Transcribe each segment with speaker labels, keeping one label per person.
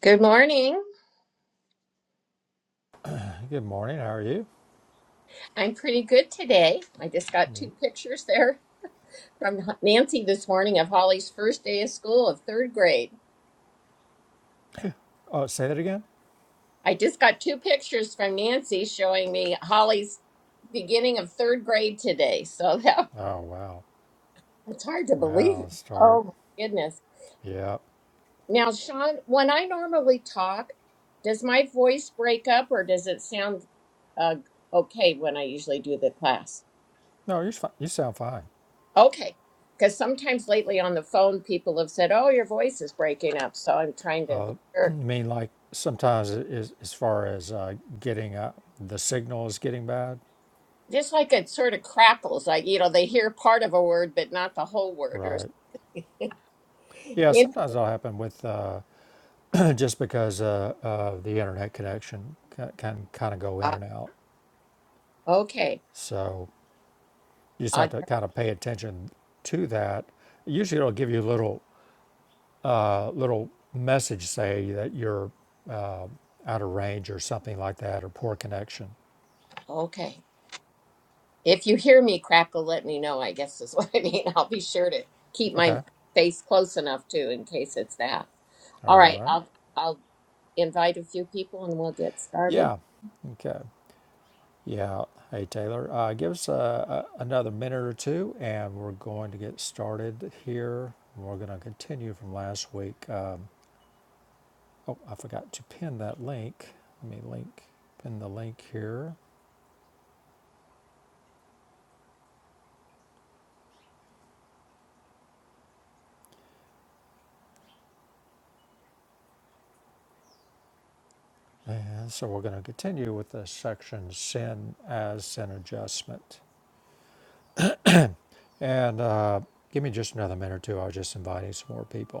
Speaker 1: Good morning.
Speaker 2: Hey, Good morning. How are you?
Speaker 1: I'm pretty good today. I just
Speaker 2: I
Speaker 1: got two
Speaker 2: mean,
Speaker 1: pictures there from Nancy this morning of Holly's first day of school of third grade.
Speaker 2: oh, say that again.
Speaker 1: I just got two pictures from Nancy showing me Holly's beginning of third grade today. So that
Speaker 2: Oh, wow.
Speaker 1: it's hard to
Speaker 2: Wow.
Speaker 1: believe.
Speaker 2: Start.
Speaker 1: Oh my goodness.
Speaker 2: Yeah.
Speaker 1: Now, Sean, when I normally talk, does my voice break up or does it sound uh, okay when I usually do the class?
Speaker 2: No, you're fine. You sound fine.
Speaker 1: Okay. Because sometimes lately on the phone, people have said, Oh, your voice is breaking up. So I'm trying to,
Speaker 2: Uh, I
Speaker 1: or
Speaker 2: mean, like sometimes it is, as far as uh, getting uh, the signal is getting bad.
Speaker 1: just like it sort of crackles, like, you know, they hear part of a word, but not the whole word. Or,
Speaker 2: Right. Yeah.
Speaker 1: you know,
Speaker 2: Sometimes that'll happen with uh, just because uh, uh, the internet connection ca- can kind of go in
Speaker 1: uh,
Speaker 2: and out.
Speaker 1: okay.
Speaker 2: So you just have
Speaker 1: I,
Speaker 2: to kind of pay attention to that. Usually, it'll give you a little uh, little message say that your out of range or something like that, or poor connection.
Speaker 1: okay. If you hear me crackle, let me know, I guess is what I mean. I'll be sure to keep my
Speaker 2: Okay.
Speaker 1: face close enough too in case it's that. All
Speaker 2: All
Speaker 1: right,
Speaker 2: right.
Speaker 1: I'll I'll invite a few people and we'll get started.
Speaker 2: Yeah. Okay. Yeah. Hey, Taylor, uh, give us uh, a, another minute or two and we're going to get started here. We're going to continue from last week. Um, oh, I forgot to pin that link. Let me link, pin the link here. And so we're going to continue with the section Sin as Sin Adjustment. And uh, give me just another minute or two. I was just inviting some more people.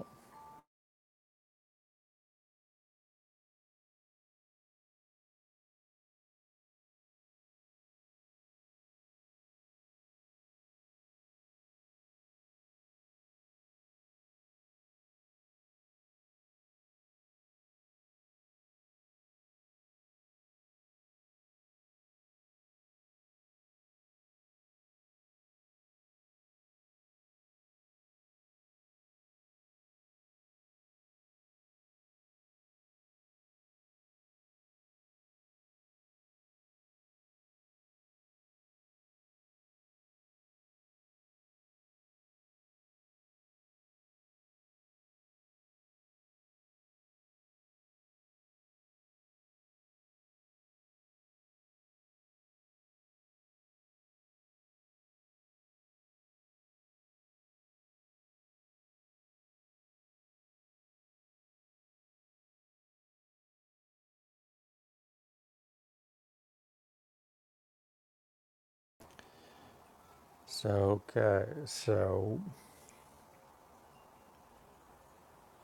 Speaker 2: So, okay, so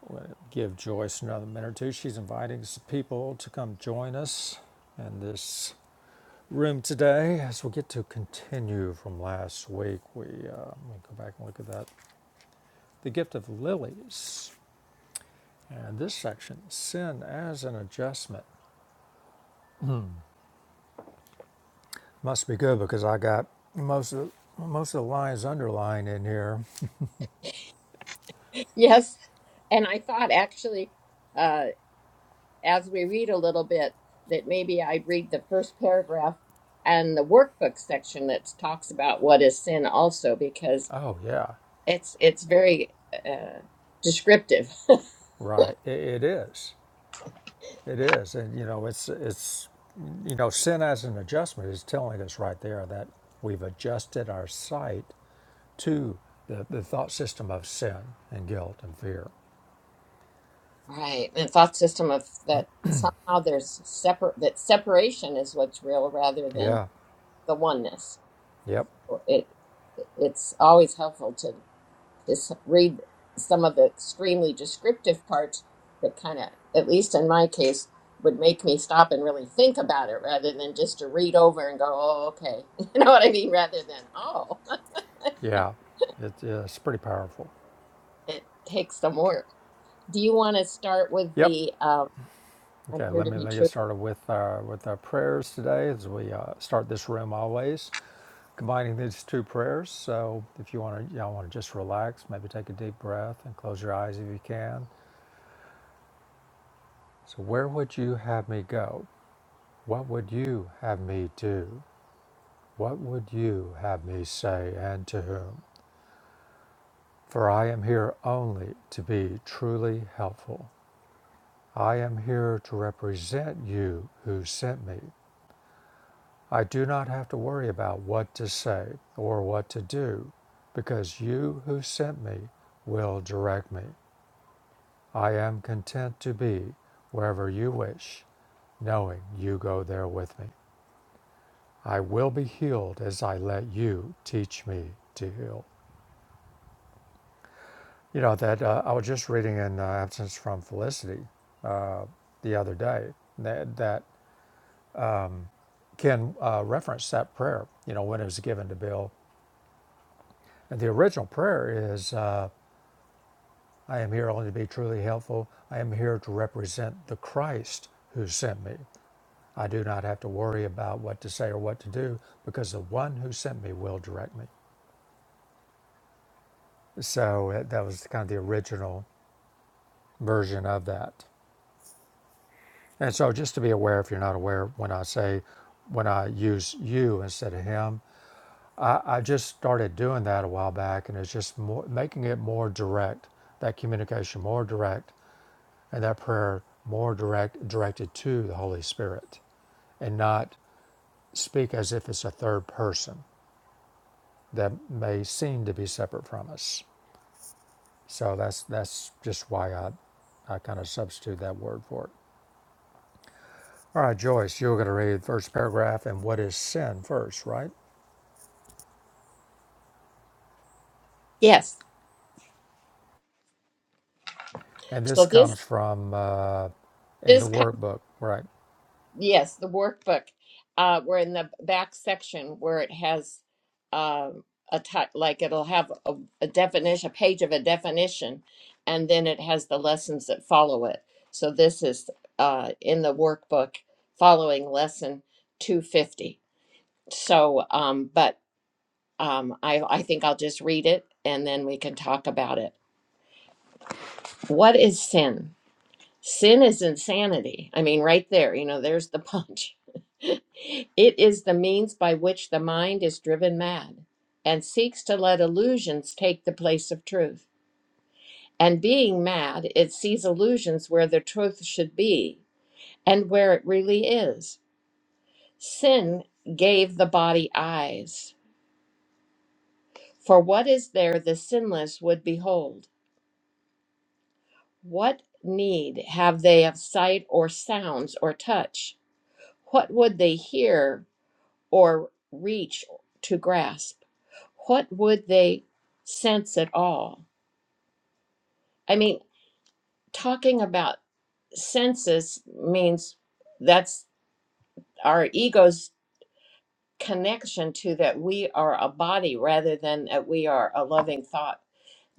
Speaker 2: we'll give Joyce another minute or two. She's inviting some people to come join us in this room today as we get to continue from last week. We, uh, let me go back and look at that. The gift of lilies. And this section, sin as an adjustment. Must be good because I got most of the, most of the lines underlined in here.
Speaker 1: Yes. And I thought actually, uh, as we read a little bit that maybe I'd read the first paragraph and the workbook section that talks about what is sin also because
Speaker 2: Oh, yeah,
Speaker 1: it's it's very uh, descriptive.
Speaker 2: right. It, it is. It is, and you know, it's it's you know, sin as an adjustment is telling us right there that we've adjusted our sight to the, the thought system of sin and guilt and fear.
Speaker 1: Right. And thought system of that somehow there's separate that separation is what's real rather than
Speaker 2: Yeah.
Speaker 1: the oneness.
Speaker 2: Yep.
Speaker 1: It it's always helpful to. just read some of the extremely descriptive parts that kind of, at least in my case, would make me stop and really think about it rather than just to read over and go, oh, okay. You know what I mean? Rather than, oh,
Speaker 2: Yeah. It, yeah, it's pretty powerful.
Speaker 1: it takes some work. Do you want to start with
Speaker 2: Yep.
Speaker 1: the, um, I'm
Speaker 2: Okay.
Speaker 1: here
Speaker 2: Let
Speaker 1: to
Speaker 2: me
Speaker 1: be
Speaker 2: let me get
Speaker 1: true?
Speaker 2: started with our with our prayers today as we uh, start this room always combining these two prayers. So if you want to, you know, want to just relax, maybe take a deep breath and close your eyes if you can. So where would you have me go? What would you have me do? What would you have me say, and to whom? For I am here only to be truly helpful. I am here to represent you who sent me. I do not have to worry about what to say or what to do, because you who sent me will direct me. I am content to be wherever you wish, knowing you go there with me. I will be healed as I let you teach me to heal. You know, that uh, I was just reading in uh, Absence from Felicity the other day that, that Ken uh, referenced that prayer, you know, when it was given to Bill. And the original prayer is uh, I am here only to be truly helpful. I am here to represent the Christ who sent me. I do not have to worry about what to say or what to do because the one who sent me will direct me. So uh, that was kind of the original version of that. And so just to be aware, if you're not aware, when I say, when I use you instead of him, I, I just started doing that a while back and it's just more, making it more direct, that communication more direct and that prayer more direct, directed to the Holy Spirit and not speak as if it's a third person that may seem to be separate from us. So that's, that's just why I, I kind of substitute that word for it. All right, Joyce, you were going to read the first paragraph and what is sin first, right?
Speaker 1: Yes.
Speaker 2: And this
Speaker 1: So this,
Speaker 2: comes from uh, in the
Speaker 1: this
Speaker 2: workbook, right?
Speaker 1: Yes, the workbook. Uh, we're in the back section where it has um, a type, like it'll have a, a definition, a page of a definition, and then it has the lessons that follow it. So this is uh, in the workbook following lesson 250. So, um, but um, I, I think I'll just read it and then we can talk about it. What is sin? Sin is insanity. I mean, right there, you know, there's the punch. it is the means by which the mind is driven mad and seeks to let illusions take the place of truth. And being mad, it sees illusions where the truth should be and where it really is. Sin gave the body eyes. For what is there the sinless would behold? What need have they of sight or sounds or touch? What would they hear or reach to grasp? What would they sense at all? I mean, talking about senses means that's our ego's connection to that we are a body rather than that we are a loving thought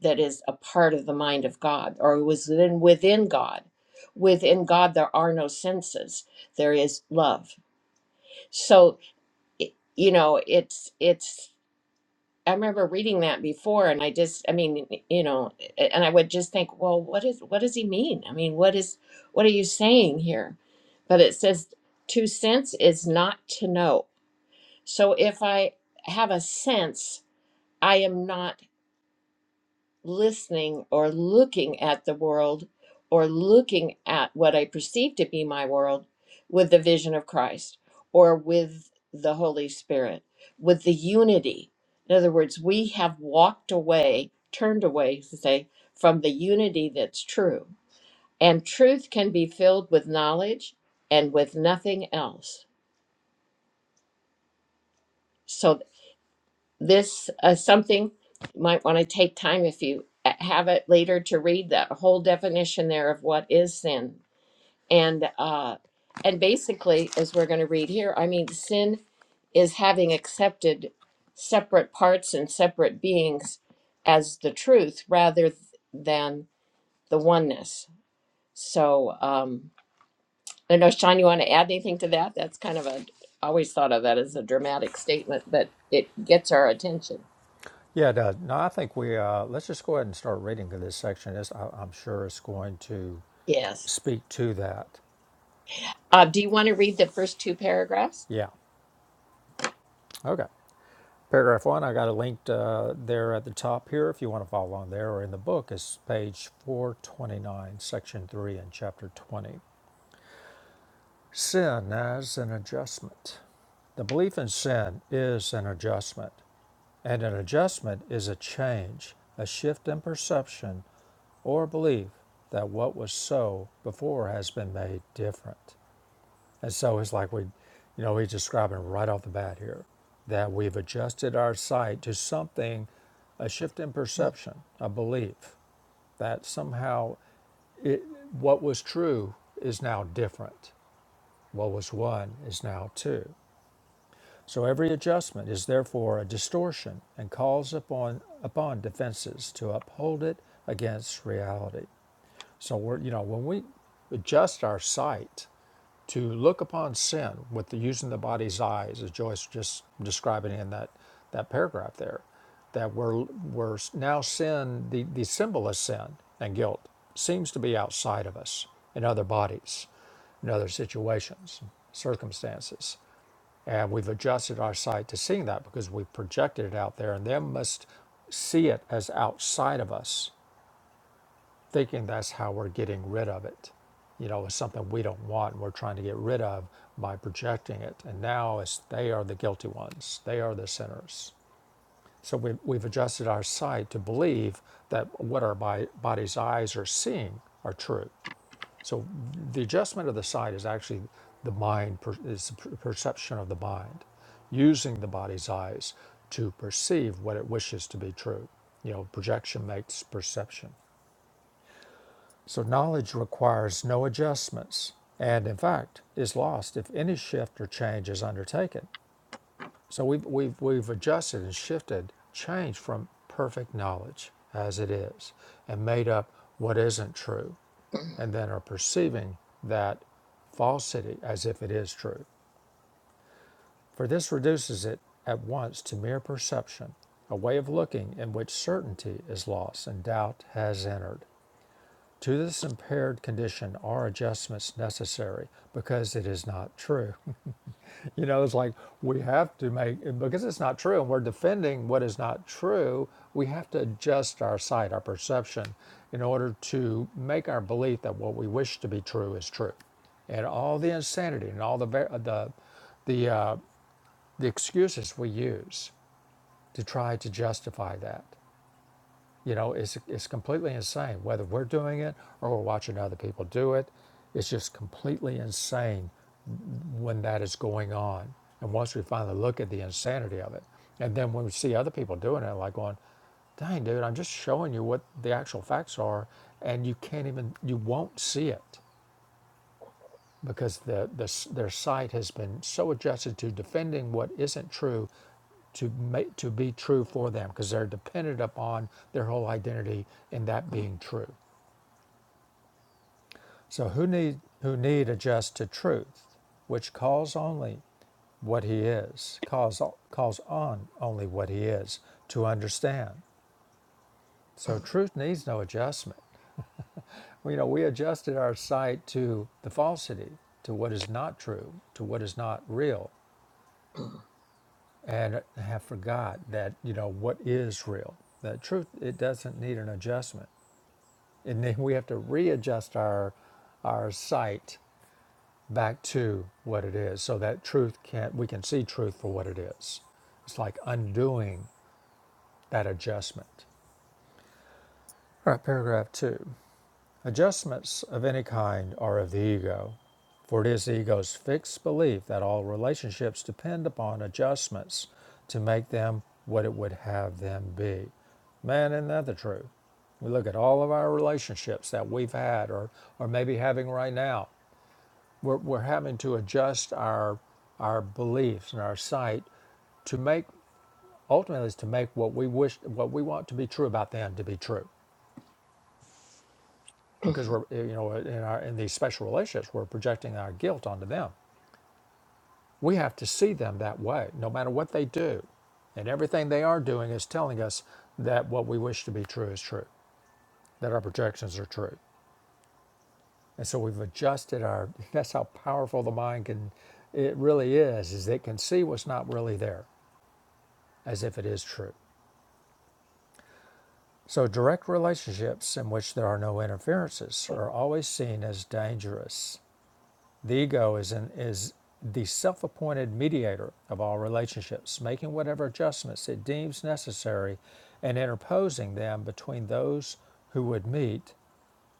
Speaker 1: that is a part of the mind of God or was then within God. Within God, there are no senses. There is love. So, i- you know, it's it's I remember reading that before, and I just, I mean, you know, and I would just think, well, what is, what does he mean? I mean, what is, what are you saying here? But it says, to sense is not to know. So if I have a sense, I am not listening or looking at the world or looking at what I perceive to be my world with the vision of Christ or with the Holy Spirit, with the unity. In other words, we have walked away, turned away, so to say, from the unity that's true. And truth can be filled with knowledge and with nothing else. So. this uh, something you might want to take time if you uh, have it later to read that whole definition there of what is sin and uh and basically as we're going to read here i mean sin is having accepted separate parts and separate beings as the truth rather th- than the oneness so um i don't know sean you want to add anything to that that's kind of a I always thought of that as a dramatic statement but it gets our attention
Speaker 2: Yeah, it does. No, I think we uh, let's just go ahead and start reading this section. It's, I, I'm sure it's going to
Speaker 1: yes
Speaker 2: speak to that.
Speaker 1: Uh, do you want to read the first two paragraphs?
Speaker 2: Yeah. Okay. Paragraph one. I got it linked uh, there at the top here. If you want to follow along there or in the book, is page 429, section three, and chapter 20. Sin as an adjustment. The belief in sin is an adjustment, and an adjustment is a change, a shift in perception or believe that what was so before has been made different. And so it's like we, you know, he's describing right off the bat here that we've adjusted our sight to something, a shift in perception, a belief that somehow what was true is now different. What was one is now two. So every adjustment is therefore a distortion and calls upon, upon defenses to uphold it against reality. So we're you know when we adjust our sight to look upon sin with the, using the body's eyes, as Joyce just describing in that that paragraph there, that we're we're now sin the the symbol of sin and guilt seems to be outside of us in other bodies, in other situations, circumstances, and we've adjusted our sight to seeing that because we've projected it out there, and then must see it as outside of us thinking that's how we're getting rid of it. You know, it's something we don't want and we're trying to get rid of by projecting it. And now it's, they are the guilty ones, they are the sinners. So we've, we've adjusted our sight to believe that what our bi- body's eyes are seeing are true. So the adjustment of the sight is actually the mind, per, is the perception of the mind, using the body's eyes to perceive what it wishes to be true. You know, projection makes perception. So knowledge requires no adjustments, and in fact is lost if any shift or change is undertaken. So we've, we've, we've adjusted and shifted change from perfect knowledge as it is and made up what isn't true, and then are perceiving that falsity as if it is true. For this reduces it at once to mere perception, a way of looking in which certainty is lost and doubt has entered. To this impaired condition are adjustments necessary because it is not true. You know, it's like we have to make, because it's not true and we're defending what is not true, we have to adjust our sight, our perception, in order to make our belief that what we wish to be true is true. And all the insanity and all the, the, the, uh, the excuses we use to try to justify that. You know, it's, it's completely insane. Whether we're doing it or we're watching other people do it, it's just completely insane when that is going on. And once we finally look at the insanity of it, and then when we see other people doing it, like going, dang, dude, I'm just showing you what the actual facts are, and you can't even, you won't see it because the, the, their sight has been so adjusted to defending what isn't true to make to be true for them because they're dependent upon their whole identity in that being true. So who need who need adjust to truth, which calls only what he is, calls calls on only what he is to understand. So truth needs no adjustment. Well, you know, we adjusted our sight to the falsity, to what is not true, to what is not real, and have forgot that you know what is real that truth it doesn't need an adjustment and then we have to readjust our our sight back to what it is so that truth can we can see truth for what it is it's like undoing that adjustment all right paragraph two Adjustments of any kind are of the ego, for it is the ego's fixed belief that all relationships depend upon adjustments to make them what it would have them be. Man, isn't that the truth? We look at all of our relationships that we've had or, or maybe having right now. We're, we're having to adjust our, our beliefs and our sight to make, ultimately, is to make what we wish, what we want to be true about them to be true. because we're eh, you know in our in these special relationships we're projecting our guilt onto them we have to see them that way no matter what they do and everything they are doing is telling us that what we wish to be true is true that our projections are true and so we've adjusted our that's how powerful the mind can it really is is it can see what's not really there as if it is true so direct relationships in which there are no interferences are always seen as dangerous The ego is, an, is the self appointed mediator of all relationships, making whatever adjustments it deems necessary and interposing them between those who would meet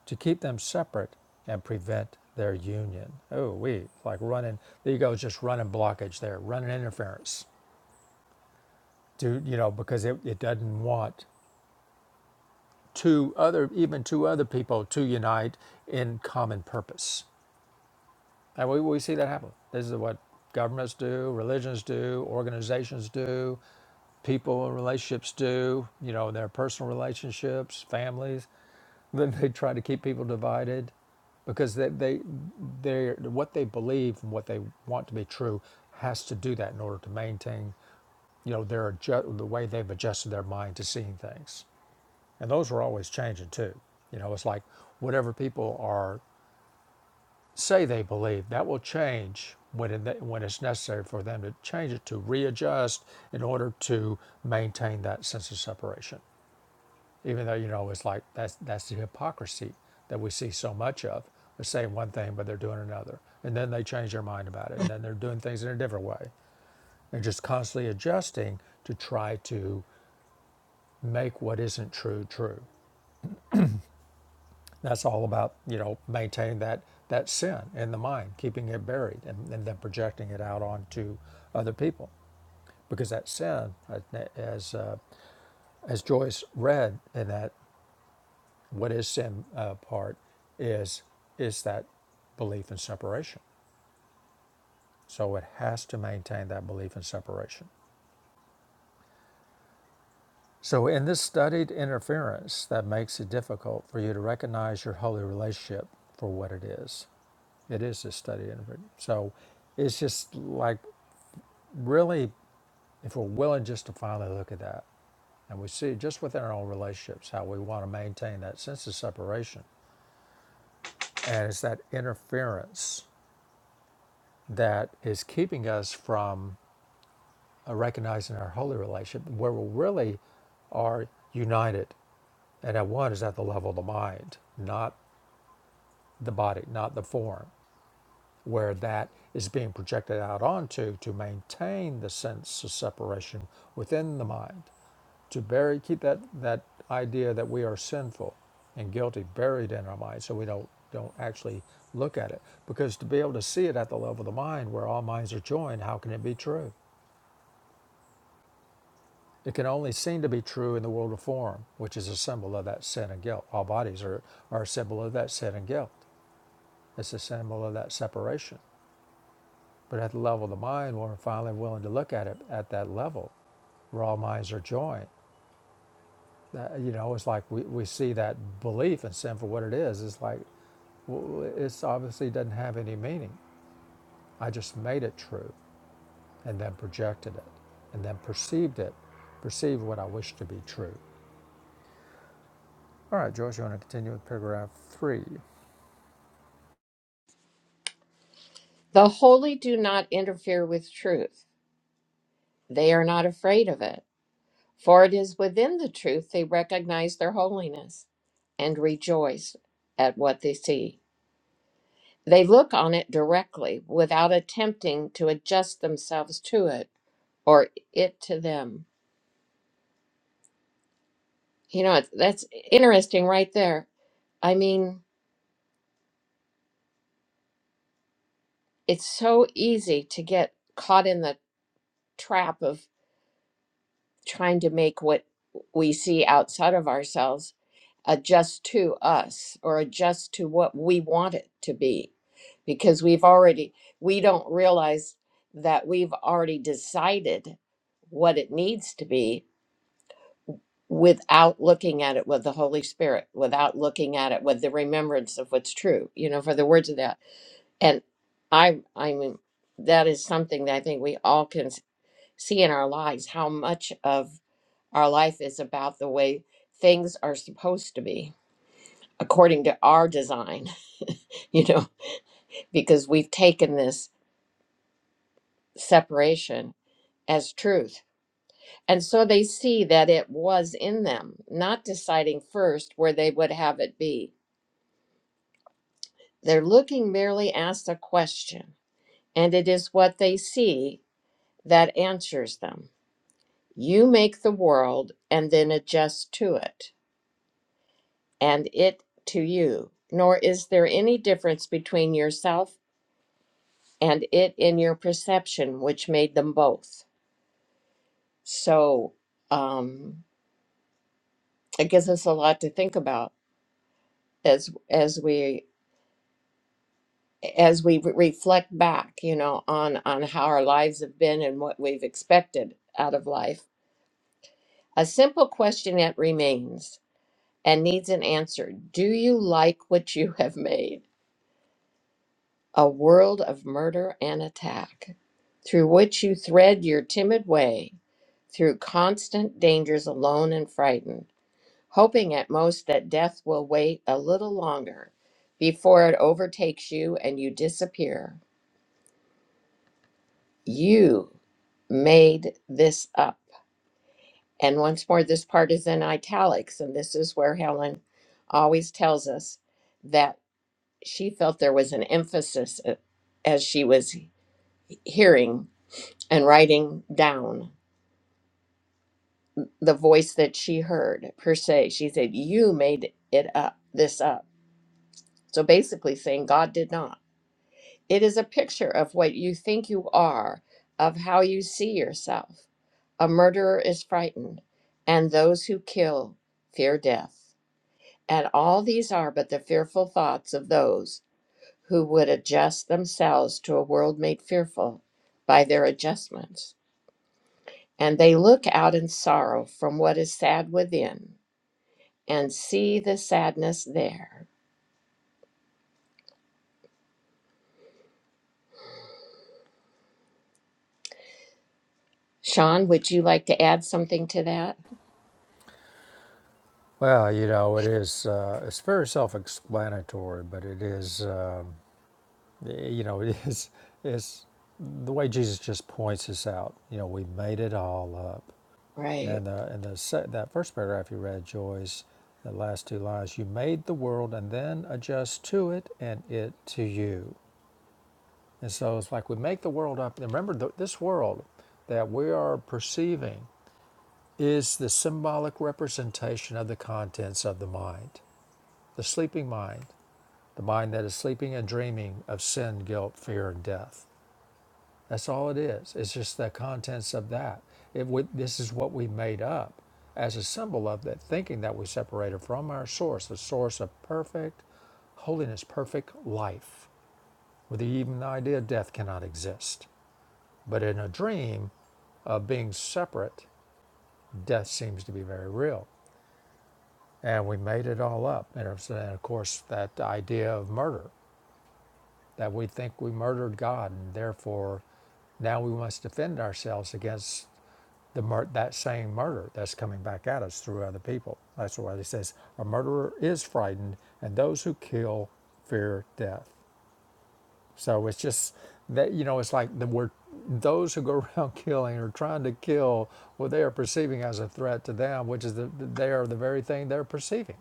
Speaker 2: to keep them separate and prevent their union. Oh, we like running, the ego is just running blockage there, running interference to, you know, because it, it doesn't want two other, even two other people to unite in common purpose. And we, we see that happen. This is what governments do, religions do, organizations do, people in relationships do, you know, in their personal relationships, families. Then they try to keep people divided because they, they they're, what they believe and what they want to be true has to do that in order to maintain, you know, their adju- the way they've adjusted their mind to seeing things. And those are always changing too. You know, it's like whatever people are Say they believe. That will change when, it, when it's necessary for them to change it, to readjust in order to maintain that sense of separation. Even though, you know, it's like that's, that's the hypocrisy that we see so much of. They're saying one thing, but they're doing another. And then they change their mind about it. And then they're doing things in a different way. They're just constantly adjusting to try to make what isn't true true. That's all about, you know, maintaining that, that sin in the mind, keeping it buried and, and then projecting it out onto other people. Because that sin, uh, as, uh, as Joyce read in that what is sin uh, part, is, is that belief in separation. So it has to maintain that belief in separation. So, in this studied interference that makes it difficult for you to recognize your holy relationship for what it is, it is this studied interference. So, it's just like really, if we're willing just to finally look at that, and we see just within our own relationships how we want to maintain that sense of separation. And it's that interference that is keeping us from uh, recognizing our holy relationship, where we really are united and at one is at the level of the mind, not the body, not the form, where that is being projected out onto to maintain the sense of separation within the mind, to bury, keep that, that idea that we are sinful and guilty buried in our mind so we don't, don't actually look at it. Because to be able to see it at the level of the mind where all minds are joined, how can it be true? It can only seem to be true in the world of form, which is a symbol of that sin and guilt. All bodies are, are a symbol of that sin and guilt. It's a symbol of that separation. But at the level of the mind, when we're finally willing to look at it at that level, where all minds are joined, that, you know, it's like we, we see that belief in sin for what it is. It's like, well, it's obviously doesn't have any meaning. I just made it true and then projected it and then perceived it, perceived what I wish to be true. All right, George, you want to continue with paragraph three?
Speaker 1: The holy do not interfere with truth. They are not afraid of it. For it is within the truth they recognize their holiness and rejoice at what they see. They look on it directly without attempting to adjust themselves to it or it to them. You know, it's- that's interesting right there. I mean, it's so easy to get caught in the trap of trying to make what we see outside of ourselves adjust to us or adjust to what we want it to be because we've already we don't realize that we've already decided what it needs to be without looking at it with the holy spirit without looking at it with the remembrance of what's true you know for the words of that and i i mean that is something that i think we all can s- see in our lives how much of our life is about the way things are supposed to be according to our design, you know, because we've taken this separation as truth. And so they see that it was in them, not deciding first where they would have it be. They're looking merely asked a question, and it is what they see that answers them. You make the world and then adjust to it, and it to you. Nor is there any difference between yourself and it in your perception, which made them both. So um, it gives us a lot to think about as as we as we re- reflect back, you know, on on how our lives have been and what we've expected out of life. A simple question yet remains and needs an answer. Do you like what you have made? A world of murder and attack, through which you thread your timid way, through constant dangers alone and frightened. hoping at most that death will wait a little longer before it overtakes you and you disappear. You made this up. And once more, this part is in italics, and this is where Helen always tells us that she felt there was an emphasis uh, as she was hearing and writing down the voice that she heard per se. She said, You made it up, this up. So basically saying, God did not. It is a picture of what you think you are, of how you see yourself. A murderer is frightened, and those who kill fear death. And all these are but the fearful thoughts of those who would adjust themselves to a world made fearful by their adjustments. And they look out in sorrow from what is sad within and see the sadness there. Sean, would you like to add something to that?
Speaker 2: Well, you know, it is, uh, it's very self explanatory, but it is. Um, Eh, you know, it is, it's the way Jesus just points us out. You know, we made it all up.
Speaker 1: Right.
Speaker 2: And the, and the that first paragraph you read, Joyce, the last two lines, you made the world and then adjust to it and it to you. And so it's like we make the world up. And remember, th- this world that we are perceiving is the symbolic representation of the contents of the mind, the sleeping mind, the mind that is sleeping and dreaming of sin, guilt, fear, and death. That's all it is. It's just the contents of that. It, we, this is what we made up as a symbol of that, thinking that we separated from our source, the source of perfect holiness, perfect life, with the even the idea death cannot exist. But in a dream of being separate, death seems to be very real. And we made it all up. and of course, that idea of murder, that we think we murdered God, and therefore now we must defend ourselves against the mur- that same murder that's coming back at us through other people. That's why he says a murderer is frightened, and those who kill fear death. So it's just that you know, it's like the word those who go around killing or trying to kill what they are perceiving as a threat to them, which is the, they are the very thing they're perceiving.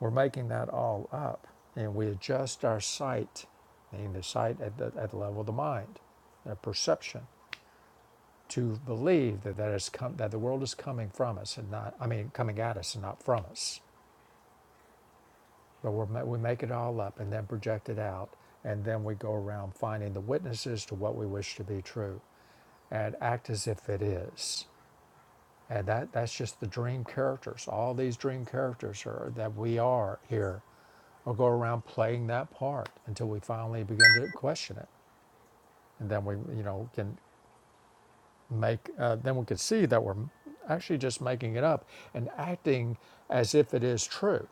Speaker 2: We're making that all up, and we adjust our sight, meaning the sight at the, at the level of the mind, the perception to believe that that is has come that the world is coming from us and not I mean coming at us and not from us. But we're, we make it all up and then project it out, and then we go around finding the witnesses to what we wish to be true, and act as if it is. And that that's just the dream characters. All these dream characters are that we are here. We'll go around playing that part until we finally begin to question it, and then we you know can make uh, then we could see that we're actually just making it up and acting as if it is true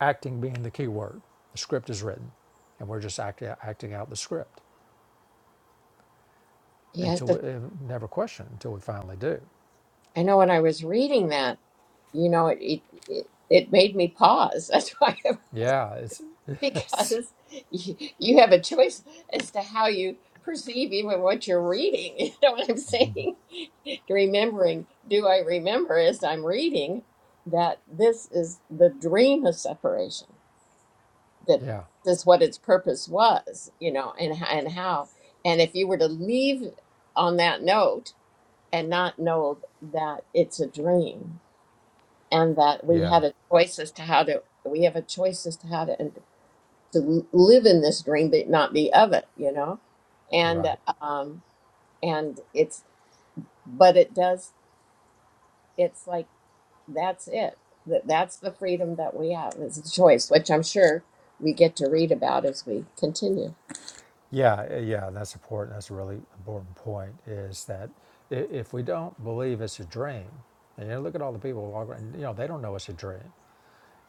Speaker 2: acting being the key word the script is written and we're just act, acting out the script
Speaker 1: Yes,
Speaker 2: until we uh, never question until we finally do
Speaker 1: I know when I was reading that, you know, it it, it, it made me pause. That's why,
Speaker 2: yeah it's, it's
Speaker 1: because you, you have a choice as to how you perceive even what you're reading. You know what I'm saying? Remembering, do I remember as I'm reading that this is the dream of separation? That
Speaker 2: yeah
Speaker 1: this is what its purpose was, you know, and h- and how. And if you were to leave on that note and not know that it's a dream and that we
Speaker 2: yeah
Speaker 1: had a choice as to how to we have a choice as to how to and to live in this dream but not be of it you know and
Speaker 2: right
Speaker 1: um and it's but it does it's like that's it that that's the freedom that we have is the choice which i'm sure we get to read about as we continue
Speaker 2: yeah uh, yeah that's important that's a really important point is that i- if we don't believe it's a dream and you look at all the people walking around, you know they don't know it's a dream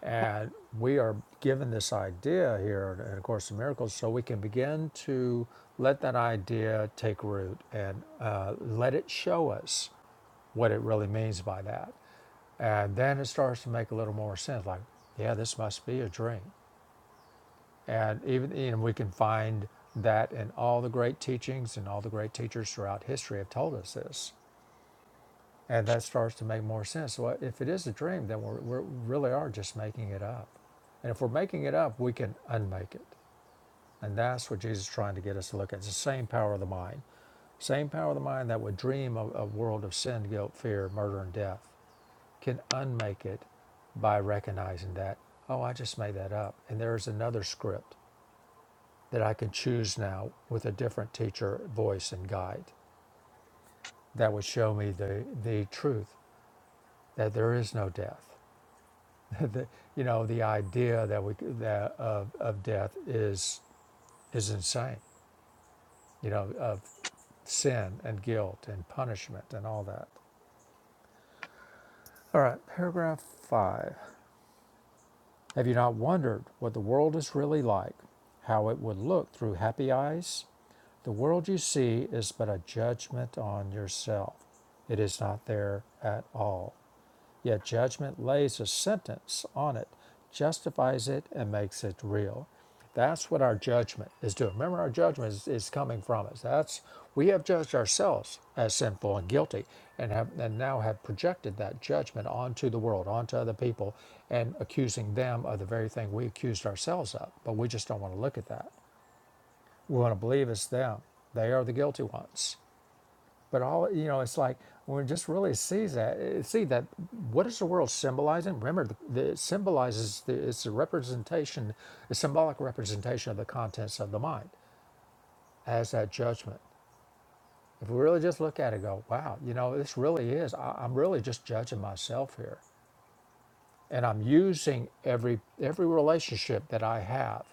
Speaker 2: And we are given this idea here in A Course in Miracles so we can begin to let that idea take root and uh, let it show us what it really means by that. And then it starts to make a little more sense like, yeah, this must be a dream. And even you know, we can find that in all the great teachings and all the great teachers throughout history have told us this and that starts to make more sense. So uh, if it is a dream, then we're, we're really are just making it up, and if we're making it up, we can unmake it, and that's what Jesus is trying to get us to look at. It's the same power of the mind, same power of the mind that would dream of a world of sin, guilt, fear, murder, and death, can unmake it by recognizing that oh, I just made that up, and there is another script that I can choose now with a different teacher, voice, and guide that would show me the the truth that there is no death the, you know, the idea that we that of, of death is is insane. You know, of sin and guilt and punishment and all that. All right, paragraph five. Have you not wondered what the world is really like? How it would look through happy eyes? The world you see is but a judgment on yourself. It is not there at all. Yet judgment lays a sentence on it, justifies it, and makes it real. That's what our judgment is doing. Remember, our judgment is, is coming from us. That's we have judged ourselves as sinful and guilty, and have and now have projected that judgment onto the world, onto other people, and accusing them of the very thing we accused ourselves of. But we just don't want to look at that. We want to believe it's them. They are the guilty ones but all you know, it's like when we just really sees that, see that what is the world symbolizing? Remember, the, the, it symbolizes the, it's a representation, a symbolic representation of the contents of the mind as that judgment. If we really just look at it, and go, wow, you know, this really is. I, I'm really just judging myself here, and I'm using every every relationship that I have.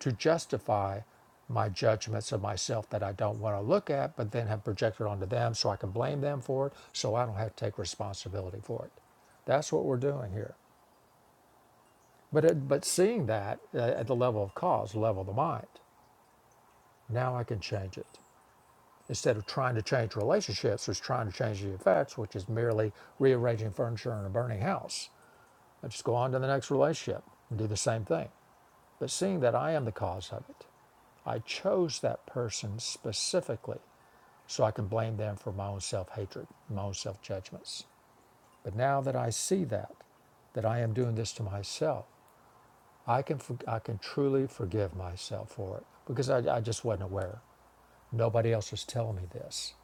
Speaker 2: to justify my judgments of myself that I don't want to look at, but then have projected onto them so I can blame them for it, so I don't have to take responsibility for it. That's what we're doing here. But, it, but seeing that uh, at the level of cause, level of the mind, now I can change it. Instead of trying to change relationships, it's trying to change the effects, which is merely rearranging furniture in a burning house. I just go on to the next relationship and do the same thing. But seeing that I am the cause of it, I chose that person specifically so I can blame them for my own self hatred, my own self judgments. But now that I see that, that I am doing this to myself, I can, I can truly forgive myself for it because I, I just wasn't aware. Nobody else was telling me this.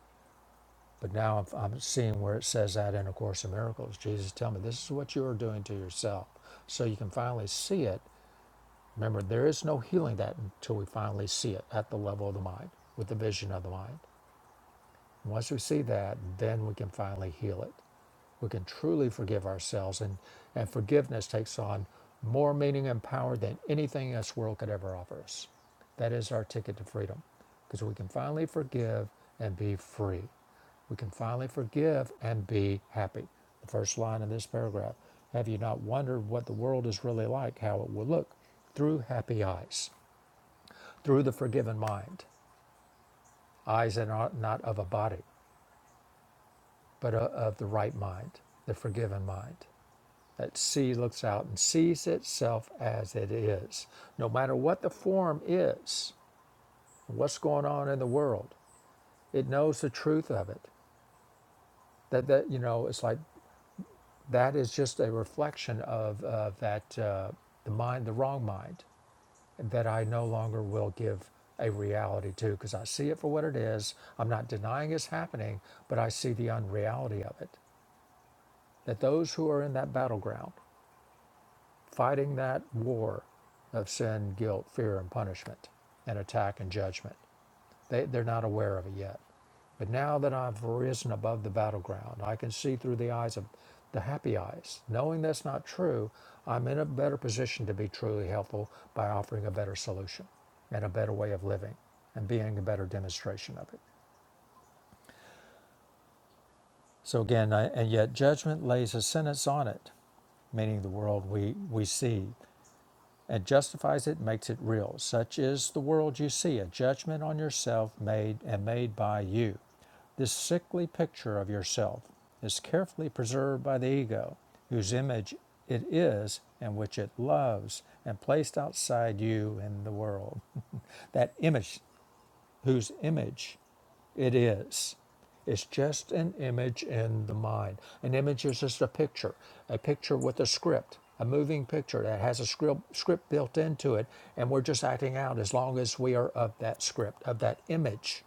Speaker 2: But now I'm, I'm seeing where it says that in A Course in Miracles. Jesus tell me this is what you are doing to yourself. So you can finally see it. Remember, there is no healing that until we finally see it at the level of the mind, with the vision of the mind. And once we see that, then we can finally heal it. We can truly forgive ourselves, and, and forgiveness takes on more meaning and power than anything this world could ever offer us. That is our ticket to freedom, because we can finally forgive and be free. We can finally forgive and be happy. The first line of this paragraph Have you not wondered what the world is really like, how it will look through happy eyes, through the forgiven mind, eyes that are not of a body? but uh, of the right mind, the forgiven mind. That sea looks out and sees itself as it is. No matter what the form is, what's going on in the world, it knows the truth of it. That, that you know, it's like that is just a reflection of uh, that, uh, the mind, the wrong mind, that I no longer will give a reality to because I see it for what it is. I'm not denying it's happening, but I see the unreality of it. That those who are in that battleground, fighting that war of sin, guilt, fear, and punishment, and attack and judgment. They, they're not aware of it yet. But now that I've risen above the battleground, I can see through the eyes of the happy eyes. Knowing that's not true, I'm in a better position to be truly helpful by offering a better solution and a better way of living and being a better demonstration of it. So again, I, and yet judgment lays a sentence on it meaning the world we, we see. and justifies it and makes it real. Such is the world you see, a judgment on yourself made and made by you. This sickly picture of yourself is carefully preserved by the ego, whose image it is and which it loves, and placed outside you in the world. that image whose image it is. It's just an image in the mind. An image is just a picture, a picture with a script, a moving picture that has a script, script built into it, and we're just acting out as long as we are of that script, of that image,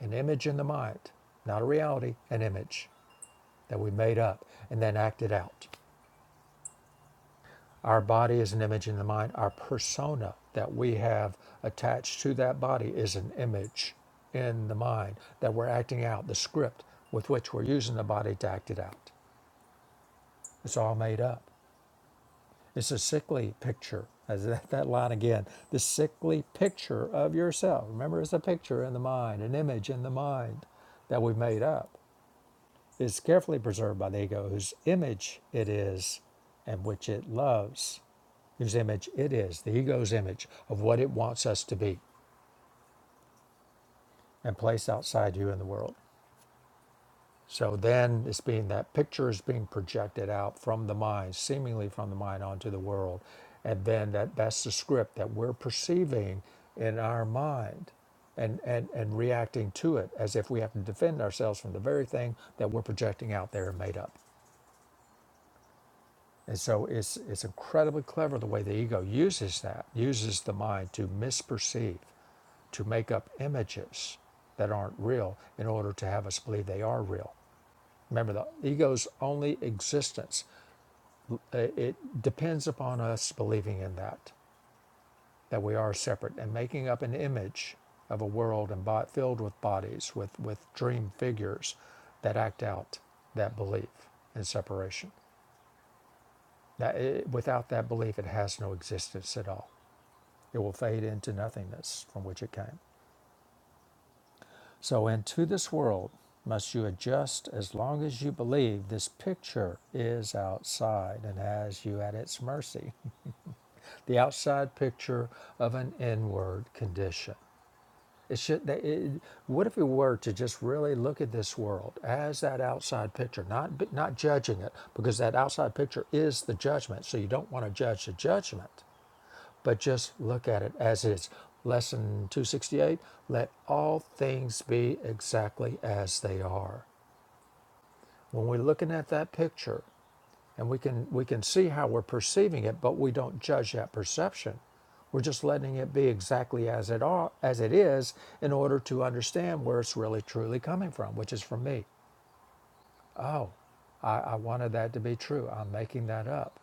Speaker 2: an image in the mind, not a reality, an image that we made up and then acted out. Our body is an image in the mind. Our persona that we have attached to that body is an image in the mind that we're acting out, the script with which we're using the body to act it out. It's all made up. It's a sickly picture. As that, that line again, the sickly picture of yourself. Remember, it's a picture in the mind, an image in the mind that we've made up. is carefully preserved by the ego, whose image it is and which it loves, whose image it is, the ego's image of what it wants us to be and place outside you in the world. So then it's being that picture is being projected out from the mind, seemingly from the mind onto the world. And then that, that's the script that we're perceiving in our mind and, and, and reacting to it as if we have to defend ourselves from the very thing that we're projecting out there and made up. And so it's it's incredibly clever the way the ego uses that, uses the mind to misperceive, to make up images that aren't real in order to have us believe they are real. Remember the ego's only existence uh, it depends upon us believing in that that we are separate and making up an image of a world and bo- filled with bodies with with dream figures that act out that belief in separation. That it, without that belief, it has no existence at all. It will fade into nothingness from which it came. So, into this world must you adjust as long as you believe this picture is outside and has you at its mercy. The outside picture of an inward condition. It should. It, what if we were to just really look at this world as that outside picture, not not judging it, because that outside picture is the judgment. So you don't want to judge the judgment But just look at it as it is. Lesson 268 let all things be exactly as they are. When we're looking at that picture, and we can we can see how we're perceiving it, but we don't judge that perception. We're just letting it be exactly as it are, as it is in order to understand where it's really truly coming from, which is from me. Oh, I, I wanted that to be true. I'm making that up.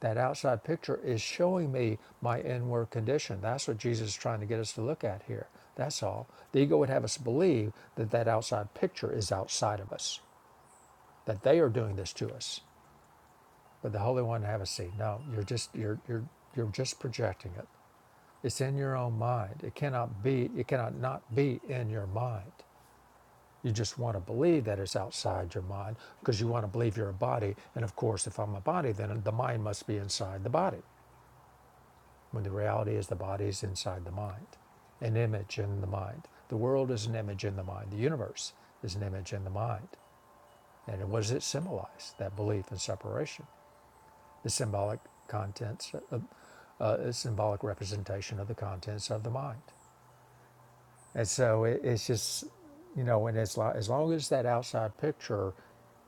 Speaker 2: That outside picture is showing me my inward condition. That's what Jesus is trying to get us to look at here. That's all. The ego would have us believe that that outside picture is outside of us, that they are doing this to us. But the Holy One would have us see, no, you're just you're you're you're just projecting it. It's in your own mind. It cannot be. It cannot not be in your mind. You just want to believe that it's outside your mind because you want to believe you're a body. And of course, if I'm a body, then the mind must be inside the body. when the reality is the body is inside the mind, an image in the mind. The world is an image in the mind. The universe is an image in the mind. And what does it symbolize? That belief in separation, the symbolic contents, uh, uh, a symbolic representation of the contents of the mind. And so it, it's just, you know, and it's like, as long as that outside picture,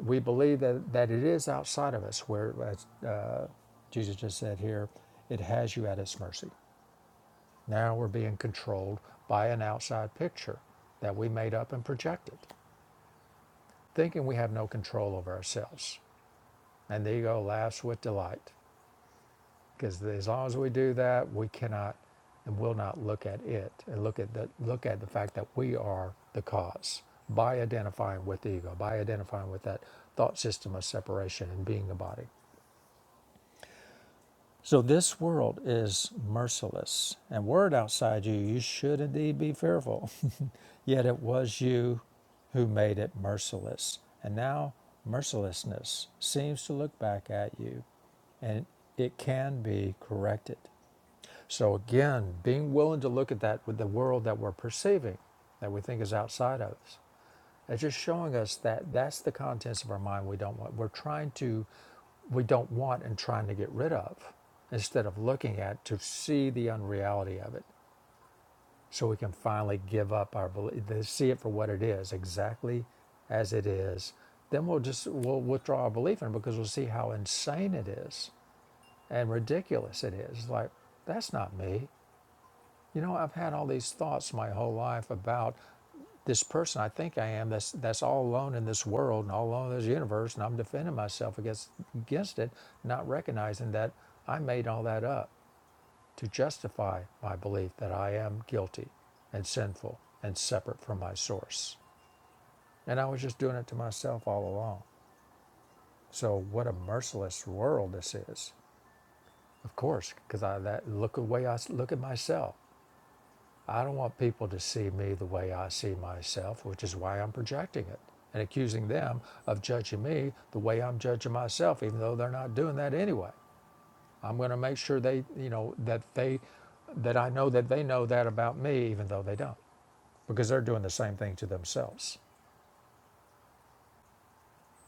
Speaker 2: we believe that, that it is outside of us, where, as uh, Jesus just said here, it has you at its mercy. Now we're being controlled by an outside picture that we made up and projected, thinking we have no control over ourselves. And the ego laughs with delight because as long as we do that, we cannot and will not look at it and look at the look at the fact that we are the cause by identifying with the ego, by identifying with that thought system of separation and being the body. So this world is merciless, and were it outside you, you should indeed be fearful. Yet it was you who made it merciless, and now mercilessness seems to look back at you, and it can be corrected. So again, being willing to look at that with the world that we're perceiving, that we think is outside of us, it's just showing us that that's the contents of our mind we don't want. We're trying to, we don't want and trying to get rid of instead of looking at to see the unreality of it so we can finally give up our belief, see it for what it is, exactly as it is. Then we'll just, we'll withdraw our belief in it because we'll see how insane it is and ridiculous it is. Like, that's not me. You know, I've had all these thoughts my whole life about this person I think I am that's that's all alone in this world and all alone in this universe and I'm defending myself against against it, not recognizing that I made all that up to justify my belief that I am guilty and sinful and separate from my source. And I was just doing it to myself all along. So what a merciless world this is. Of course, because I that look the way I look at myself. I don't want people to see me the way I see myself, which is why I'm projecting it and accusing them of judging me the way I'm judging myself, even though they're not doing that anyway. I'm going to make sure they, you know, that they, that I know that they know that about me, even though they don't, because they're doing the same thing to themselves.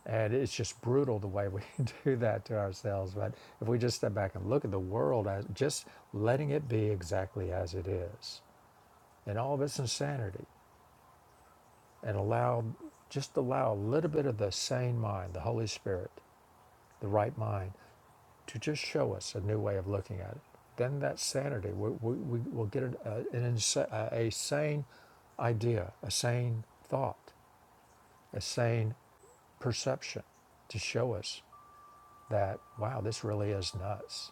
Speaker 2: And it's just brutal the way we do that to ourselves. But if we just step back and look at the world as just letting it be exactly as it is, and all of its insanity, and allow just allow a little bit of the sane mind the holy spirit the right mind to just show us a new way of looking at it then that sanity we, we, we will get an, uh, an insa- uh, a sane idea a sane thought a sane perception to show us that wow this really is nuts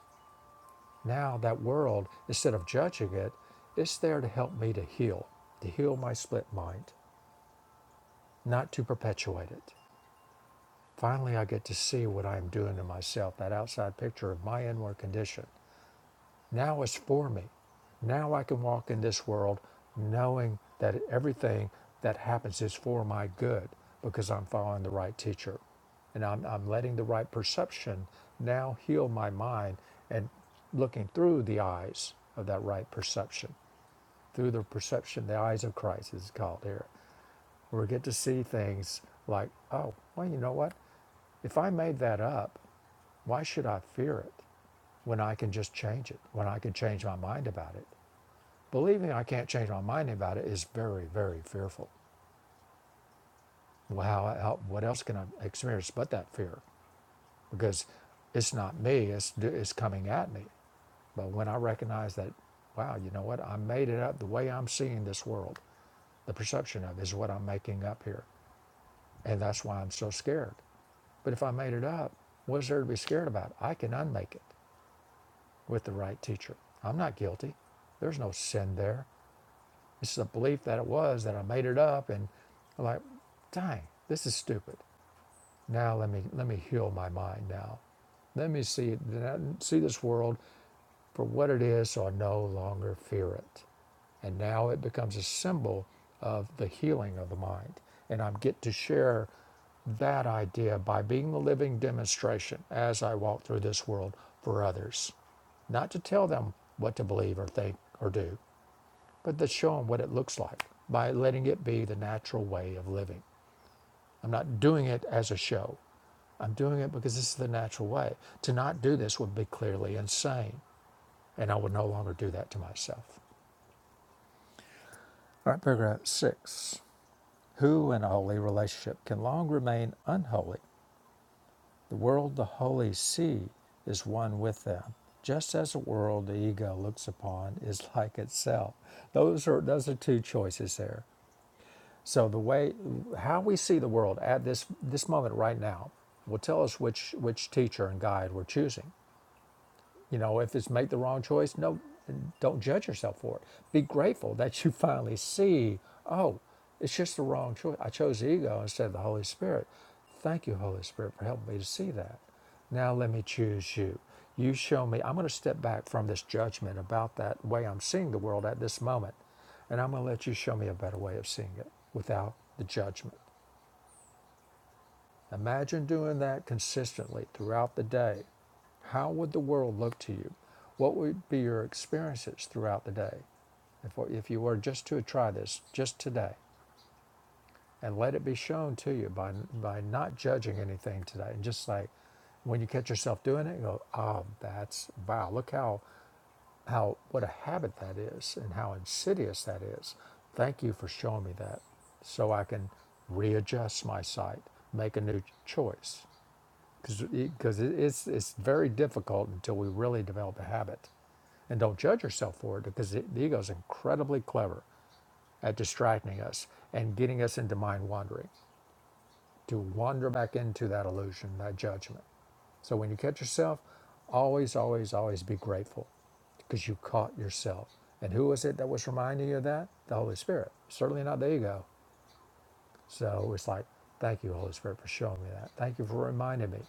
Speaker 2: now that world instead of judging it it's there to help me to heal to heal my split mind not to perpetuate it Finally, I get to see what I am doing to myself, that outside picture of my inward condition. Now it's for me. Now I can walk in this world knowing that everything that happens is for my good because I'm following the right teacher. And I'm, I'm letting the right perception now heal my mind and looking through the eyes of that right perception, through the perception, the eyes of Christ is called here where we get to see things like, oh, well, you know what? If I made that up, why should I fear it when I can just change it, when I can change my mind about it? Believing I can't change my mind about it is very, very fearful. Well, how, how, what else can I experience but that fear? Because it's not me, it's, it's coming at me. But when I recognize that, wow, you know what? I made it up the way I'm seeing this world, the perception of it is what I'm making up here. And that's why I'm so scared. But if I made it up, what's there to be scared about? I can unmake it with the right teacher. I'm not guilty. There's no sin there. It's the belief that it was that I made it up and like, dang, this is stupid. Now let me let me heal my mind now. Let me see see this world for what it is or no longer fear it. And now it becomes a symbol of the healing of the mind. And I get to share that idea by being the living demonstration as I walk through this world for others. Not to tell them what to believe or think or do, but to show them what it looks like by letting it be the natural way of living. I'm not doing it as a show. I'm doing it because this is the natural way. To not do this would be clearly insane and I will no longer do that to myself. All right, paragraph six. Who in a holy relationship can long remain unholy? The world the holy see is one with them, just as the world the ego looks upon is like itself. Those are those are two choices there. So the way how we see the world at this this moment right now will tell us which which teacher and guide we're choosing. You know, if it's make the wrong choice, no, don't judge yourself for it. Be grateful that you finally see, oh, it's just the wrong choice. I chose ego instead of the Holy Spirit. Thank you, Holy Spirit, for helping me to see that. Now let me choose you. You show me, I'm going to step back from this judgment about that way I'm seeing the world at this moment, and I'm going to let you show me a better way of seeing it without the judgment. Imagine doing that consistently throughout the day. How would the world look to you? What would be your experiences throughout the day if, if you were just to try this just today and let it be shown to you by, by not judging anything today and just like when you catch yourself doing it, you go, oh, that's wow, look how, how, what a habit that is and how insidious that is. Thank you for showing me that so I can readjust my sight, make a new choice because it's it's very difficult until we really develop a habit and don't judge yourself for it because the the ego is incredibly clever at distracting us and getting us into mind wandering to wander back into that illusion that judgment so when you catch yourself always always always be grateful because you caught yourself and who was it that was reminding you of that the holy spirit certainly not the ego so it's like, thank you, Holy Spirit, for showing me that. Thank you for reminding me,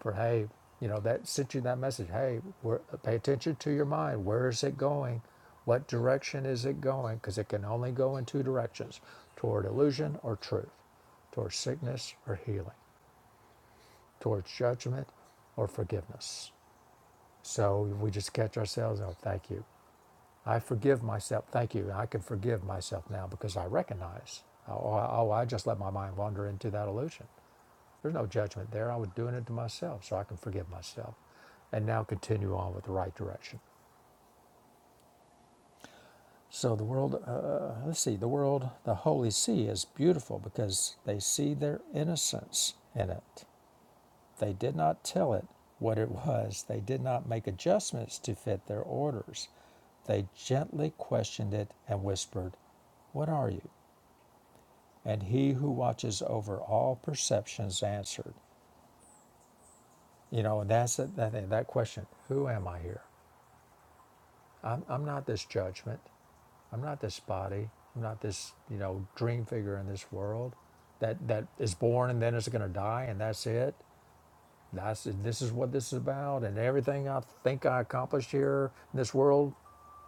Speaker 2: for hey, you know, that sent you that message. Hey, where, pay attention to your mind. Where is it going? What direction is it going? Because it can only go in two directions: toward illusion or truth, toward sickness or healing, towards judgment or forgiveness. So we just catch ourselves. Oh, thank you. I forgive myself. Thank you. I can forgive myself now because I recognize. Oh, I- oh I just let my mind wander into that illusion. There's no judgment there. I was doing it to myself so I can forgive myself and now continue on with the right direction. So the world, uh, let's see, the world, the holy see is beautiful because they see their innocence in it. They did not tell it what it was, they did not make adjustments to fit their orders. They gently questioned it and whispered, What are you? And he who watches over all perceptions answered. You know, that's that, that, that question Who am I here? I'm, I'm not this judgment. I'm not this body. I'm not this, you know, dream figure in this world that, that is born and then is going to die and that's it. That's this is what this is about, and everything I think I accomplished here in this world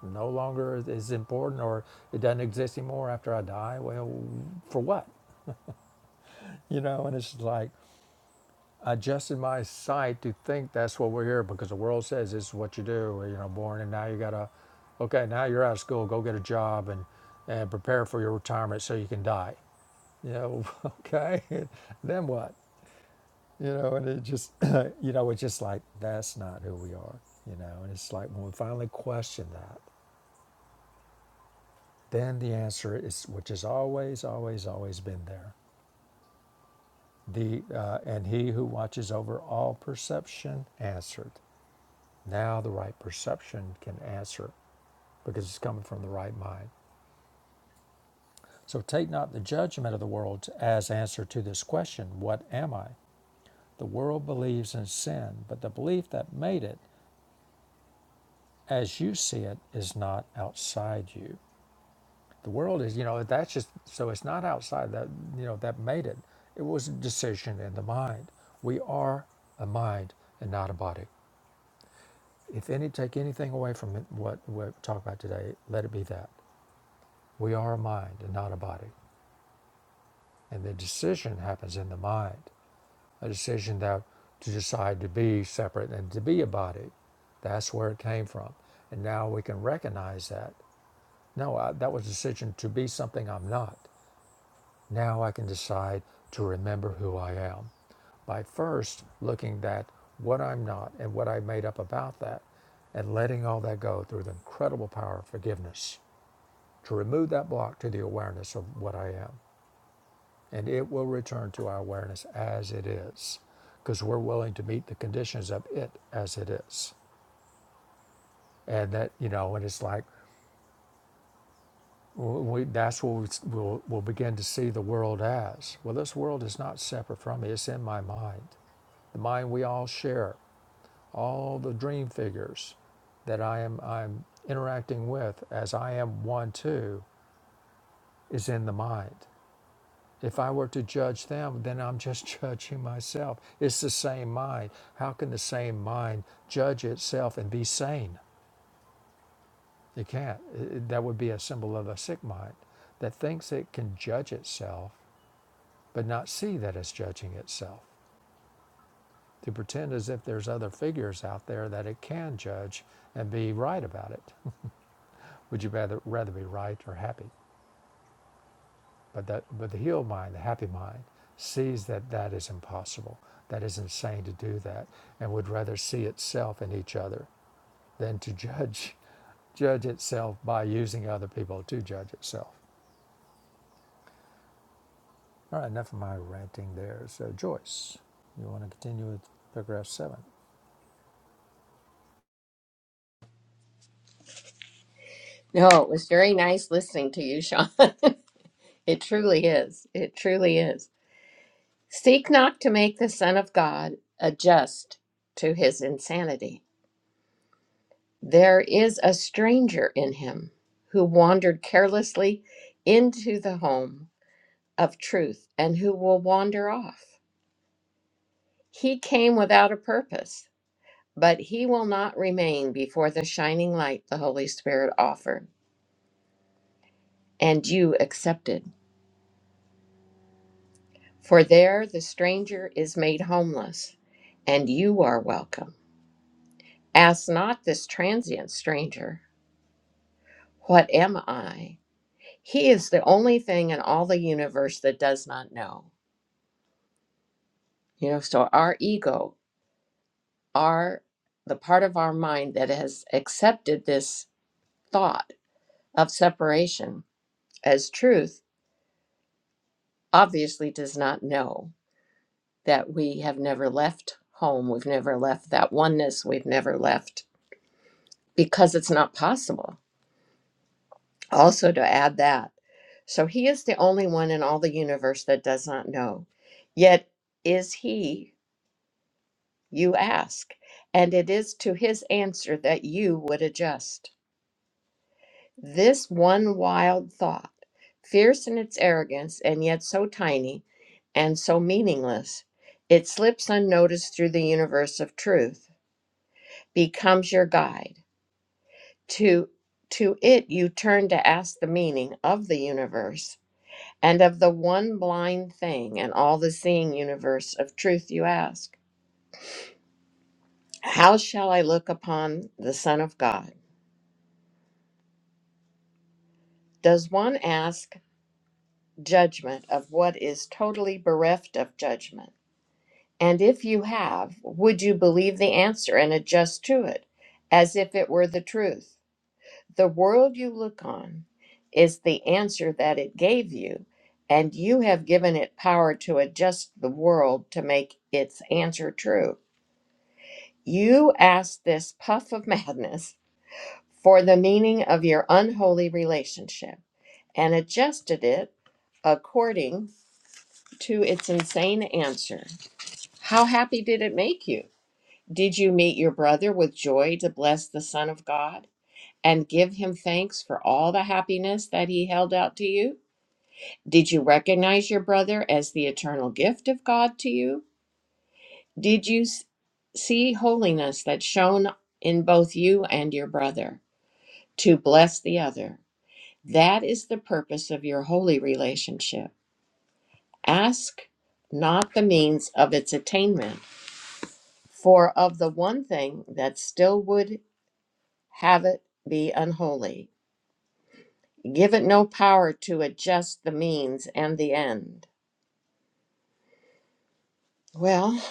Speaker 2: no longer is important or it doesn't exist anymore after I die. Well, for what? You know, and it's like adjusted my sight to think that's what we're here because the world says this is what you do. You know, born and now you gotta, okay, now you're out of school, go get a job and and prepare for your retirement so you can die. You know, okay, then what? You know, and it just, you know, it's just like that's not who we are. You know, and it's like when we finally question that, then the answer is, which has always, always, always been there. The uh, and he who watches over all perception answered. Now the right perception can answer because it's coming from the right mind. So take not the judgment of the world as answer to this question, What am I? The world believes in sin, but the belief that made it, as you see it, is not outside you. The world is, you know, that's just so it's not outside that, you know, that made it. It was a decision in the mind. We are a mind and not a body. If any take anything away from it, what we talk about today, let it be that. We are a mind and not a body. And the decision happens in the mind. A decision that to decide to be separate and to be a body. That's where it came from. And now we can recognize that. No, I, that was a decision to be something I'm not. Now I can decide to remember who I am by first looking at what I'm not and what I made up about that and letting all that go through the incredible power of forgiveness to remove that block to the awareness of what I am. and it will return to our awareness as it is because we're willing to meet the conditions of it as it is and that you know and it's like we, that's what we'll, we'll begin to see the world as well this world is not separate from me it's in my mind the mind we all share all the dream figures that i am i'm interacting with as i am one too is in the mind If I were to judge them, then I'm just judging myself. It's the same mind. How can the same mind judge itself and be sane? It can't. It- that would be a symbol of a sick mind that thinks it can judge itself, but not see that it's judging itself. To pretend as if there's other figures out there that it can judge and be right about it. would you rather, rather be right or happy? But, that, but the healed mind, the happy mind, sees that that is impossible, that is insane to do that, and would rather see itself in each other than to judge judge itself by using other people to judge itself. All right, enough of my ranting there. So, Joyce, you want to continue with paragraph seven?
Speaker 1: no it was very nice listening to you sean it truly is it truly is seek not to make the son of god adjust to his insanity There is a stranger in him who wandered carelessly into the home of truth and who will wander off. He came without a purpose, but he will not remain before the shining light the Holy Spirit offered and you accepted. For there the stranger is made homeless and you are welcome. Ask not this transient stranger, What am I? He is the only thing in all the universe that does not know. You know, so our ego, our the part of our mind that has accepted this thought of separation as truth obviously does not know that we have never left home, we've never left that oneness, we've never left because it's not possible. Also to add that. So he is the only one in all the universe that does not know. Yet is he, you ask, and it is to his answer that you would adjust. This one wild thought, fierce in its arrogance and yet so tiny and so meaningless, it slips unnoticed through the universe of truth, becomes your guide. To, to it you turn to ask the meaning of the universe and of the one blind thing and all the seeing universe of truth you ask. How shall I look upon the Son of God? Does one ask judgment of what is totally bereft of judgment? And if you have, would you believe the answer and adjust to it as if it were the truth? The world you look on is the answer that it gave you, and you have given it power to adjust the world to make its answer true. You ask this puff of madness for the meaning of your unholy relationship and adjusted it according to its insane answer. How happy did it make you? Did you meet your brother with joy to bless the Son of God and give him thanks for all the happiness that he held out to you? Did you recognize your brother as the eternal gift of God to you? Did you s- see holiness that shone in both you and your brother to bless the other? That is the purpose of your holy relationship. Ask not the means of its attainment, for of the one thing that still would have it be unholy. Give it no power to adjust the means and the end. Well,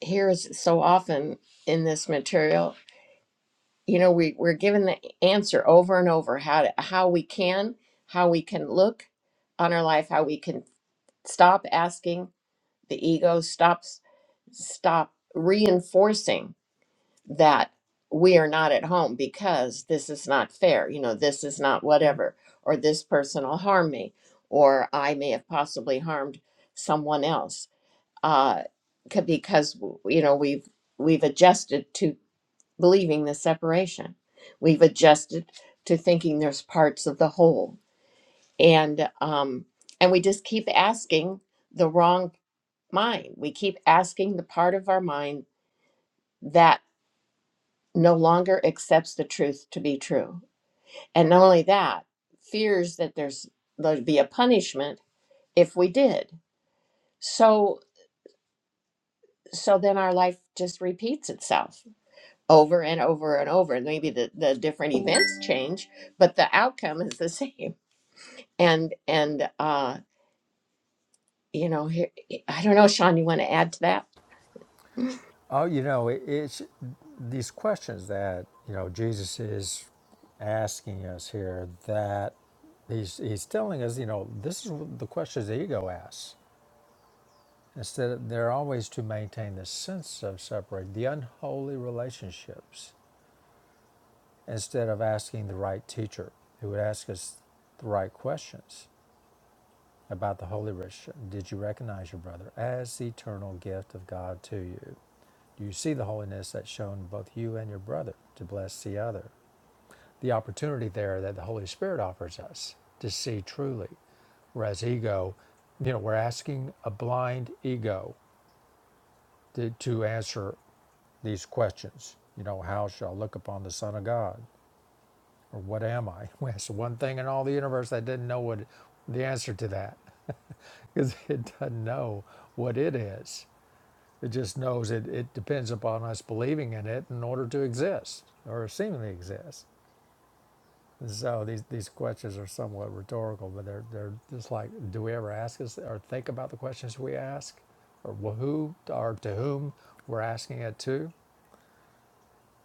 Speaker 1: here is so often in this material, you know, we, we're given the answer over and over how to, how we can, how we can look on our life, how we can stop asking the ego, stops, stop reinforcing. that we are not at home because this is not fair, you know, this is not whatever, or this person will harm me, or I may have possibly harmed someone else, uh, c- because you know we've we've adjusted to believing the separation, we've adjusted to thinking there's parts of the whole, and um, and we just keep asking the wrong mind, we keep asking the part of our mind that no longer accepts the truth to be true. And not only that, fears that there's there'd be a punishment if we did. So so then our life just repeats itself over and over and over. And maybe the, the different events change, but the outcome is the same. And and uh, you know, here, I don't know, Sean, you want to add to that?
Speaker 2: Oh, you know, it, it's these questions that, you know, Jesus is asking us here that he's, he's telling us, you know, this is the questions the ego asks. Instead, of, they're always to maintain the sense of separate, the unholy relationships, instead of asking the right teacher who would ask us the right questions about the holy relationship. Did you recognize your brother as the eternal gift of God to you? Do you see the holiness that's shown both you and your brother to bless the other? The opportunity there that the Holy Spirit offers us to see truly. Whereas ego, you know, we're asking a blind ego to, to answer these questions. You know, how shall I look upon the Son of God? Or what am I? That's one thing in all the universe that didn't know what the answer to that. Because it doesn't know what it is. It just knows it, it depends upon us believing in it in order to exist or seemingly exist. And so these, these questions are somewhat rhetorical, but they're, they're just like, do we ever ask us or think about the questions we ask? Or who or to whom we're asking it to?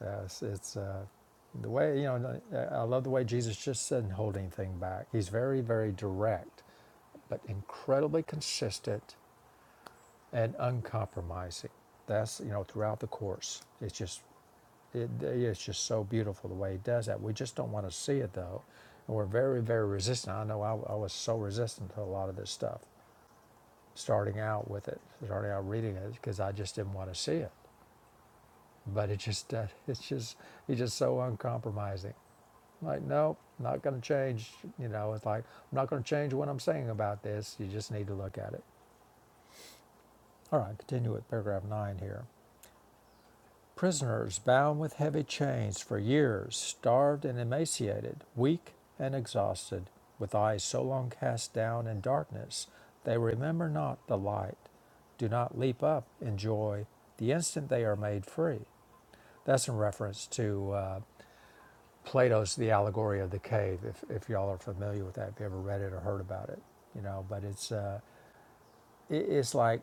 Speaker 2: Yes, it's uh, the way, you know, I love the way Jesus just doesn't hold anything back. He's very, very direct, but incredibly consistent and uncompromising. That's, you know, throughout the course. It's just, it, it's just so beautiful the way he does that. We just don't want to see it though. And we're very, very resistant. I know I, I was so resistant to a lot of this stuff, starting out with it, starting out reading it, because I just didn't want to see it. But it just, uh, it's just, he's just so uncompromising Like, nope, not going to change. You know, it's like, I'm not going to change what I'm saying about this. You just need to look at it. All right, continue with paragraph nine here. Prisoners bound with heavy chains for years, starved and emaciated, weak and exhausted, with eyes so long cast down in darkness, they remember not the light, do not leap up in joy the instant they are made free. That's in reference to uh, Plato's The Allegory of the Cave, if, if y'all are familiar with that, if you ever read it or heard about it, you know, but it's, uh, it, it's like,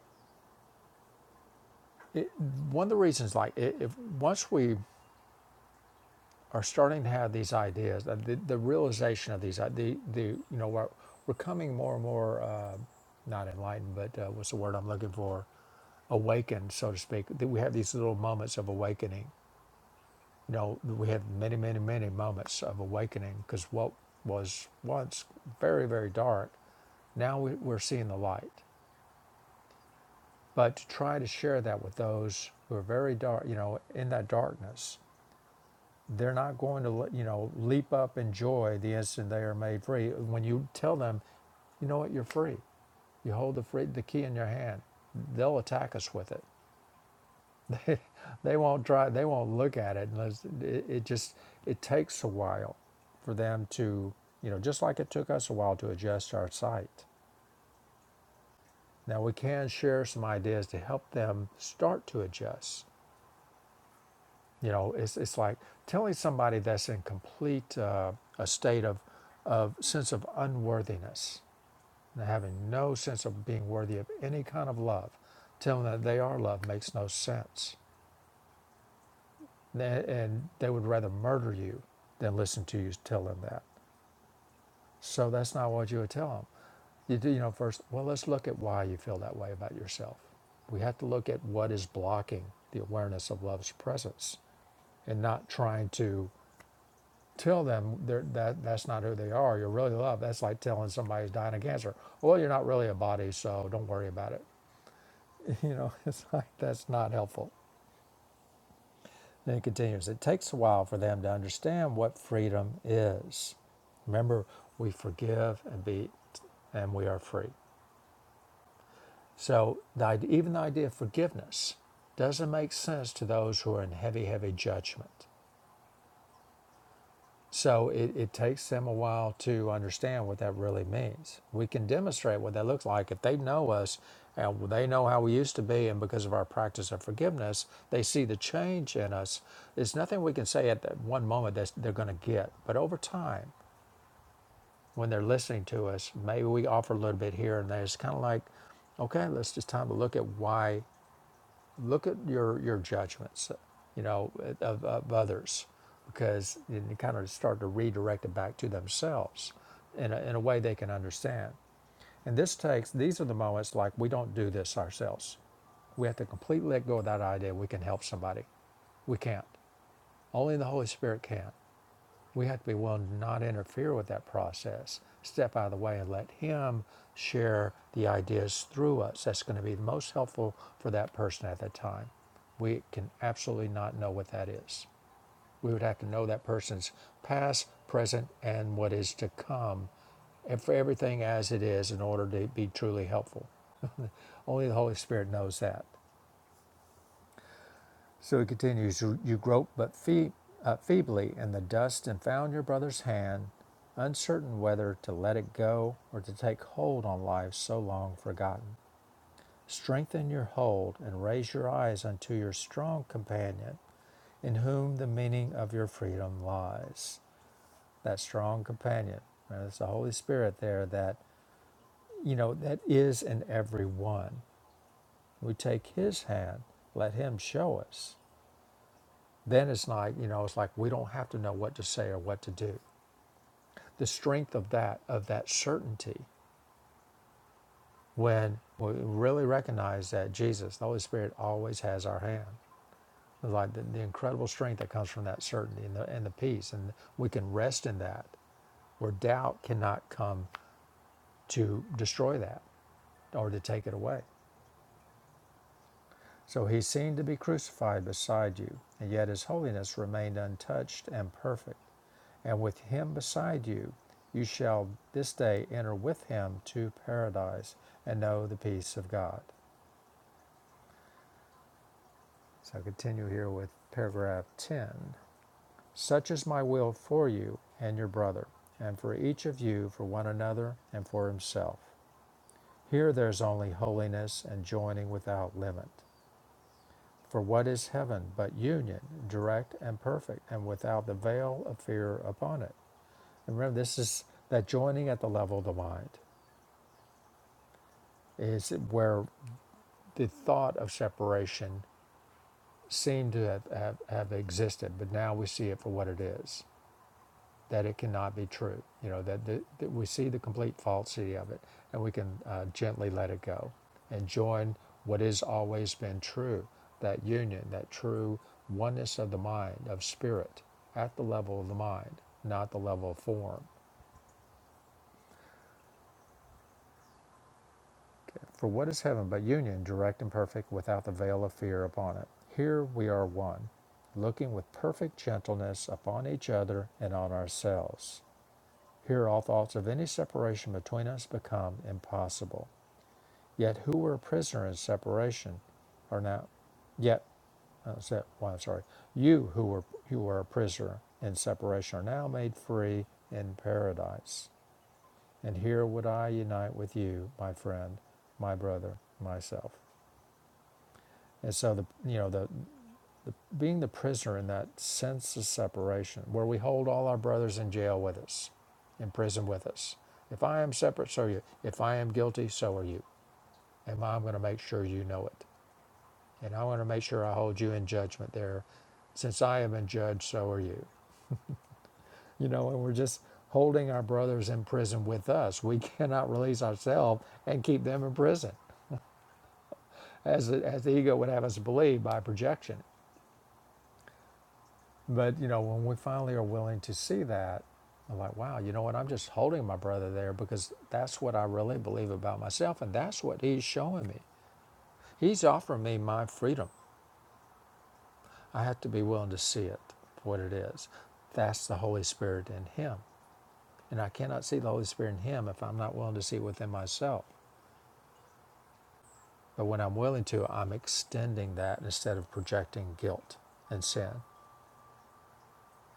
Speaker 2: it, one of the reasons, like, i if once we are starting to have these ideas, uh, the, the realization of these, uh, the, the, you know, we're, we're coming more and more, uh, not enlightened, but uh, what's the word I'm looking for? Awakened, so to speak. That we have these little moments of awakening you know, we had many, many, many moments of awakening because what was once very, very dark, now we, we're seeing the light. But to try to share that with those who are very dark, you know, in that darkness, they're not going to, you know, leap up in joy the instant they are made free. When you tell them, you know what, you're free, you hold the free, the key in your hand, they'll attack us with it. They won't try. They won't look at it unless it, it just it takes a while for them to you know just like it took us a while to adjust our site. Now we can share some ideas to help them start to adjust. You know, it's it's like telling somebody that's in complete uh, a state of of sense of unworthiness and having no sense of being worthy of any kind of love, telling them that they are loved makes no sense and they would rather murder you than listen to you tell them that. So that's not what you would tell them. You do, you know, first, well, let's look at why you feel that way about yourself. We have to look at what is blocking the awareness of love's presence and not trying to tell them that that's not who they are. You're really love. That's like telling somebody who's dying of cancer, well, you're not really a body, so don't worry about it. You know, it's like that's not helpful. Then it continues It takes a while for them to understand what freedom is. Remember, we forgive and be, and we are free. So, the, even the idea of forgiveness doesn't make sense to those who are in heavy, heavy judgment. So it, it takes them a while to understand what that really means. We can demonstrate what that looks like if they know us and they know how we used to be, and because of our practice of forgiveness, they see the change in us. There's nothing we can say at that one moment that they're going to get, but over time, when they're listening to us, maybe we offer a little bit here and there. It's kind of like, okay, let's just time to look at why look at your your judgments you know of, of others because you kind of start to redirect it back to themselves in a, in a way they can understand and this takes these are the moments like we don't do this ourselves we have to completely let go of that idea we can help somebody we can't only the holy spirit can we have to be willing to not interfere with that process, step out of the way and let Him share the ideas through us. That's going to be the most helpful for that person at that time. We can absolutely not know what that is. We would have to know that person's past, present, and what is to come, and for everything as it is in order to be truly helpful. Only the Holy Spirit knows that. So he continues, You, you groped but fee- uh, feebly in the dust and found your brother's hand, uncertain whether to let it go or to take hold on life so long forgotten. Strengthen your hold and raise your eyes unto your strong companion, in whom the meaning of your freedom lies. That strong companion, right? It's the Holy Spirit there that, you know, that is in every one. We take his hand, let him show us. then it's like you know it's like we don't have to know what to say or what to do the strength of that of that certainty when we really recognize that jesus the holy spirit always has our hand like the, the incredible strength that comes from that certainty and the, and the peace and we can rest in that where doubt cannot come to destroy that or to take it away So he seemed to be crucified beside you, and yet his holiness remained untouched and perfect. And with him beside you, you shall this day enter with him to paradise and know the peace of God. So continue here with paragraph 10. Such is my will for you and your brother, and for each of you, for one another, and for himself. Here there is only holiness and joining without limit. For what is heaven but union, direct and perfect, and without the veil of fear upon it? And remember, this is that joining at the level of the mind is where the thought of separation seemed to have, have, have existed, but now we see it for what it is. that it cannot be true. You know, that, that, that we see the complete falsity of it and we can uh, gently let it go and join what has always been true that union, that true oneness of the mind, of spirit, at the level of the mind, not the level of form. For what is heaven but union, direct and perfect, without the veil of fear upon it? Here we are one, looking with perfect gentleness upon each other and on ourselves. Here all thoughts of any separation between us become impossible. Yet who were a prisoner in separation are now yet uh, se- well, I'm sorry, you who were who were a prisoner in separation are now made free in paradise. And here would I unite with you, my friend, my brother, myself. And so the you know the the, being the prisoner in that sense of separation, where we hold all our brothers in jail with us, in prison with us. If I am separate, so are you. If I am guilty, so are you. And I'm going to make sure you know it. And i want to make sure I hold you in judgment there. Since I have been judged, so are you. You know, and we're just holding our brothers in prison with us. We cannot release ourselves and keep them in prison, as, the- as the ego would have us believe by projection. But you know, when we finally are willing to see that, I'm like, wow, you know what? I'm just holding my brother there because that's what I really believe about myself, and that's what he's showing me. He's offering me my freedom. I have to be willing to see it for what it is. That's the Holy Spirit in him, and I cannot see the Holy Spirit in him if I'm not willing to see it within myself. But when I'm willing to, I'm extending that instead of projecting guilt and sin.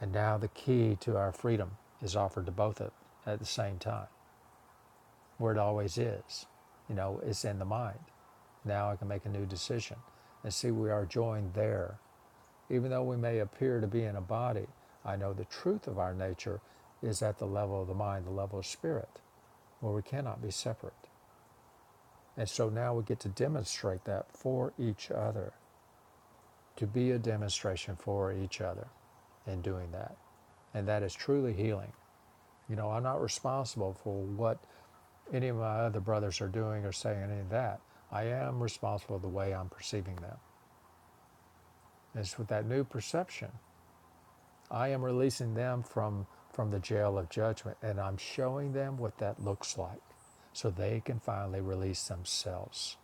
Speaker 2: And now the key to our freedom is offered to both of them at the same time. where it always is. You know, it's in the mind. Now I can make a new decision and see we are joined there. Even though we may appear to be in a body, I know the truth of our nature is at the level of the mind, the level of spirit, where we cannot be separate. And so now we get to demonstrate that for each other, to be a demonstration for each other in doing that. And that is truly healing. You know, I'm not responsible for what any of my other brothers are doing or saying any of that. I am responsible for the way I'm perceiving them. And it's with that new perception, I am releasing them from, from the jail of judgment and I'm showing them what that looks like so they can finally release themselves.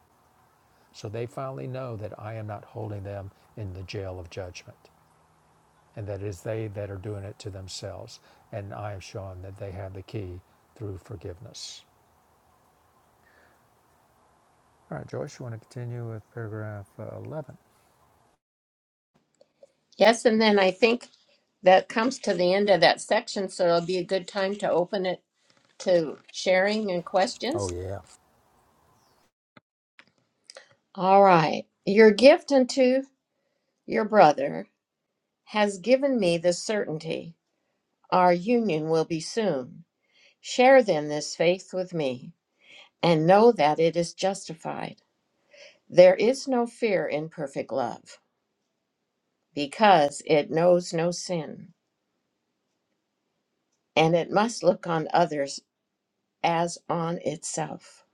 Speaker 2: So they finally know that I am not holding them in the jail of judgment and that it is they that are doing it to themselves. And I am showing that they have the key through forgiveness. All right, Joyce, you want to continue with paragraph uh, 11?
Speaker 1: Yes, and then I think that comes to the end of that section, so it'll be a good time to open it to sharing and questions.
Speaker 2: Oh, yeah.
Speaker 1: All right. Your gift unto your brother has given me the certainty our union will be soon. Share then this faith with me and know that it is justified. There is no fear in perfect love because it knows no sin and it must look on others as on itself.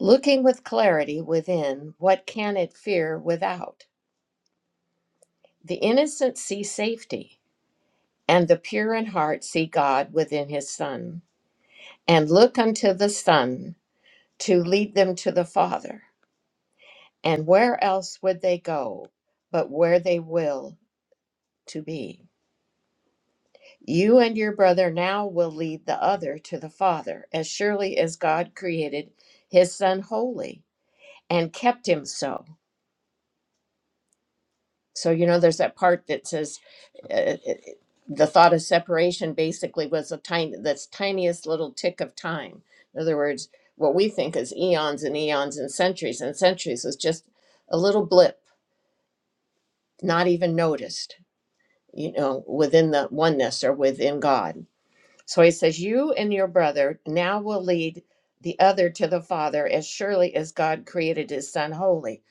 Speaker 1: Looking with clarity within, what can it fear without? The innocent see safety And the pure in heart see God within his Son, and look unto the Son to lead them to the Father. And where else would they go but where they will to be? You and your brother now will lead the other to the Father, as surely as God created his Son holy and kept him so. So, you know, there's that part that says uh, the thought of separation basically was a tiny, that's tiniest little tick of time. In other words, what we think is eons and eons and centuries and centuries is just a little blip, not even noticed, you know, within the oneness or within God. So he says, You and your brother now will lead the other to the Father as surely as God created his Son holy.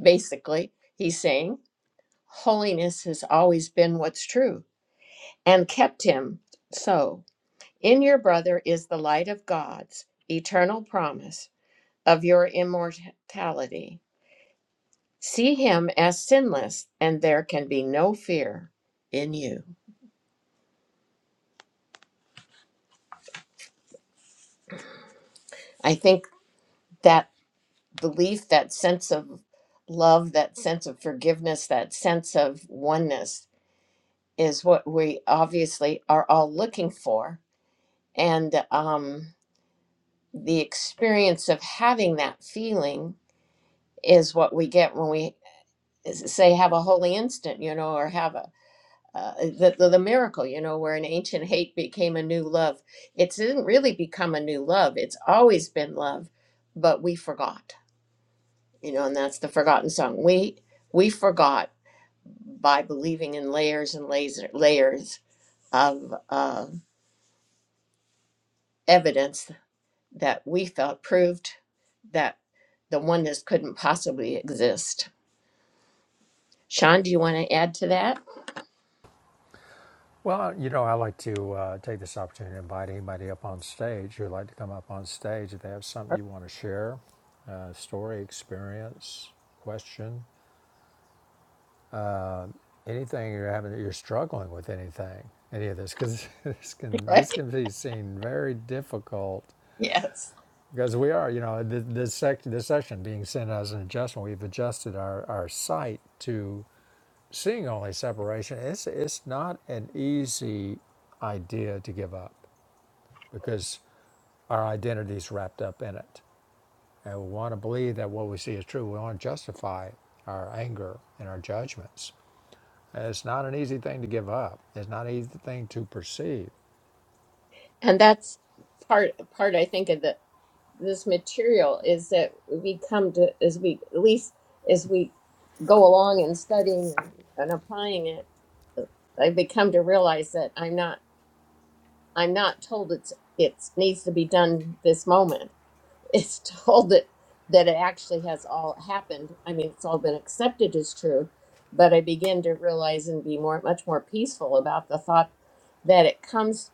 Speaker 1: Basically, he's saying, Holiness has always been what's true and kept him. So, in your brother is the light of God's eternal promise of your immortality. See him as sinless, and there can be no fear in you. I think that belief, that sense of love, that sense of forgiveness, that sense of oneness is what we obviously are all looking for. And um, the experience of having that feeling is what we get when we. s- say have a holy instant you know or have a uh, the, the the miracle you know where an ancient hate became a new love it didn't really become a new love it's always been love but we forgot you know and that's the forgotten song we we forgot by believing in layers and laser, layers of uh, evidence that we felt proved that the oneness couldn't possibly exist sean do you want to add to that
Speaker 2: Well, you know, I like to uh, take this opportunity to invite anybody up on stage who'd like to come up on stage if they have something you want to share, uh, story, experience, question, uh, anything you're having, you're struggling with anything, any of this, because this can this
Speaker 1: right
Speaker 2: can be seen very difficult
Speaker 1: yes
Speaker 2: because we are, you know, th- this sec- this section being sent as an adjustment, we've adjusted our our site to seeing only separation. It's it's not an easy idea to give up because our identity is wrapped up in it. And we want to believe that what we see is true. We want to justify our anger and our judgments. And it's not an easy thing to give up. It's not an easy thing to perceive.
Speaker 1: and that's part part i think of the this material is that we come to as we at least as we go along in studying and applying it i become to realize that i'm not i'm not told it's it needs to be done this moment it's told that that it actually has all happened i mean it's all been accepted as true but i begin to realize and be more much more peaceful about the thought that it comes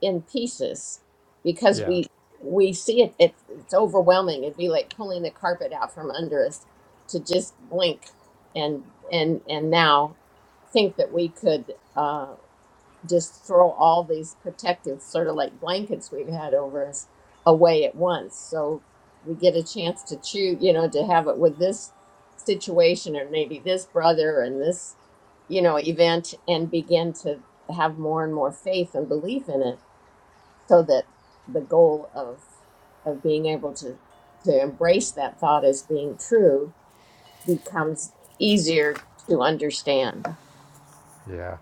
Speaker 1: in pieces because
Speaker 2: Yeah,
Speaker 1: we we see it, it it's overwhelming it'd be like pulling the carpet out from under us to just blink and and and now think that we could uh, just throw all these protective sort of like blankets we've had over us away at once so we get a chance to choose you know to have it with this situation or maybe this brother and this you know event and begin to have more and more faith and belief in it so that the goal of of being able to to embrace that thought as being true becomes easier to understand.
Speaker 2: yeah,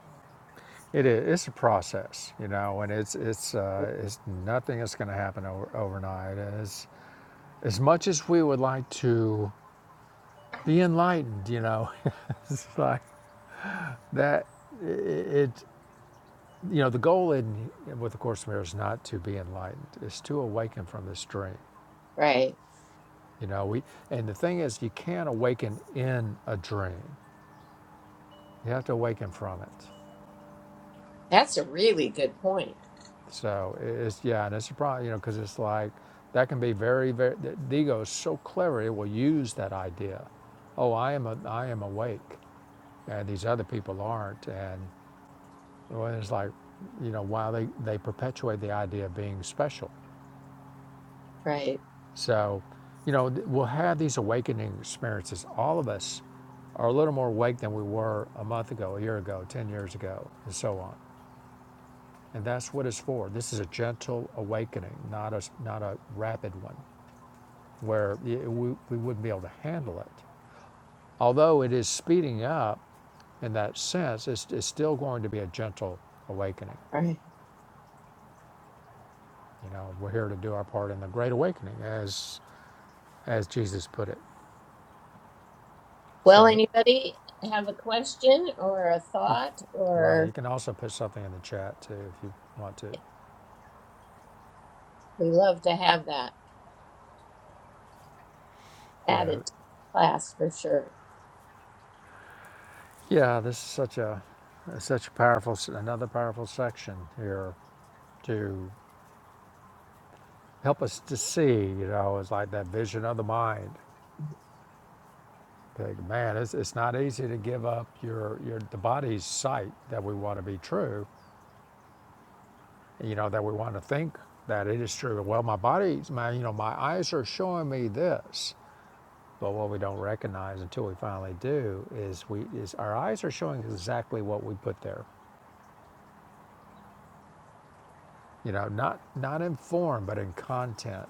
Speaker 2: it is. It's a process, you know, and it's it's uh, it's nothing that's going to happen over, overnight. As as much as we would like to be enlightened, you know, it's like that. It, You know, the goal in with the Course in Mirrors is not to be enlightened; it's to awaken from this dream.
Speaker 1: Right.
Speaker 2: You know, we and the thing is, you can't awaken in a dream. You have to awaken from it.
Speaker 1: That's a really good point.
Speaker 2: So it's yeah, and it's a problem. You know, because it's like that can be very, very. The the ego is so clever; it will use that idea. Oh, I am a, I am awake, and these other people aren't. And well, it's like, you know, while they they perpetuate the idea of being special
Speaker 1: Right.
Speaker 2: So, you know, we'll have these awakening experiences. All of us are a little more awake than we were a month ago, a year ago, 10 years ago, and so on. And that's what it's for. This is a gentle awakening, not a not a rapid one where y- we, we wouldn't be able to handle it. Although it is speeding up in that sense, it's, it's still going to be a gentle awakening.
Speaker 1: Right.
Speaker 2: You know, we're here to do our part in the great awakening, as, as Jesus put it.
Speaker 1: Well,
Speaker 2: So
Speaker 1: anybody have a question or a
Speaker 2: You,
Speaker 1: thought
Speaker 2: right. You
Speaker 1: or
Speaker 2: can also put something in the chat too if you want to.
Speaker 1: we love to have that
Speaker 2: Yeah.
Speaker 1: added to class for sure.
Speaker 2: Yeah. This is such a such a powerful s- another powerful section here to help us to see. You know, it's like that vision of the mind. Like, man, it's, it's not easy to give up your your the body's sight that we want to be true. You know that we want to think that it is true. Well, my body's my you know my eyes are showing me this. But what we don't recognize until we finally do is we is our eyes are showing exactly what we put there. You know, not not in form, but in content.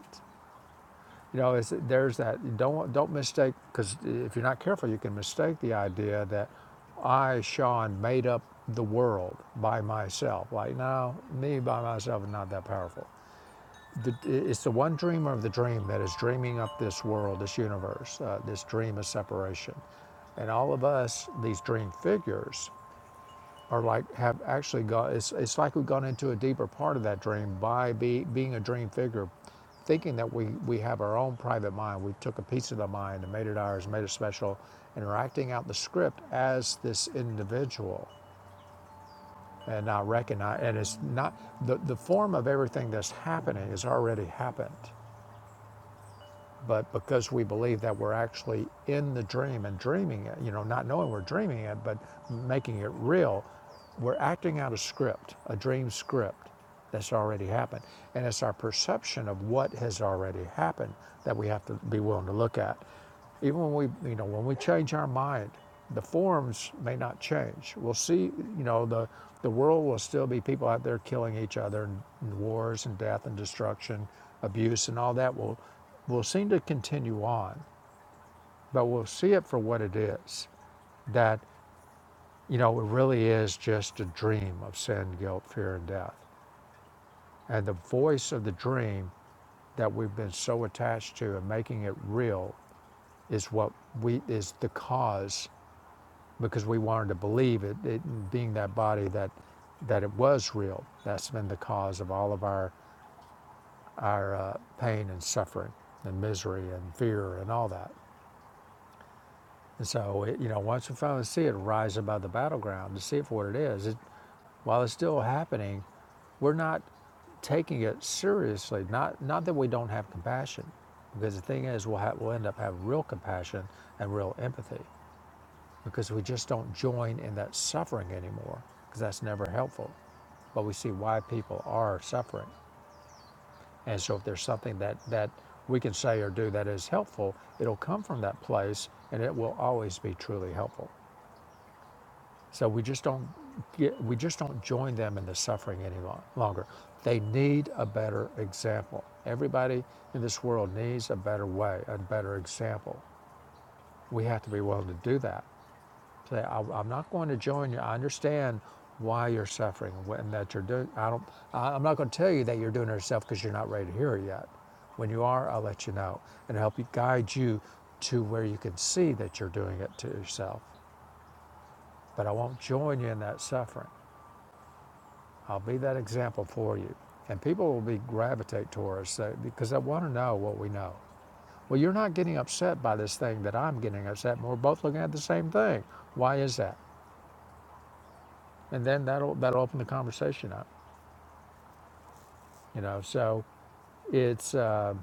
Speaker 2: You know, is there's that don't don't mistake because if you're not careful, you can mistake the idea that I, Sean, made up the world by myself. Like, no, me by myself is not that powerful. the, it's the one dreamer of the dream that is dreaming up this world, this universe, uh, this dream of separation. And all of us, these dream figures, are like have actually gone. It's, it's like we've gone into a deeper part of that dream by be, being a dream figure, thinking that we we have our own private mind. We took a piece of the mind and made it ours, made it special, and are acting out the script as this individual and not recognize. And it's not the the form of everything that's happening has already happened but because we believe that we're actually in the dream and dreaming it, you know, not knowing we're dreaming it, but making it real, we're acting out a script, a dream script that's already happened. And it's our perception of what has already happened that we have to be willing to look at. Even when we, you know, when we change our mind, the forms may not change. We'll see, you know, the, the world will still be people out there killing each other and, and wars and death and destruction, abuse and all that will, will seem to continue on, but we'll see it for what it is. That, you know, it really is just a dream of sin, guilt, fear, and death. And the voice of the dream that we've been so attached to and making it real is what we is the cause because we wanted to believe it, it being that body that that it was real. That's been the cause of all of our our uh, pain and suffering and misery and fear and all that. And so, it, you know, once we finally see it rise above the battleground to see it for what it is, it, while it's still happening, we're not taking it seriously. Not not that we don't have compassion, because the thing is, we'll, ha- we'll end up having real compassion and real empathy. because we just don't join in that suffering anymore because that's never helpful. But we see why people are suffering. And so if there's something that, that we can say or do that is helpful, it'll come from that place and it will always be truly helpful. So we just don't get, we just don't join them in the suffering any lo- longer. They need a better example. Everybody in this world needs a better way, a better example. We have to be willing to do that Say, I, am not going to join you. I understand why you're suffering and that you're doing. I don't. I, am not going to tell you that you're doing it yourself because you're not ready to hear it yet. When you are, I'll let you know and help you guide you to where you can see that you're doing it to yourself. But I won't join you in that suffering. I'll be that example for you, and people will be gravitate towards us uh, because they want to know what we know. Well, you're not getting upset by this thing that I'm getting upset, and we're both looking at the same thing. Why is that? and then that'll that'll open the conversation up you know so it's uh,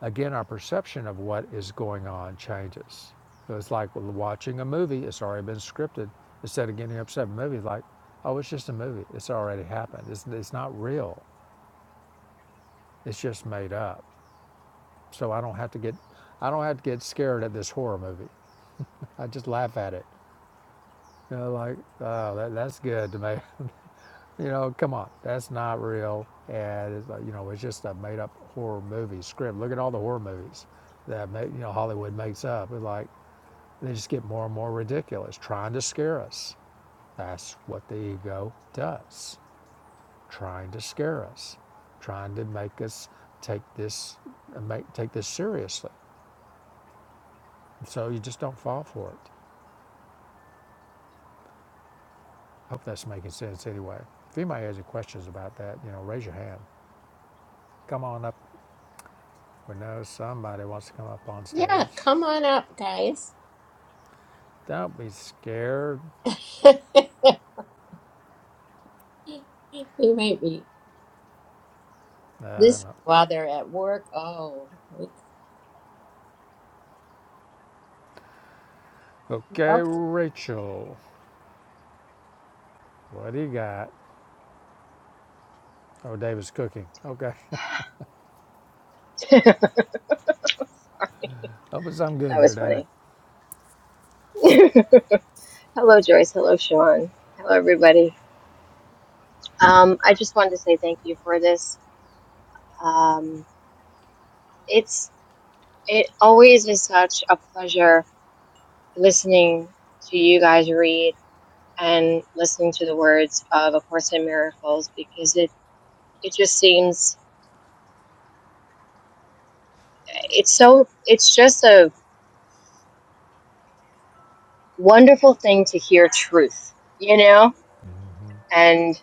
Speaker 2: again our perception of what is going on changes so it's like watching a movie it's already been scripted instead of getting upset with a movie like oh it's just a movie it's already happened it's, it's not real it's just made up so i don't have to get i don't have to get scared at this horror movie i just laugh at it you know like oh that, that's good to me You know, come on, that's not real. And it's like, you know, it's just a made up horror movie script. Look at all the horror movies that make, you know Hollywood makes up. It's like they just get more and more ridiculous, trying to scare us. That's what the ego does, trying to scare us, trying to make us take this uh, make take this seriously. So you just don't fall for it. Hope that's making sense anyway. If anybody has any questions about that, you know, raise your hand. Come on up. We know somebody wants to come up on
Speaker 1: Yeah,
Speaker 2: stage.
Speaker 1: come on up, guys.
Speaker 2: Don't be scared.
Speaker 1: they might be
Speaker 2: No,
Speaker 1: listening
Speaker 2: no.
Speaker 1: while they're at work. Oh, okay.
Speaker 2: Okay, Rachel, what do you got? Oh, David's cooking. Okay. Hope it's something good
Speaker 3: That
Speaker 2: there,
Speaker 3: was
Speaker 2: David.
Speaker 3: funny. Hello, Joyce. Hello, Sean. Hello, everybody. Um, I just wanted to say thank you for this. Um, it's it always is such a pleasure listening to you guys read and listening to the words of A Course in Miracles because it it just seems it's so it's just a wonderful thing to hear truth, you know, and.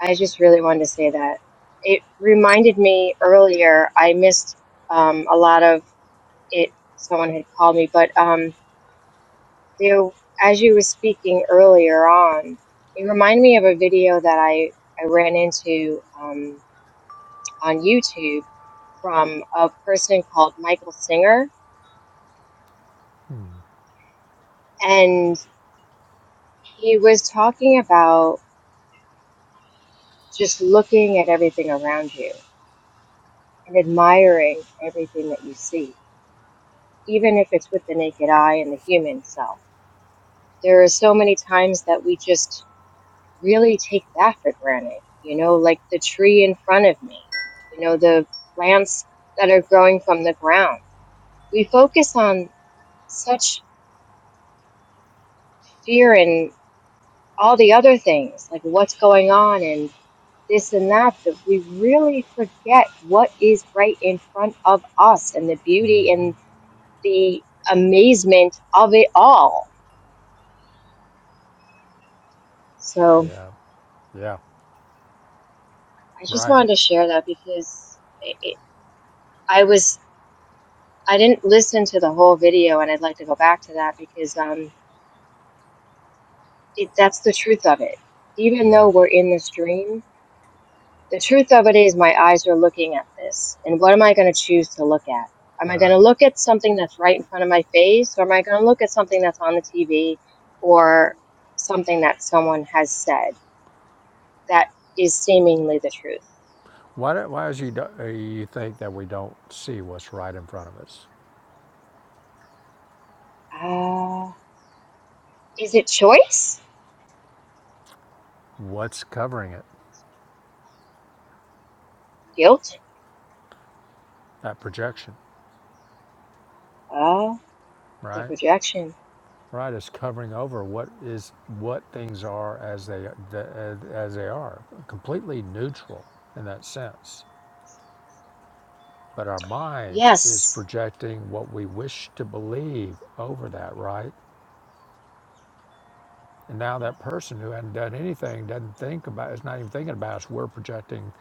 Speaker 3: I just really wanted to say that. It reminded me earlier, I missed um, a lot of it. Someone had called me, but um, there, as you were speaking earlier on, it reminded me of a video that I, I ran into um, on YouTube from a person called Michael Singer.
Speaker 2: Mm-hmm.
Speaker 3: And he was talking about just looking at everything around you and admiring everything that you see even if it's with the naked eye and the human self. There are so many times that we just really take that for granted, you know, like the tree in front of me, you know, the plants that are growing from the ground. We focus on such fear and all the other things, like what's going on and this and that, that we really forget what is right in front of us and the beauty and the amazement of it all. So,
Speaker 2: Yeah, yeah,
Speaker 3: I just
Speaker 2: right.
Speaker 3: wanted to share that because it, it, I was I didn't listen to the whole video, and I'd like to go back to that because um, it, that's the truth of it. Even
Speaker 2: Yeah,
Speaker 3: though we're in this dream, the truth of it is my eyes are looking at this, and what am I going to choose to look at? Am I going
Speaker 2: right.
Speaker 3: to look at something that's right in front of my face, or am I going to look at something that's on the TV, or something that someone has said that is seemingly the truth?
Speaker 2: Why, why is you, do, uh, you think that we don't see what's right in front of us?
Speaker 3: Uh, is it choice?
Speaker 2: What's covering it?
Speaker 3: Guilt?
Speaker 2: That projection,
Speaker 3: Uh, The
Speaker 2: right?
Speaker 3: projection.
Speaker 2: Right is covering over what is what things are as they as they are, completely neutral in that sense. But our mind is
Speaker 3: Yes.
Speaker 2: projecting what we wish to believe over that, right? And now
Speaker 3: Yeah.
Speaker 2: that person who hadn't done anything doesn't think about is not even thinking about us. We're projecting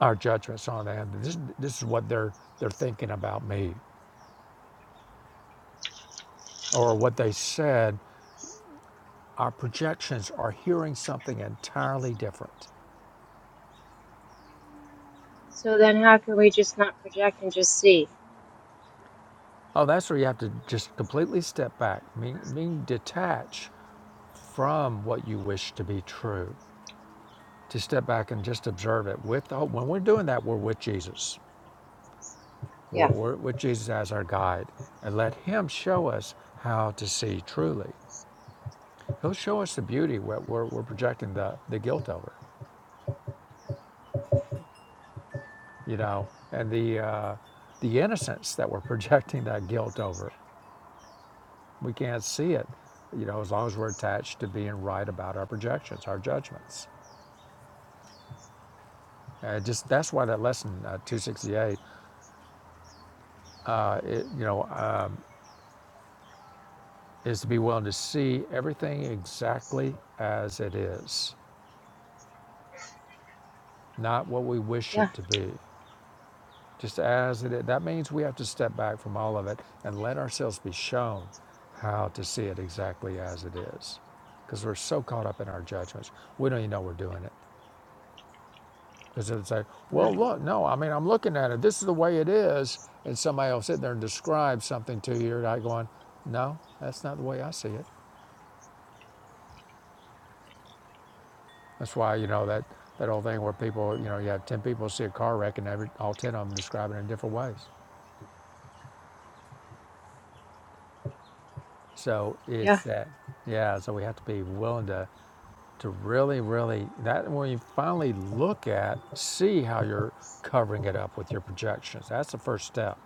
Speaker 2: our judgments on them. This, this is what they're they're thinking about me, or what they said. Our projections are hearing something entirely different.
Speaker 3: So then how can we just not project and just see?
Speaker 2: Oh, that's where you have to just completely step back, mean, mean detach from what you wish to be true to step back and just observe it with the, when we're doing that we're with jesus we're,
Speaker 3: Yeah.
Speaker 2: we're with jesus as our guide and let him show us how to see truly he'll show us the beauty what we're, we're projecting the, the guilt over you know and the uh, the innocence that we're projecting that guilt over we can't see it you know as long as we're attached to being right about our projections our judgments uh, just that's why that lesson uh, 268 uh, it, you know is to be willing to see everything exactly as it is, not what we wish it
Speaker 3: Yeah.
Speaker 2: to be, just as it is. That means we have to step back from all of it and let ourselves be shown how to see it exactly as it is. Because we're so caught up in our judgments, we don't even know we're doing it. Because it's like,
Speaker 3: Yeah.
Speaker 2: well, look, no, I mean, I'm looking at it. This is the way it is. And somebody will sit there and describe something to you, and I going, no, that's not the way I see it. That's why, you know, that, that old thing where people, you know, you have 10 people see a car wreck and every, all 10 of them describe it in different ways. So
Speaker 3: Yeah.
Speaker 2: it's that, yeah, so we have to be willing to, to really, really, that when you finally look at, see how you're covering it up with your projections. That's the first step.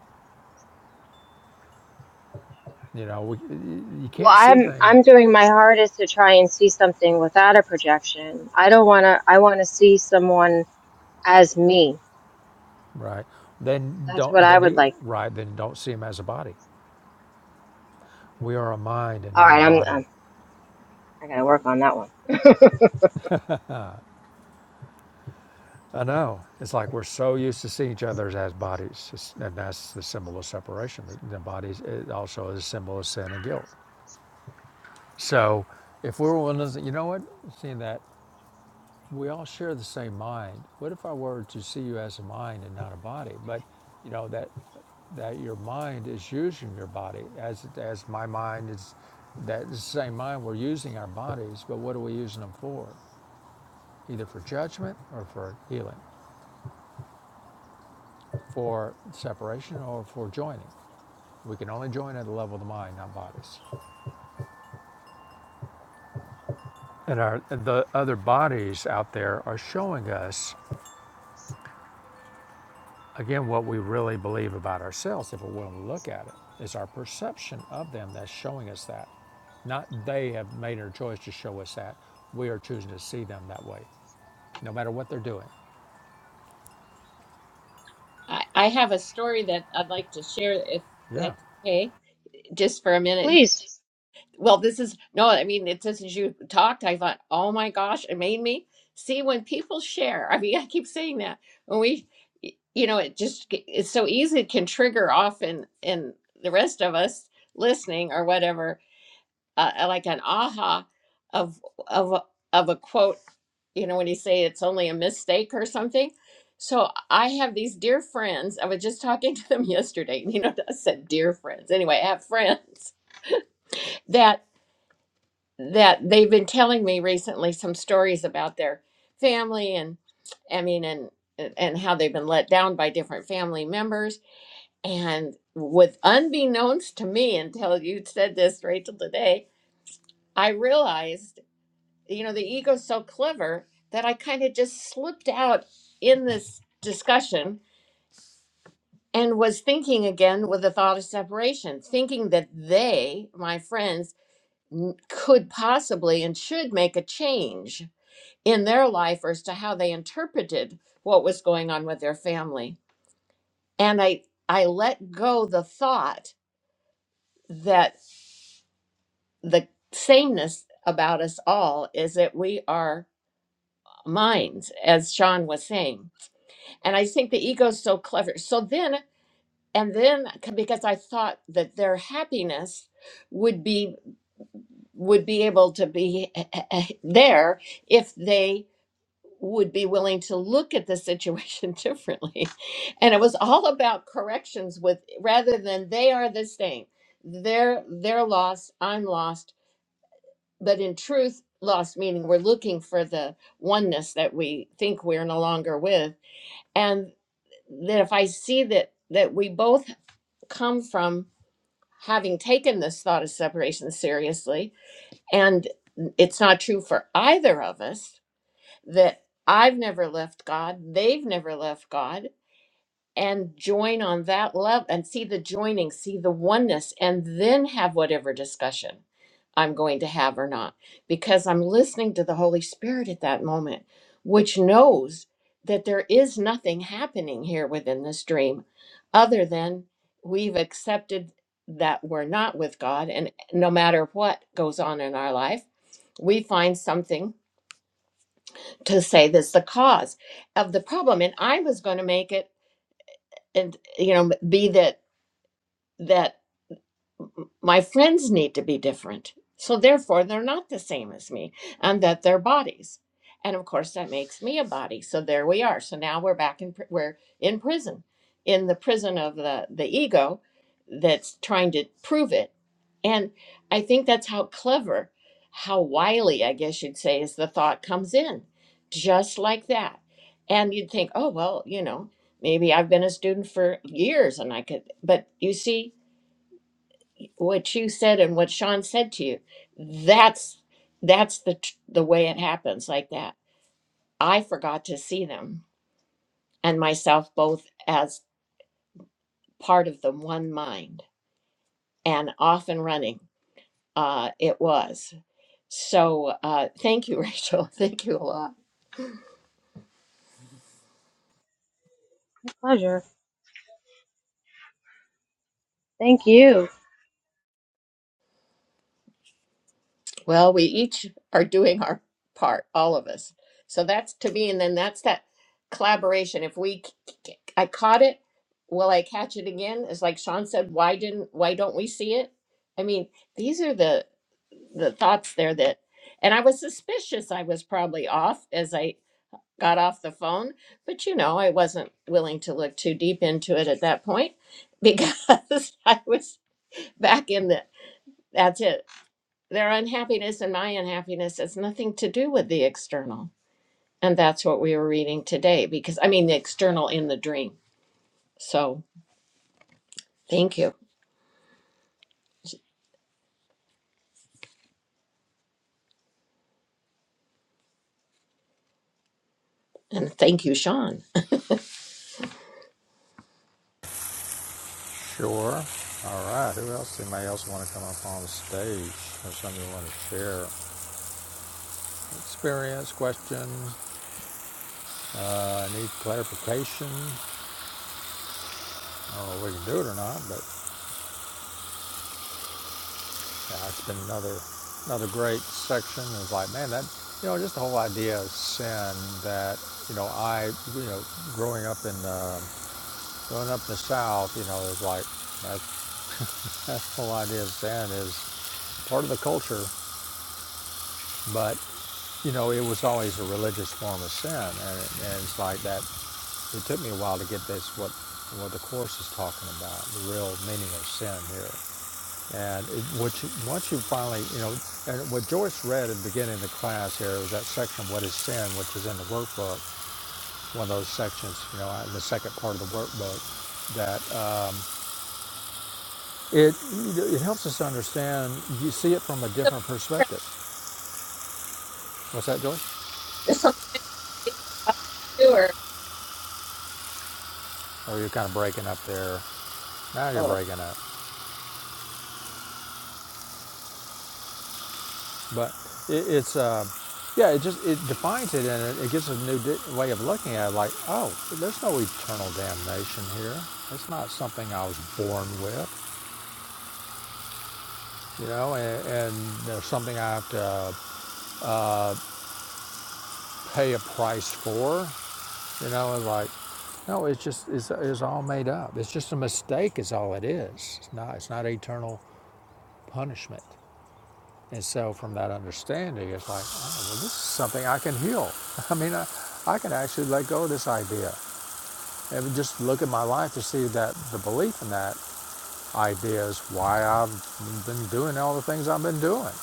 Speaker 2: You know, we, you
Speaker 3: Well,
Speaker 2: can't see
Speaker 3: I'm
Speaker 2: things,
Speaker 3: I'm doing my hardest to try and see something without a projection. I don't want to I want to see someone as me.
Speaker 2: right? Then
Speaker 3: That's what
Speaker 2: don't,
Speaker 3: I
Speaker 2: then
Speaker 3: would
Speaker 2: you,
Speaker 3: like.
Speaker 2: right, then don't see them as a body. We are a mind and
Speaker 3: All
Speaker 2: not a
Speaker 3: right, I'm,
Speaker 2: body.
Speaker 3: I'm I got to work on that one.
Speaker 2: I know. It's like we're so used to seeing each other as bodies, It's- and that's the symbol of separation. The- The body also is a symbol of sin and guilt. So, if we were one of the, you know what, seeing that we all share the same mind. What if I were to see you as a mind and not a body? But you know that that your mind is using your body as as my mind is That the same mind we're using our bodies. But what are we using them for? Either for judgment or for healing. for separation or for joining. We can only join at the level of the mind, not bodies. And our, the other bodies out there are showing us, again, what we really believe about ourselves if we're willing to look at it. It's our perception of them that's showing us that. Not they have made their choice to show us that. We are choosing to see them that way, no matter what they're doing.
Speaker 1: I, I have a story that I'd like to share if
Speaker 2: Yeah.
Speaker 1: that's okay, just for a minute.
Speaker 3: Please.
Speaker 1: Well, this is no, I mean, it's just as you talked, I thought, oh my gosh, it made me see when people share. I mean, I keep saying that when we, you know, it just it's so easy, it can trigger off in in the rest of us listening or whatever uh, uh, like an aha of of a- of a quote you know when you say it's only a mistake or something so i have these dear friends i was just talking to them yesterday you know i said dear friends anyway i have friends that that they've been telling me recently some stories about their family and i mean and and how they've been let down by different family members and with unbeknownst to me until you said this rachel today i realized you know, the ego's so clever that I kind of just slipped out in this discussion and was thinking again with the thought of separation, thinking that they, my friends, n- could possibly and should make a change in their life as to how they interpreted what was going on with their family. And I I let go the thought that the sameness about us all is that we are minds, as Sean was saying And I think the ego is so clever. So then, and then c- because I thought that their happiness would be would be able to be there if they would be willing to look at the situation differently. And it was all about corrections with rather than they are the same. They're they're lost, I'm lost, but in truth lost meaning we're looking for the oneness that we think we're no longer with that if I see that that we both come from having taken this thought of separation seriously and it's not true for either of us that I've never left God, they've never left God, and join on that level and see the joining, see the oneness, and then have whatever discussion I'm going to have or not, because I'm listening to the Holy Spirit at that moment, which knows that there is nothing happening here within this dream other than we've accepted that we're not with God. And no matter what goes on in our life, we find something to say that's the cause of the problem. And I was going to make it and you know be that that my friends need to be different. So therefore, they're not the same as me, and that they're bodies. And of course, that makes me a body. So there we are. So now we're back in pri- we're in prison, in the prison of the the ego that's trying to prove it. And I think that's how clever, how wily, I guess you'd say, is the thought comes in, just like that. And you'd think, oh well, you know, maybe I've been a student for years, and I could. But you see, what you said and what Sean said to you, that's that's the tr- the way it happens like that. I forgot to see them and myself both as part of the one mind and off and running. Uh, it was so. Uh, thank you, Rachel. Thank you a lot.
Speaker 3: Pleasure. Thank you.
Speaker 1: Well, we each are doing our part, all of us. So that's to me, and then that's that collaboration. If we, c- c- I caught it, will I catch it again? It's like Sean said, why didn't, why don't we see it? I mean, these are the the thoughts there that, and I was suspicious. I was probably off as I got off the phone, but you know, I wasn't willing to look too deep into it at that point because I was back in the. That's it their unhappiness and my unhappiness has nothing to do with the external. And that's what we were reading today because I mean the external in the dream. So thank you. And thank you, Sean.
Speaker 2: Sure. All right. Who else? Anybody else want to come up on the stage or something you want to share? Experience, question, Uh, I need clarification. I don't know if we can do it or not, but yeah, it's been another another great section. It's like, man, that you know, just the whole idea of sin that you know, I you know, growing up in um growing up in the South, you know, it's like that's that's the whole idea of sin is part of the culture But, you know, it was always a religious form of sin. And, and it's like that, it took me a while to get this, what, what the Course is talking about, the real meaning of sin here. And it, which, once you finally, you know, and what Joyce read at the beginning of the class here was that section, What is Sin, which is in the workbook, one of those sections, you know, in the second part of the workbook, that um, it, it helps us understand, you see it from a different perspective. What's that, Joyce?
Speaker 1: There's some doer.
Speaker 2: or you're kind of breaking up there. Now you're
Speaker 1: do
Speaker 2: breaking up, but it, it's uh, yeah, it just it defines it and it, it gives a new di- way of looking at it. Like, oh, there's no eternal damnation here. It's not something I was born with, you know, and, and there's something I have to pay a price for. You know, it's like, no, it's just it's, it's all made up. It's just a mistake. Is all it is. It's not. It's not eternal punishment. And so, from that understanding, it's like, oh, well, this is something I can heal. I mean, I, I can actually let go of this idea and just look at my life to see that the belief in that idea is why I've been doing all the things I've been doing.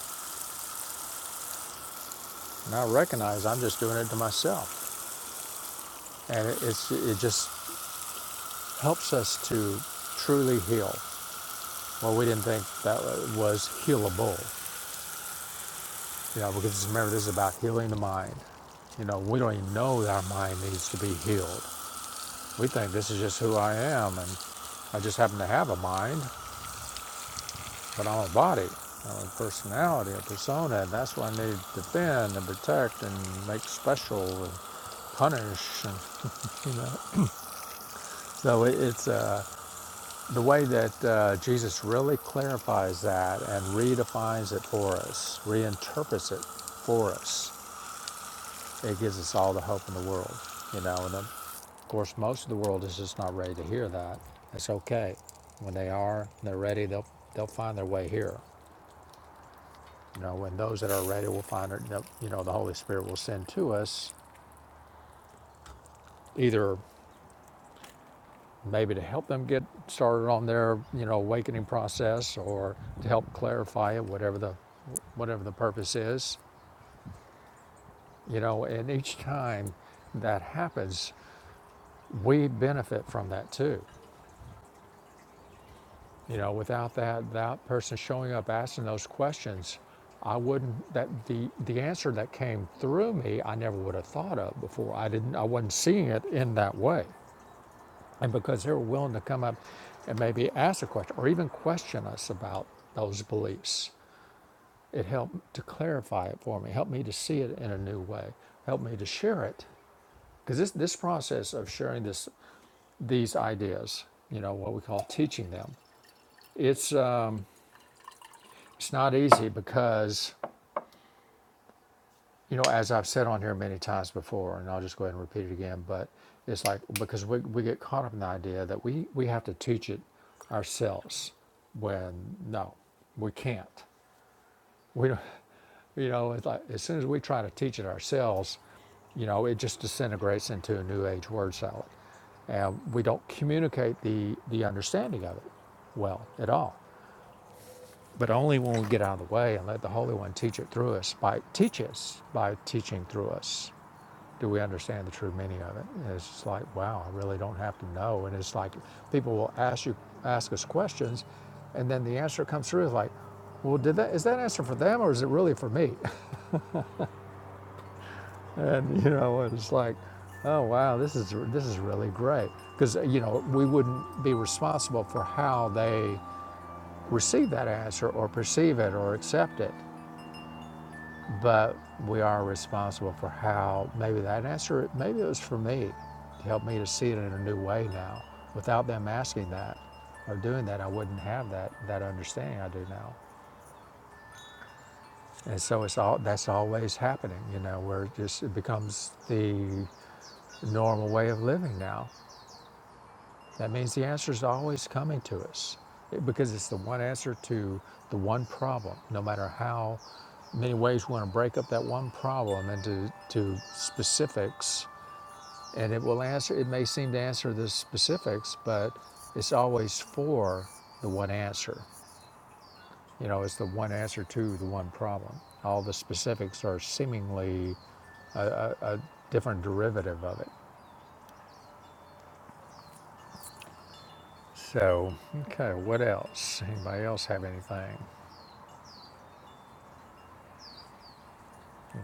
Speaker 2: And I recognize I'm just doing it to myself. And it, it's, it just helps us to truly heal. Well, we didn't think that was healable, you know, because remember, this is about healing the mind. You know, we don't even know that our mind needs to be healed. We think this is just who I am, and I just happen to have a mind, but I'm a body. I'm a personality, a persona, and that's what I need to defend and protect and make special and punish. And, you know. So it's uh, the way that uh, Jesus really clarifies that and redefines it for us, reinterprets it for us it gives us all the hope in the world, you know. And um, of course, most of the world is just not ready to hear that. It's okay. When they are, they're ready. They'll they'll find their way here, you know. When those that are ready will find it, you know, the Holy Spirit will send to us, either maybe to help them get started on their you know awakening process, or to help clarify it, whatever the whatever the purpose is, you know. And each time that happens, we benefit from that too You know, without that that person showing up asking those questions, I wouldn't that the the answer that came through me I never would have thought of before. I didn't I wasn't seeing it in that way. And because they were willing to come up and maybe ask a question or even question us about those beliefs, it helped to clarify it for me, helped me to see it in a new way, helped me to share it. Because this, this process of sharing this, these ideas, you know, what we call teaching them, it's, uh, It's not easy because, you know, as I've said on here many times before, and I'll just go ahead and repeat it again, but it's like because we, we get caught up in the idea that we, we have to teach it ourselves when no, we can't. We don't, you know, it's like as soon as we try to teach it ourselves, you know, it just disintegrates into a new age word salad. And we don't communicate the, the understanding of it well at all. but only when we get out of the way and let the Holy One teach it through us. By teach us by teaching through us, do we understand the true meaning of it? And it's just like, wow, I really don't have to know. And it's like people will ask you ask us questions, and then the answer comes through is like, well, did that is that answer for them or is it really for me? And you know, it's like, oh wow, this is this is really great because you know we wouldn't be responsible for how they receive that answer or perceive it or accept it. but we are responsible for how maybe that answer maybe it was for me to help me to see it in a new way now without them asking that or doing that i wouldn't have that that understanding i do now and so it's all that's always happening you know where it just it becomes the normal way of living now That means the answer is always coming to us it- because it's the one answer to the one problem, no matter how many ways we want to break up that one problem into to specifics. And it will answer, it may seem to answer the specifics, but it's always for the one answer. You know, it's the one answer to the one problem. All the specifics are seemingly a, a different derivative of it. So, okay, what else? Anybody else have anything?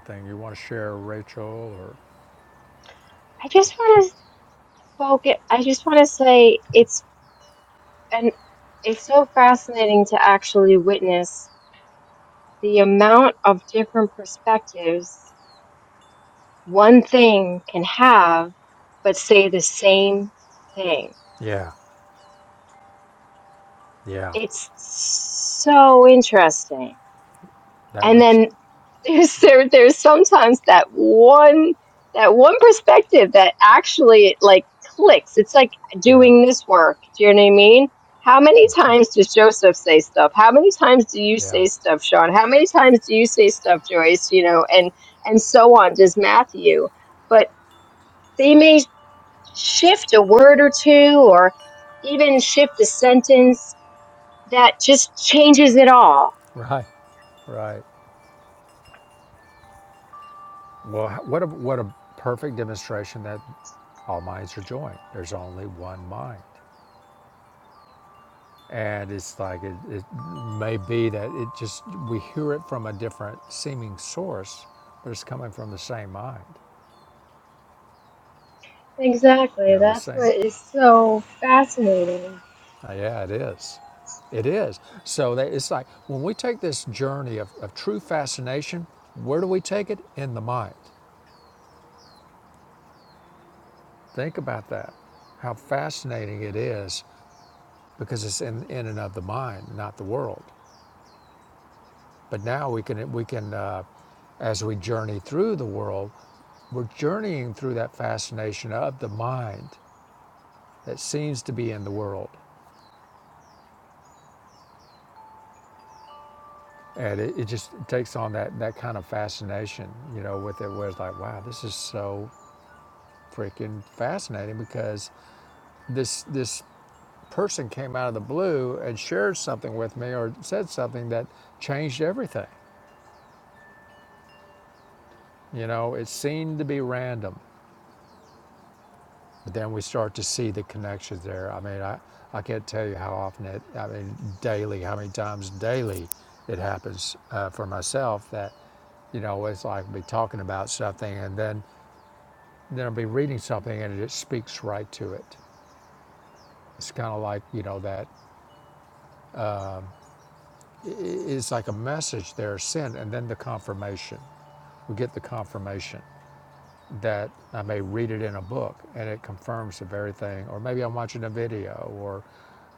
Speaker 2: thing. You want to share Rachel or
Speaker 3: I just want to focus I just want to say it's and it's so fascinating to actually witness the amount of different perspectives one thing can have, but say the same thing.
Speaker 2: yeah, yeah,
Speaker 3: It's so interesting.
Speaker 2: that
Speaker 3: And
Speaker 2: would
Speaker 3: then there's there, there's sometimes that one that one perspective that actually like clicks. It's like
Speaker 2: yeah,
Speaker 3: doing this work. Do you know what I mean? How many times does Joseph say stuff? How many times do you
Speaker 2: yeah,
Speaker 3: say stuff, Sean? How many times do you say stuff, Joyce? You know, and and so on. Does Matthew? But they may shift a word or two, or even shift a sentence that just changes it all.
Speaker 2: right, right. Well, what a what a perfect demonstration that all minds are joined. There's only one mind, and it's like it, it may be that it just we hear it from a different seeming source, but it's coming from the same mind. You
Speaker 3: Exactly.
Speaker 2: know, the
Speaker 3: That's
Speaker 2: same
Speaker 3: what is so fascinating.
Speaker 2: Yeah, it is. It is. So they, it's like when we take this journey of, of true fascination, where do we take it? In the mind. Think about that. How fascinating it is because it's in, in and of the mind, not the world. But now we can, we can uh, as we journey through the world, we're journeying through that fascination of the mind that seems to be in the world. And it, it just takes on that, that kind of fascination, you know, with it, where it's like, wow, this is so freaking fascinating because this this person came out of the blue and shared something with me or said something that changed everything. You know, it seemed to be random, but then we start to see the connections there. I mean, I I can't tell you how often it. I mean, daily, how many times daily it happens uh, for myself that you know it's like I'll be talking about something and then then I'll be reading something and it just speaks right to it. It's kind of like you know that is like a message there, sin, and then the confirmation. We get the confirmation that I may read it in a book and it confirms the very thing, or maybe I'm watching a video or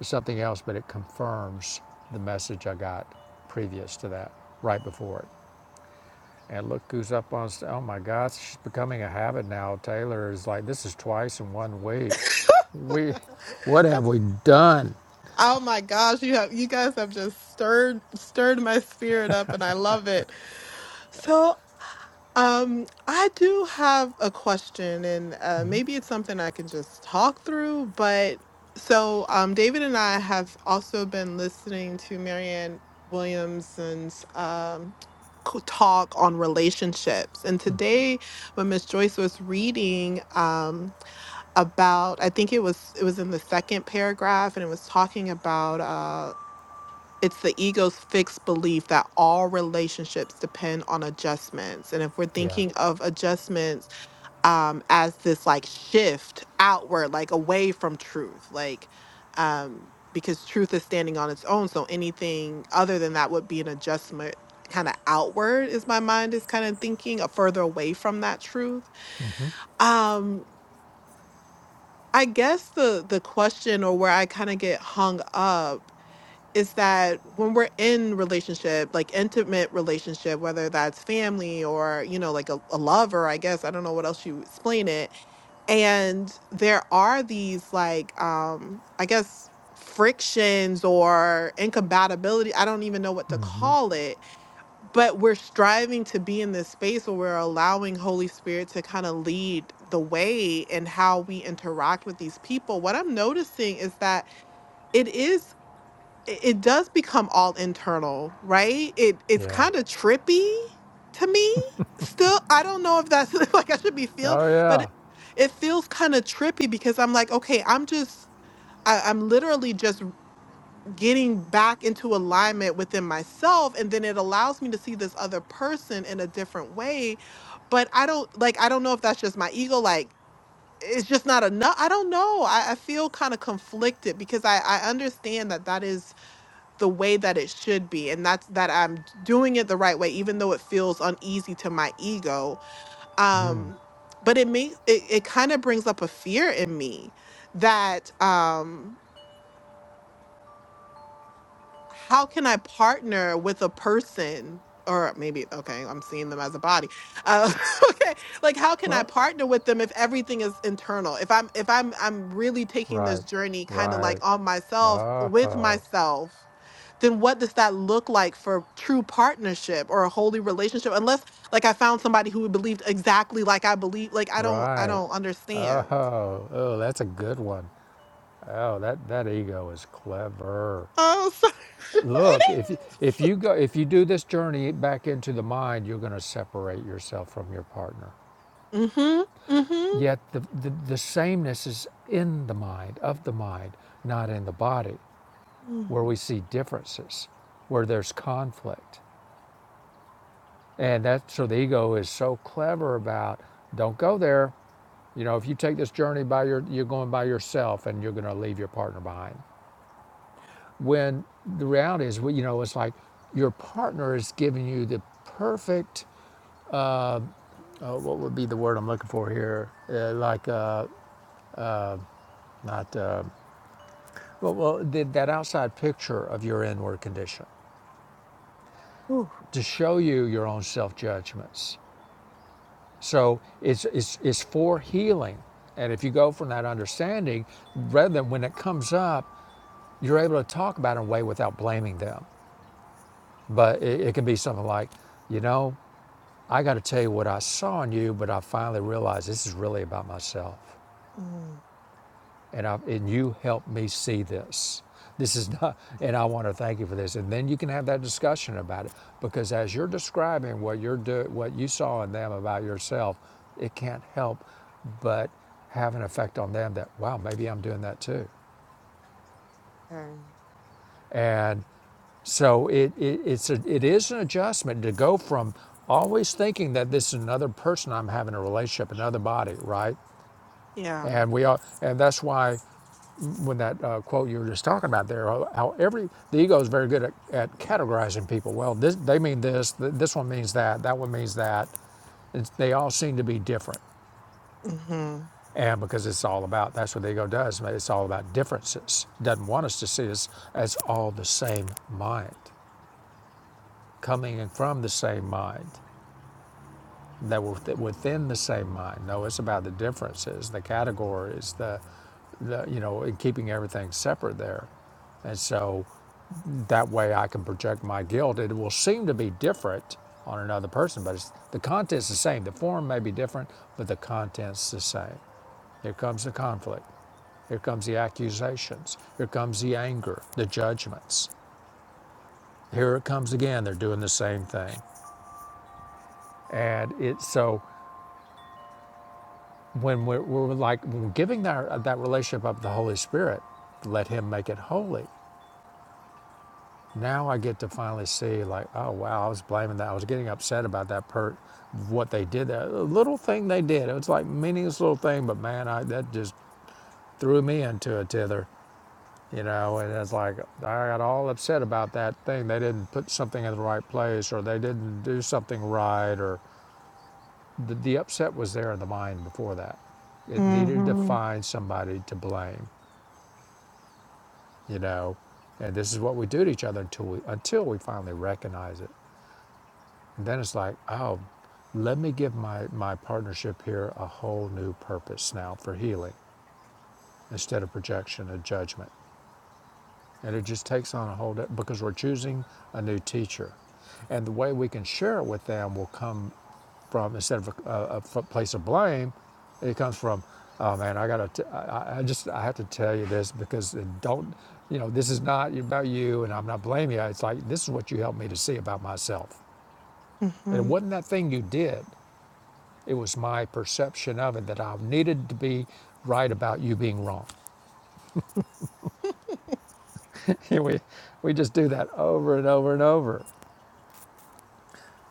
Speaker 2: something else, but it confirms the message I got previous to that, right before it. And look who's up on, st- oh my gosh, it's becoming a habit now. Taylor is like, this is twice in one week. We, what have we done?
Speaker 4: Oh my gosh, you have you guys have just stirred stirred my spirit up and I love it. So, um I do have a question and uh maybe it's something I can just talk through, but so um David and I have also been listening to Marianne Williamson's um co- talk on relationships. And today when Miss Joyce was reading um about I think it was it was in the second paragraph and it was talking about uh, it's the ego's fixed belief that all relationships depend on adjustments and if we're
Speaker 2: Yeah,
Speaker 4: thinking of adjustments um as this like shift outward like away from truth like um because truth is standing on its own so anything other than that would be an adjustment kind of outward is my mind is kind of thinking a further away from that truth um i guess the the question or where i kind of get hung up is that when we're in relationship like intimate relationship whether that's family or you know like a, a lover i guess i don't know what else you explain it and there are these like um i guess frictions or incompatibility i don't even know what to call it but we're striving to be in this space where we're allowing holy spirit to kind of lead the way in how we interact with these people what i'm noticing is that it is it it does become all internal, right? It it's
Speaker 2: yeah.
Speaker 4: kind of trippy to me. Still, I don't know if that's like I should be feel,
Speaker 2: Oh
Speaker 4: but
Speaker 2: yeah.
Speaker 4: it, it feels kind of trippy because I'm like, okay, I'm just I, I'm literally just getting back into alignment within myself, and then it allows me to see this other person in a different way. But I don't like I don't know if that's just my ego, like. It's just not enough. I don't know. I, I feel kind of conflicted because I, I understand that that is the way that it should be and that's that i'm doing it the right way even though it feels uneasy to my ego um but it makes it, it kind of brings up a fear in me that um how can i partner with a person or maybe okay i'm seeing them as a body uh, okay like how can i
Speaker 2: Well,
Speaker 4: partner with them if everything is internal if i'm if i'm i'm really taking this
Speaker 2: right,
Speaker 4: journey kind of like
Speaker 2: right.
Speaker 4: on myself with
Speaker 2: Oh,
Speaker 4: myself then what does that look like for true partnership or a holy relationship unless like i found somebody who believed exactly like i believe like i don't i
Speaker 2: right.
Speaker 4: don't understand
Speaker 2: Oh, oh, that's a good one. Oh, that that ego is clever.
Speaker 4: oh sorry
Speaker 2: Look, if you, if you go if you do this journey back into the mind, you're going to separate yourself from your partner.
Speaker 4: mhm mhm
Speaker 2: Yet the, the the sameness is in the mind, of the mind, not in the body,
Speaker 4: mm.
Speaker 2: where we see differences, where there's conflict. And that so the ego is so clever about don't go there. You know, if you take this journey by your you're going by yourself and you're going to leave your partner behind. When the reality is, well, you know, it's like your partner is giving you the perfect uh, what would be the word I'm looking for here? Uh, like uh, not uh, well, well the, that outside picture of your inward condition
Speaker 4: Ooh.
Speaker 2: to show you your own self judgments So it's, it's, it's for healing. And if you go from that understanding, rather than when it comes up, you're able to talk about it in a way without blaming them. But it, it can be something like, you know, I got to tell you what I saw in you, but I finally realized this is really about myself.
Speaker 4: Mm.
Speaker 2: and I, and you helped me see this. This is not, and I want to thank you for this. And then you can have that discussion about it because as you're describing what you're do, what you saw in them about yourself, it can't help but have an effect on them that wow, maybe I'm doing that too.
Speaker 4: Okay.
Speaker 2: And so it, it it's a, it is an adjustment to go from always thinking that this is another person I'm having a relationship, another body, right?
Speaker 4: yeah
Speaker 2: And we are, and that's why when that uh, quote you were just talking about there, how every the ego is very good at, at categorizing people. Well, this they mean this, this one means that, that one means that. It's, they all seem to be different,
Speaker 4: mhm
Speaker 2: and because it's all about that's what the ego does. It's all about differences. It Doesn't want us to see us as all the same mind, coming in from the same mind. That we're within the same mind. No, it's about the differences, the categories, the, the you know, keeping everything separate there. And so That way I can project my guilt. It will seem to be different on another person, but it's, the content's the same. The form may be different, but the content's the same. Here comes the conflict. Here comes the accusations. Here comes the anger, the judgments. Here it comes again. They're doing the same thing. And it's so when we're, we're like when we're giving that, that relationship up to the Holy Spirit, let Him make it holy. Now I get to finally see, like, oh wow, I was blaming that. I was getting upset about that per what they did. That little thing they did. It was like meaningless little thing, but man, I that just threw me into a tither, you know. And it's like I got all upset about that thing. They didn't put something in the right place, or they didn't do something right, or the, the upset was there in the mind before that. It needed to
Speaker 4: mhm
Speaker 2: find somebody to blame, you know. And this is what we do to each other until we until we finally recognize it. Then it's like, oh, let me give my, my partnership here a whole new purpose now for healing instead of projection and judgment. And it just takes on a whole, because we're choosing a new teacher. And the way we can share it with them will come from, instead of a a, a place of blame, it comes from, oh man, I gotta, t- I, I I just, I have to tell you this because it don't, you know, this is not about you and I'm not blaming you. It's like, this is what you helped me to see about myself. And it
Speaker 4: mhm
Speaker 2: wasn't that thing you did It was my perception of it that I needed to be right about you being wrong. we, we just do that over and over and over.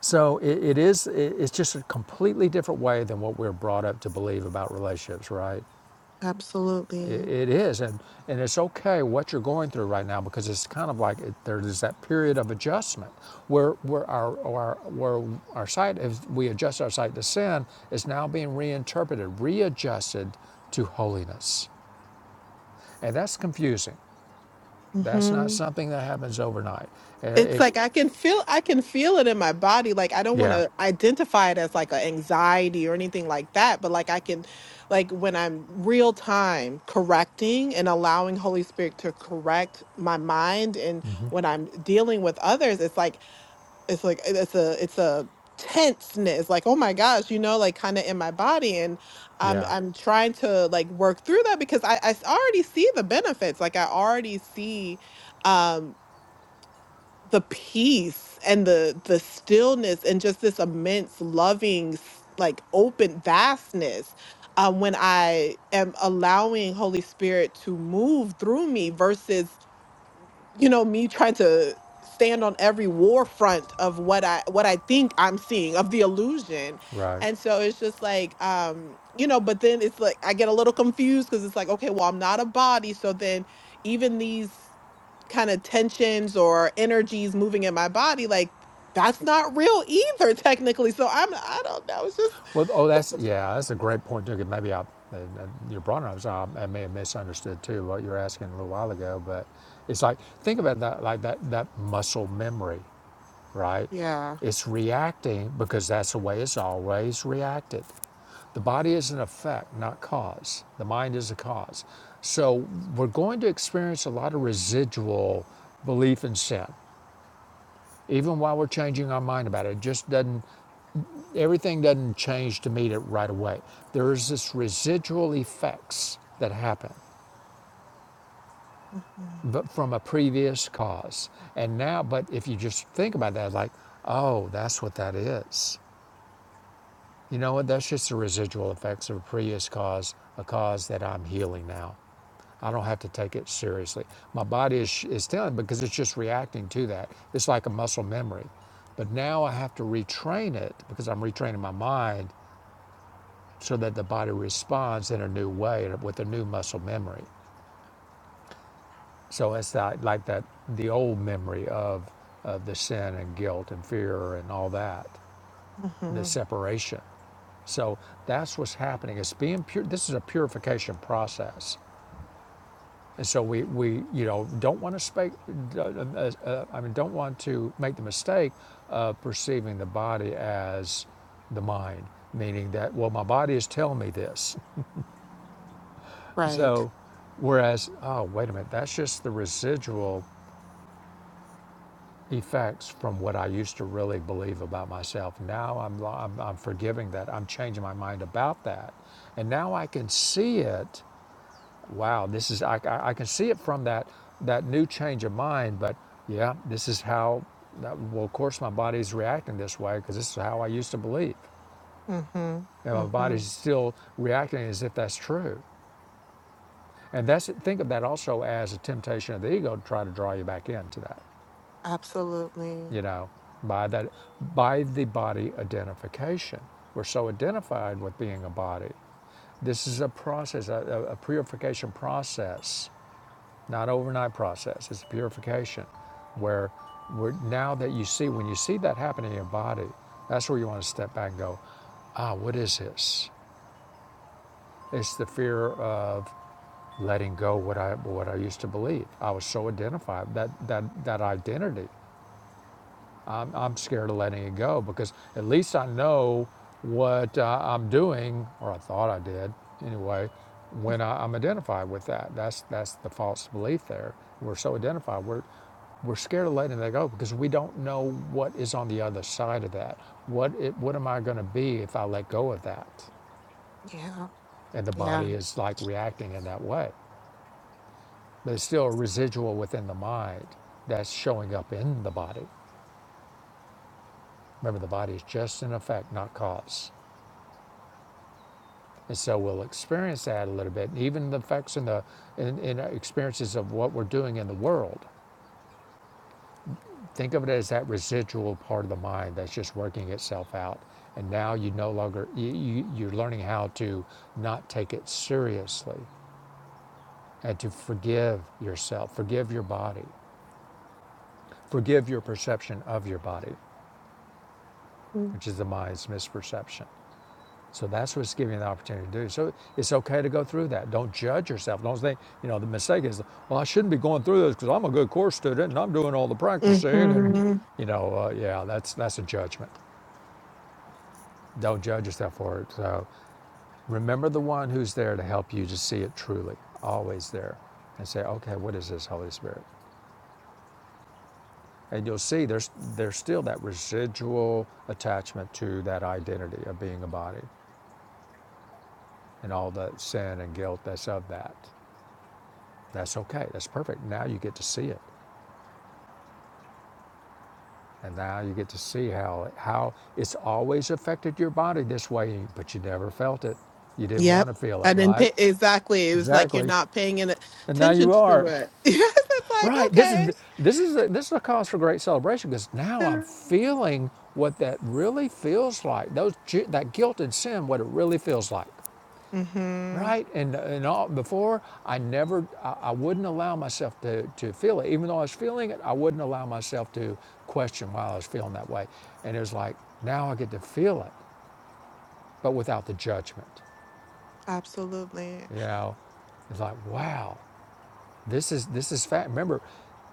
Speaker 2: So it, it is, it, it's just a completely different way than what we're brought up to believe about relationships, right? It,
Speaker 4: absolutely
Speaker 2: it is. And, and it's okay what you're going through right now because it's kind of like it, there is that period of adjustment where, where, our, our, where our sight, if we adjust our sight to sin, is now being reinterpreted, readjusted to holiness. And that's confusing. That's not
Speaker 4: mhm
Speaker 2: something that happens overnight. Uh,
Speaker 4: It's
Speaker 2: it-
Speaker 4: like I can feel I can feel it in my body. Like I don't want
Speaker 2: yeah,
Speaker 4: to identify it as like an anxiety or anything like that, but like I can like when I'm real time correcting and allowing Holy Spirit to correct my mind and when I'm dealing with others, it's like it's like it's a it's a tenseness like oh my gosh you know like kind of in my body and i'm
Speaker 2: yeah,
Speaker 4: i'm trying to like work through that because I, I already see the benefits like i already see um the peace and the the stillness and just this immense loving s- like open vastness um, when i am allowing holy spirit to move through me versus you know me trying to stand on every war front of what i what i think i'm seeing of the illusion
Speaker 2: right.
Speaker 4: and so it's just like um you know but then it's like i get a little confused because it's like okay well i'm not a body so then even these kind of tensions or energies moving in my body like that's not real either technically so i'm i don't know it's just
Speaker 2: Well, oh, that's yeah, that's a great point too. 'cause Maybe I, uh, uh, you brought it up, so I, I may have misunderstood too what you were asking a little while ago. But it's like think about that, like that that muscle memory, right?
Speaker 4: yeah
Speaker 2: It's reacting because that's the way it's always reacted. The body is an effect, not cause. The mind is a cause. So we're going to experience a lot of residual belief in sin. even while we're changing our mind about it, it just doesn't everything doesn't change to meet it right away. There is this residual effects that happen
Speaker 4: mm-hmm,
Speaker 2: but from a previous cause. And now but if you just think about that like, oh, that's what that is. You know what? That's just the residual effects of a previous cause, a cause that I'm healing now. I don't have to take it seriously. My body is, is telling because it's just reacting to that. It's like a muscle memory. But now I have to retrain it because I'm retraining my mind so that the body responds in a new way and with a new muscle memory. So it's not like that the old memory of, of the sin and guilt and fear and all that, the
Speaker 4: hmm
Speaker 2: separation. So that's what's happening. It's being pure. This is a purification process. And so we, we you know, don't want to speak. uh, uh, uh, I mean, don't want to make the mistake of perceiving the body as the mind, meaning that, well, my body is telling me this.
Speaker 4: right
Speaker 2: So, whereas, oh, wait a minute, that's just the residual effects from what I used to really believe about myself. Now I'm, I'm, I'm forgiving that. I'm changing my mind about that. And now I can see it wow, this is I, I, I can see it from that that new change of mind. But yeah, this is how. That, well, of course, my body's reacting this way because this is how I used to believe,
Speaker 4: mm-hmm,
Speaker 2: and my
Speaker 4: hmm
Speaker 2: body's still reacting as if that's true. And that's think of that also as a temptation of the ego to try to draw you back into that.
Speaker 4: absolutely
Speaker 2: You know, by that by the body identification, we're so identified with being a body. This is a process, a, a a purification process not overnight process. It's a purification where we're, now that you see, when you see that happening in your body, that's where you want to step back and go, ah, what is this? It's the fear of letting go what I what I used to believe. I was so identified that that that identity. I'm, I'm scared of letting it go because at least I know what uh, I'm doing, or I thought I did anyway, when I, I'm identified with that. That's, that's the false belief there. We're so identified, we're, we're scared of letting that go because we don't know what is on the other side of that. What, it, what am I going to be if I let go of that?
Speaker 4: yeah
Speaker 2: And the
Speaker 4: yeah
Speaker 2: body is like reacting in that way. But it's still a residual within the mind that's showing up in the body. Remember, the body is just an effect, not cause. And so we'll experience that a little bit, even the effects and the in, in experiences of what we're doing in the world. Think of it as that residual part of the mind that's just working itself out. And now you no longer, you, you, you're learning how to not take it seriously and to forgive yourself, forgive your body, forgive your perception of your body, which is the mind's misperception. So that's what's giving you the opportunity to do. So it's okay to go through that. Don't judge yourself. Don't think, you know, the mistake is, well, I shouldn't be going through this because I'm a good course student and I'm doing all the practicing. And,
Speaker 4: mm-hmm.
Speaker 2: you know, uh, yeah, that's, that's a judgment. Don't judge yourself for it. So remember the one who's there to help you to see it truly, always there. And say, okay, what is this, Holy Spirit? And you'll see there's, there's still that residual attachment to that identity of being a body and all the sin and guilt that's of that. That's okay. That's perfect. Now you get to see it. And now you get to see how, how it's always affected your body this way, but you never felt it. You didn't
Speaker 4: yep
Speaker 2: want to feel
Speaker 4: i
Speaker 2: it,
Speaker 4: didn't
Speaker 2: right?
Speaker 4: pay exactly it was like you're
Speaker 2: Exactly.
Speaker 4: not paying any
Speaker 2: And now
Speaker 4: attention
Speaker 2: you
Speaker 4: to
Speaker 2: are.
Speaker 4: it Yes, it's like
Speaker 2: Right. This is,
Speaker 4: okay
Speaker 2: this is, a, this is a cause for great celebration because now I'm feeling what that really feels like. Those, that guilt and sin, what it really feels like.
Speaker 4: mm-hmm,
Speaker 2: right? And, and all, before, I never, I, I wouldn't allow myself to, to feel it. Even though I was feeling it, I wouldn't allow myself to question while I was feeling that way. And it was like, now I get to feel it, but without the judgment,
Speaker 4: absolutely
Speaker 2: you know? It's like, wow, this is, this is fat. Remember,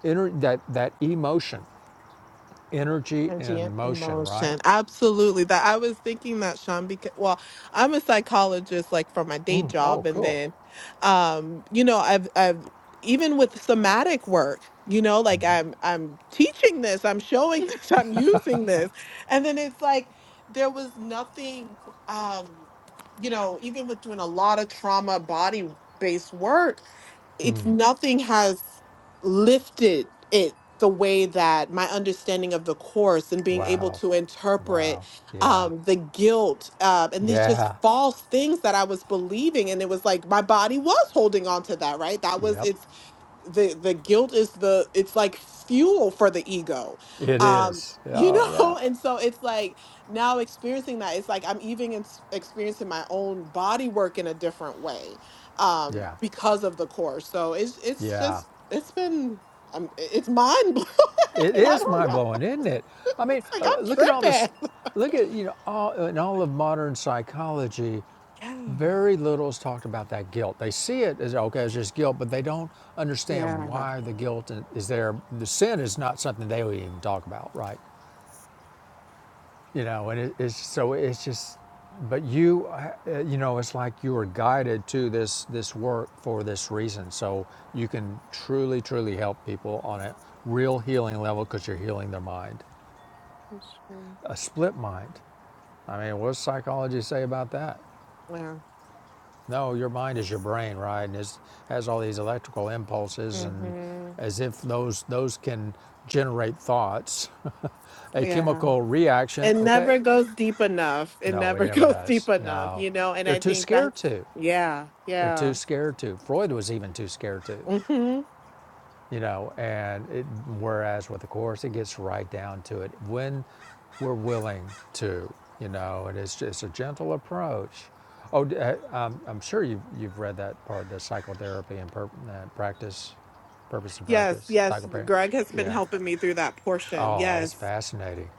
Speaker 2: ener- that, that emotion, energy
Speaker 4: Energy and
Speaker 2: and motion, right?
Speaker 4: emotion. Absolutely. That I was thinking that Sean because well, I'm a psychologist like for my day job
Speaker 2: Oh,
Speaker 4: and
Speaker 2: cool.
Speaker 4: then um you know, I've I've even with somatic work, you know, like I'm I'm teaching this, I'm showing this, I'm using this. And then it's like there was nothing um you know, even with doing a lot of trauma body based work it's nothing has lifted it the way that my understanding of the course and being able
Speaker 2: Wow.
Speaker 4: to interpret
Speaker 2: Wow. Yeah.
Speaker 4: um, the guilt uh, and these just
Speaker 2: Yeah.
Speaker 4: false things that I was believing. And it was like my body was holding on to that, right? That was
Speaker 2: Yep.
Speaker 4: its the the guilt is the it's like fuel for the ego
Speaker 2: It
Speaker 4: um
Speaker 2: is.
Speaker 4: you
Speaker 2: Oh, yeah.
Speaker 4: know and so it's like now experiencing that it's like i'm even ex- experiencing my own body work in a different way um
Speaker 2: Yeah.
Speaker 4: because of the course so it's it's
Speaker 2: Yeah,
Speaker 4: just it's been um, it's mind blowing
Speaker 2: it
Speaker 4: i
Speaker 2: is
Speaker 4: don't
Speaker 2: mind
Speaker 4: know
Speaker 2: blowing, isn't it? I mean,
Speaker 4: it's like i'm
Speaker 2: uh, look at all this.
Speaker 4: tripping
Speaker 2: Look at you know all in all of modern psychology,
Speaker 4: yeah
Speaker 2: very little is talked about that guilt. They see it as okay, it's just guilt, but they don't understand
Speaker 4: yeah
Speaker 2: why the guilt is there. The sin is not something they would even talk about, right? you know and it, it's so it's just but you uh, you know it's like you were guided to this this work for this reason so you can truly truly help people on a real healing level because you're healing their mind
Speaker 4: That's true.
Speaker 2: a split mind i mean what does psychology say about that
Speaker 4: yeah
Speaker 2: no your mind is your brain right and it has all these electrical impulses and
Speaker 4: hmm
Speaker 2: as if those those can generate thoughts a
Speaker 4: yeah
Speaker 2: chemical reaction
Speaker 4: It
Speaker 2: okay
Speaker 4: never goes deep enough. It
Speaker 2: No, it
Speaker 4: never
Speaker 2: never
Speaker 4: goes deep
Speaker 2: does.
Speaker 4: enough,
Speaker 2: No,
Speaker 4: you know? And
Speaker 2: they're
Speaker 4: I
Speaker 2: too
Speaker 4: think
Speaker 2: scared
Speaker 4: that's,
Speaker 2: to.
Speaker 4: yeah,
Speaker 2: They're too
Speaker 4: yeah.
Speaker 2: scared to. Freud was even too scared to,
Speaker 4: hmm
Speaker 2: you know. And it, whereas with the course, it gets right down to it when we're willing to, you know. And it's just a gentle approach. Oh, uh, I'm, I'm sure you've you've read that part, the psychotherapy and pur- uh, practice, purpose and
Speaker 4: Yes,
Speaker 2: practice,
Speaker 4: yes.
Speaker 2: psychotherapy.
Speaker 4: Greg has been
Speaker 2: Yeah.
Speaker 4: helping me through that portion.
Speaker 2: Oh, that's
Speaker 4: Yes.
Speaker 2: fascinating.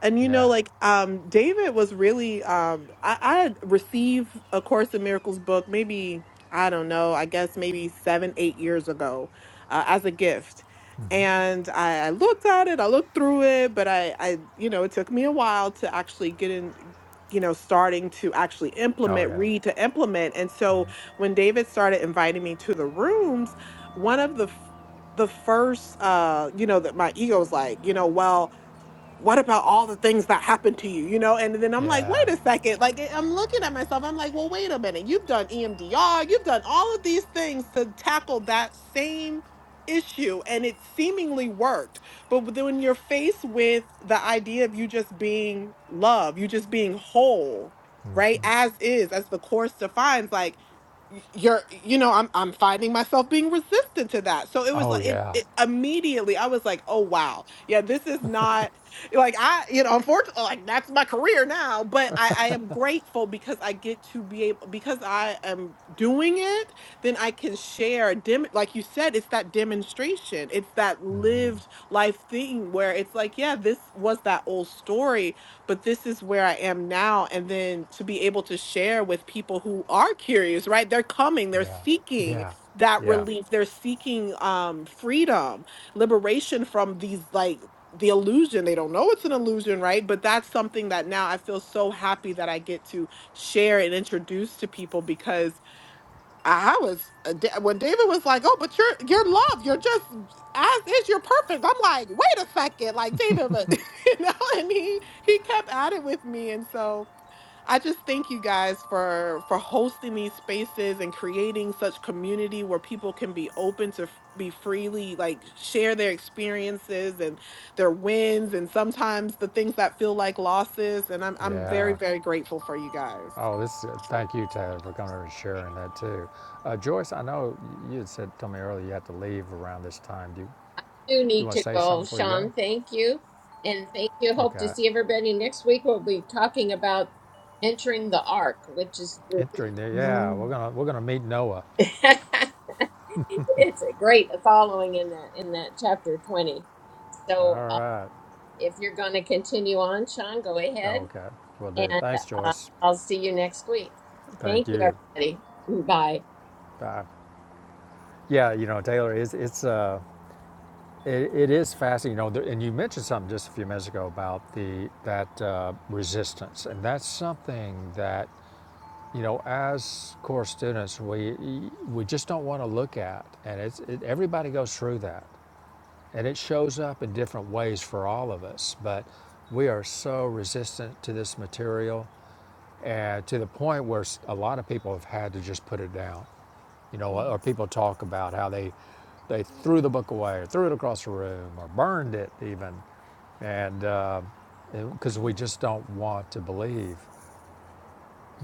Speaker 4: And you know,
Speaker 2: Yeah.
Speaker 4: like um David was really um I, I had received a Course in Miracles book maybe I don't know, I guess maybe seven, eight years ago, uh, as a gift. And I, I looked at it, I looked through it, but I, I, you know, it took me a while to actually get in, you know, starting to actually
Speaker 2: Oh
Speaker 4: implement,
Speaker 2: yeah.
Speaker 4: read to implement. And so when David started inviting me to the rooms, one of the f- the first, uh, you know, that my ego's like, you know, well, what about all the things that happened to you you know and then i'm like
Speaker 2: Yeah.
Speaker 4: wait a second like eh, i'm looking at myself i'm like well wait a minute you've done emdr you've done all of these things to tackle that same issue and it seemingly worked but then when you're faced with the idea of you just being love you just being whole right as is as the course defines like y- you're you know i'm i'm finding myself being resistant to that so it was
Speaker 2: Oh
Speaker 4: like it,
Speaker 2: yeah.
Speaker 4: it immediately i was like oh wow yeah this is not like I, you know, unfortunately, like that's my career now. But I, I am grateful because I get to be able because I am doing it. Then I can share. Dem- like you said, it's that demonstration. It's that lived life thing where it's like, yeah, this was that old story, but this is where I am now. And then to be able to share with people who are curious, right? They're coming. They're
Speaker 2: Yeah,
Speaker 4: seeking
Speaker 2: yeah,
Speaker 4: that
Speaker 2: yeah,
Speaker 4: relief. They're seeking um freedom liberation from these like the illusion they don't know it's an illusion right but that's something that now i feel so happy that i get to share and introduce to people because i was a da- when david was like oh but you're you're love you're just as is you're perfect i'm like wait a second like david but you know and he he kept at it with me and so I just thank you guys for for hosting these spaces and creating such community where people can be open to f- be freely like share their experiences and their wins and sometimes the things that feel like losses and I'm I'm very
Speaker 2: yeah.
Speaker 4: very grateful for you guys.
Speaker 2: Oh, this. Thank you, Taylor, for coming over and sharing that too. Uh, Joyce, I know you had said told me earlier you had to leave around this time. Do you, you
Speaker 1: need
Speaker 2: want to
Speaker 1: to
Speaker 2: say something
Speaker 1: go.
Speaker 2: before you go?
Speaker 1: Sean, thank you. And thank you. Hope to
Speaker 2: Okay.
Speaker 1: see everybody next week. We'll be talking about entering the ark, which is the-
Speaker 2: Entering there. Yeah, we're
Speaker 4: Mm,
Speaker 2: gonna we're gonna meet Noah.
Speaker 1: it's a great following in that in that chapter 20.
Speaker 2: All
Speaker 1: So
Speaker 2: right.
Speaker 1: If you're going to continue on, Sean, go ahead.
Speaker 2: Okay. We'll do.
Speaker 1: And
Speaker 2: Thanks,
Speaker 1: uh,
Speaker 2: Joyce.
Speaker 1: I'll see you next week.
Speaker 2: Thank
Speaker 1: Thank you,
Speaker 2: you.
Speaker 1: everybody. Bye.
Speaker 2: Bye. Yeah, you know, Taylor, it's it's uh, it, it is fascinating. You know, there, and you mentioned something just a few minutes ago about the that uh, resistance, and that's something that You know, as core students, we we just don't want to look at, and it's it, everybody goes through that, and it shows up in different ways for all of us. But we are so resistant to this material, and to the point where a lot of people have had to just put it down. You know,
Speaker 4: mm,
Speaker 2: or people talk about how they they threw the book away, or threw it across the room, or burned it even, and because uh, we
Speaker 4: Mm.
Speaker 2: just don't want to believe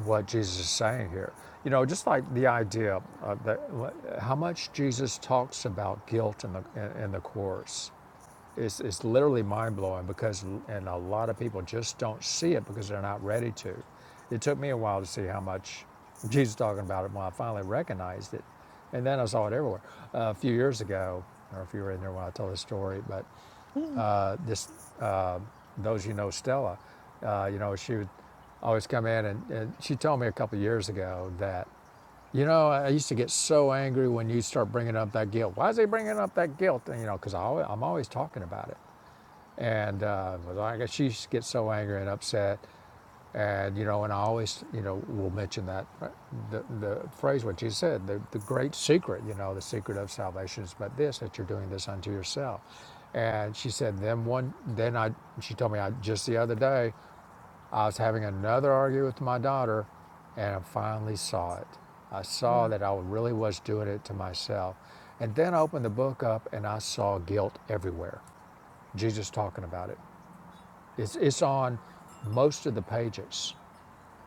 Speaker 2: what Jesus is saying here. You know, just like the idea of the, how much Jesus talks about guilt in the in, in the course it's it's literally mind blowing because and a lot of people just don't see it because they're not ready to. It took me a while to see how much Jesus was talking about it when I finally recognized it, and then I saw it everywhere. Uh, a few years ago, or if you were in there when I told the story, but
Speaker 4: mm.
Speaker 2: uh, this uh, those you know Stella, uh, you know she would always come in and, and she told me a couple of years ago that you know I used to get so angry when you start bringing up that guilt. Why is he bringing up that guilt? And, you know because I'm always talking about it and uh, like I guess she gets so angry and upset, and you know, and I always, you know, will mention that uh, the the phrase what you said, the the great secret, you know, the secret of salvation is but this that you're doing this unto yourself, and she said, then one, then I, she told me I just the other day, I was having another argument with my daughter, and I finally saw it. I saw
Speaker 4: mm.
Speaker 2: that I really was doing it to myself. And then I opened the book up and I saw guilt everywhere. Jesus talking about it. It's, it's on most of the pages,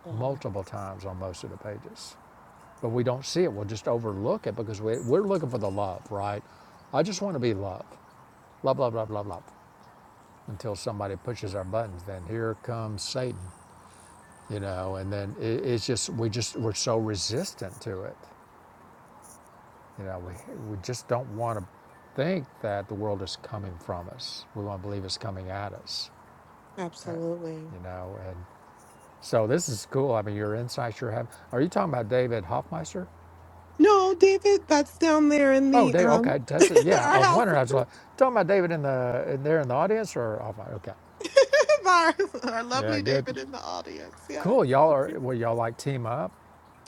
Speaker 4: Yeah,
Speaker 2: multiple times on most of the pages. But we don't see it. We'll just overlook it because we, we're looking for the love, right? I just want to be loved, Love, love, love, love, love. Until somebody pushes our buttons, then here comes Satan, you know, and then it, it's just, we just, we're so resistant to it. You know, we, we just don't want to think that the world is coming from us. We want to believe it's coming at us,
Speaker 4: absolutely.
Speaker 2: you know, and So this is cool. I mean, your insights you're having. Are you talking about David Hoffmeister?
Speaker 4: No, David, that's down there in
Speaker 2: Oh,
Speaker 4: the
Speaker 2: Dave.
Speaker 4: um
Speaker 2: Okay, that's it. Yeah,
Speaker 4: our
Speaker 2: I was
Speaker 4: house.
Speaker 2: wondering. I was like, talking about David in the in there in the audience or Hoffmeister? Okay.
Speaker 4: our, our
Speaker 2: Yeah,
Speaker 4: lovely
Speaker 2: good.
Speaker 4: David in the audience.
Speaker 2: Cool. Y'all
Speaker 4: Yes.
Speaker 2: are well. Y'all like team up.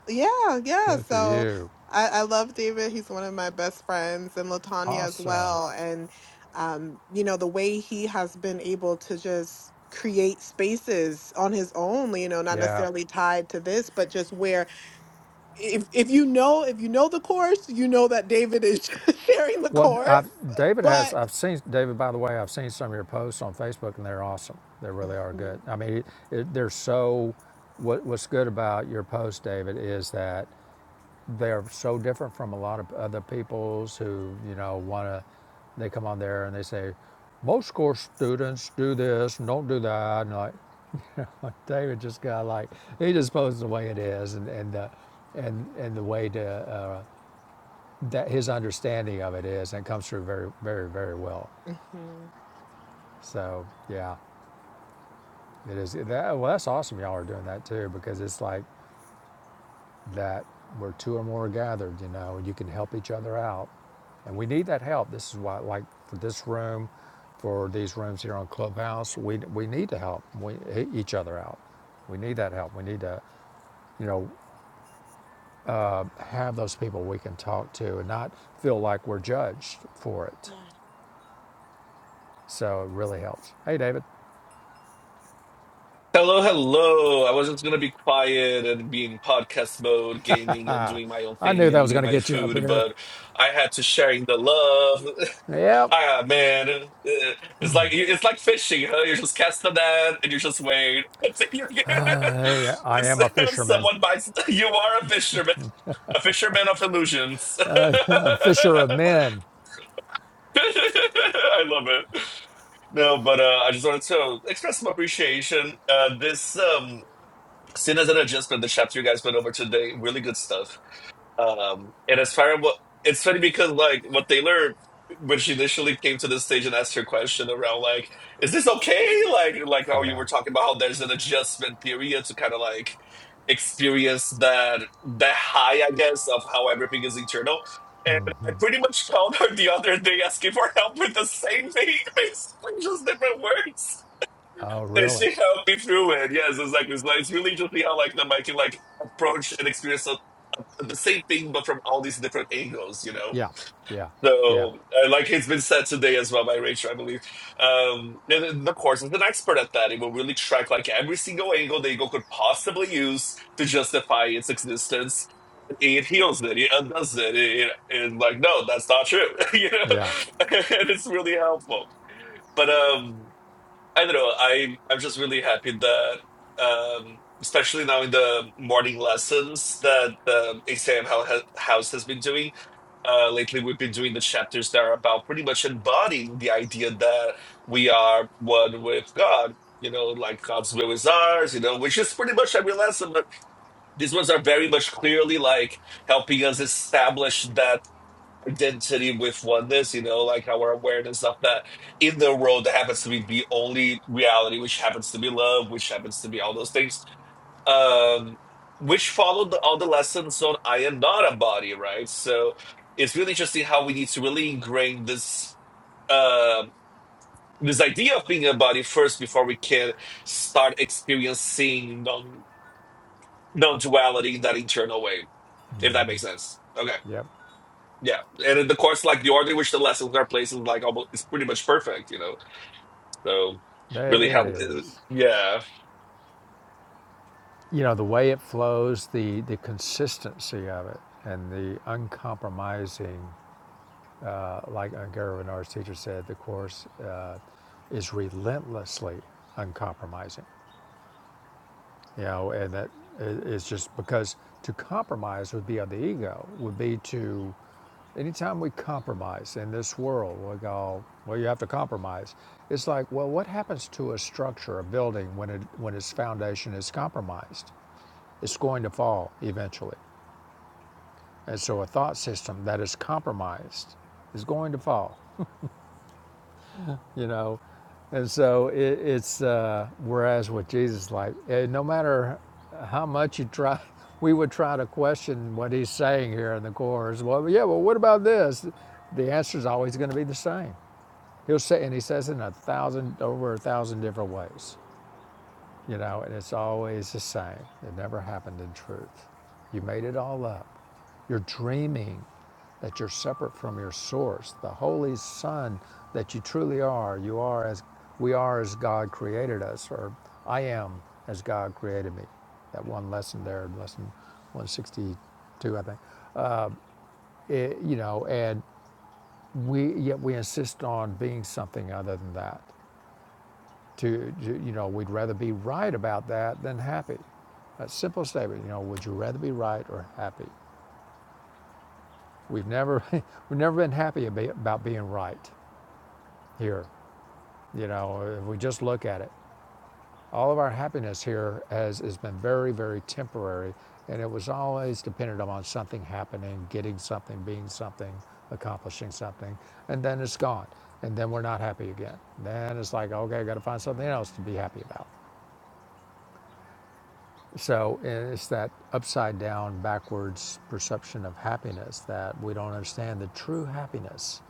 Speaker 4: Yeah, yeah.
Speaker 2: Good for
Speaker 4: So
Speaker 2: you.
Speaker 4: I, I love David. He's one of my best friends, and Latanya as
Speaker 2: Awesome.
Speaker 4: well. And um, you know, the way he has been able to just create spaces on his own, you know, not
Speaker 2: Yeah.
Speaker 4: necessarily tied to this, but just where if if you know if you know the course, you know that David is sharing the
Speaker 2: Well,
Speaker 4: course.
Speaker 2: I've, David has.
Speaker 4: But
Speaker 2: I've seen David. By the way, I've seen some of your posts on Facebook, and they're awesome. They really are good. I mean, it, it, they're so. What, what's good about your post, David, is that they're so different from a lot of other peoples who you know want to they come on there and they say most course students do this and don't do that and like you know, david just got like he just posed the way it is and and the and and the way to uh, that his understanding of it is and it comes through very very very well
Speaker 4: Mhm.
Speaker 2: so yeah it is that, well that's awesome y'all are doing that too because it's like that where two or more are gathered, you know, and you can help each other out. And we need that help. This is why, like for this room, for these rooms here on Clubhouse, we, we need to help we, e- each other out. We need that help. We need to, you know, uh, have those people we can talk to and not feel like we're judged for it. So it really helps. Hey, David,
Speaker 5: Hello, hello. I was just gonna be quiet and be in podcast mode, gaming and doing my own
Speaker 2: I knew
Speaker 5: thing and
Speaker 2: that was
Speaker 5: eating
Speaker 2: going to
Speaker 5: my
Speaker 2: get you up
Speaker 5: food,
Speaker 2: here.
Speaker 5: but I had to sharing the love.
Speaker 2: Yep.
Speaker 5: ah, man, Eh, it's like it's like fishing, huh? You just cast the net and you just wait until you get
Speaker 2: Hey, I
Speaker 5: it's,
Speaker 2: am a fisherman,
Speaker 5: someone bites. You are a fisherman, a fisherman of illusions.
Speaker 2: a fisher of men.
Speaker 5: I love it. No, but uh, I just wanted to express some appreciation. Uh, this um. Sin as an adjustment, the chapter you guys went over today, really good stuff. Um, and as far as what it's funny because like what they learned when she initially came to the stage and asked her question around like, is this okay? Like like how you
Speaker 2: Yeah.
Speaker 5: were talking about how there's an adjustment period to kind of like experience that that high, I guess, of how everything is internal. And I pretty much found her the other day asking for help with the same thing, basically just different words.
Speaker 2: Oh,
Speaker 5: And she
Speaker 2: really?
Speaker 5: helped me through it. Yes, exactly. It's, like, it's really interesting how like the I can like approach and experience the the same thing, but from all these different angles. You know.
Speaker 2: Yeah, yeah, yeah,
Speaker 5: So, uh, like it's been said today as well by Rachel, I believe. Um, and then the course is an expert at that. It will really track like every single angle the ego could possibly use to justify its existence. It heals it, it undoes it, it, it, and like, no, that's not true, you know.
Speaker 2: yeah,
Speaker 5: and it's really helpful. But um, I don't know. I I'm just really happy that, um, especially now in the morning lessons that the exam hou- ha- house has been doing. Uh, lately, we've been doing the chapters that are about pretty much embodying the idea that we are one with God. You know, like God's will is ours. You know, which is pretty much every lesson. But these ones are very much clearly like helping us establish that identity with oneness, you know, like our awareness of that in the world that happens to be the only reality, which happens to be love, which happens to be all those things, um, which followed all the lessons on I am not a body, right? So it's really interesting how we need to really ingrain this. um this idea of being a body first before we can start experiencing non non duality in that internal way, if that makes sense. Okay.
Speaker 2: yep.
Speaker 5: Yeah, and in the course, like the order in which the lessons are placed is like almost it's pretty much perfect, you know. So
Speaker 2: There
Speaker 5: really
Speaker 2: it
Speaker 5: help. uh,
Speaker 2: is.
Speaker 5: Yeah,
Speaker 2: You know, the way it flows, the, the consistency of it, and the uncompromising, uh, like Gary Renard's teacher said, the Course uh, is relentlessly uncompromising. You know, and that it's just because to compromise would be on the ego, would be to, anytime we compromise in this world, we go, well, you have to compromise. It's like, well, what happens to a structure, a building, when, it, when its foundation is compromised? It's going to fall eventually. And so a thought system that is compromised is going to fall. you know and so it, it's uh, whereas with jesus like eh, no matter how much you try we would try to question what he's saying here in the course well yeah well what about this the answer is always going to be the same he'll say and he says it in a thousand over a thousand different ways you know, and it's always the same. It never happened in truth. You made it all up. You're dreaming that you're separate from your source, the Holy Son that you truly are. You are as we are as God created us, or I am as God created me. That one lesson there, lesson 162, I think. It- you know, and we yet we insist on being something other than that to, you know, we'd rather be right about that than happy. A simple statement, you know, would you rather be right or happy? We've never, we've never been happy about being right here. You know, if we just look at it, all of our happiness here has, has been very, very temporary, and it was always dependent upon something happening, getting something, being something, accomplishing something, and then it's gone. And then we're not happy again. Then it's like, okay, I got to find something else to be happy about. So eh, it's that upside down, backwards perception of happiness that we don't understand the true happiness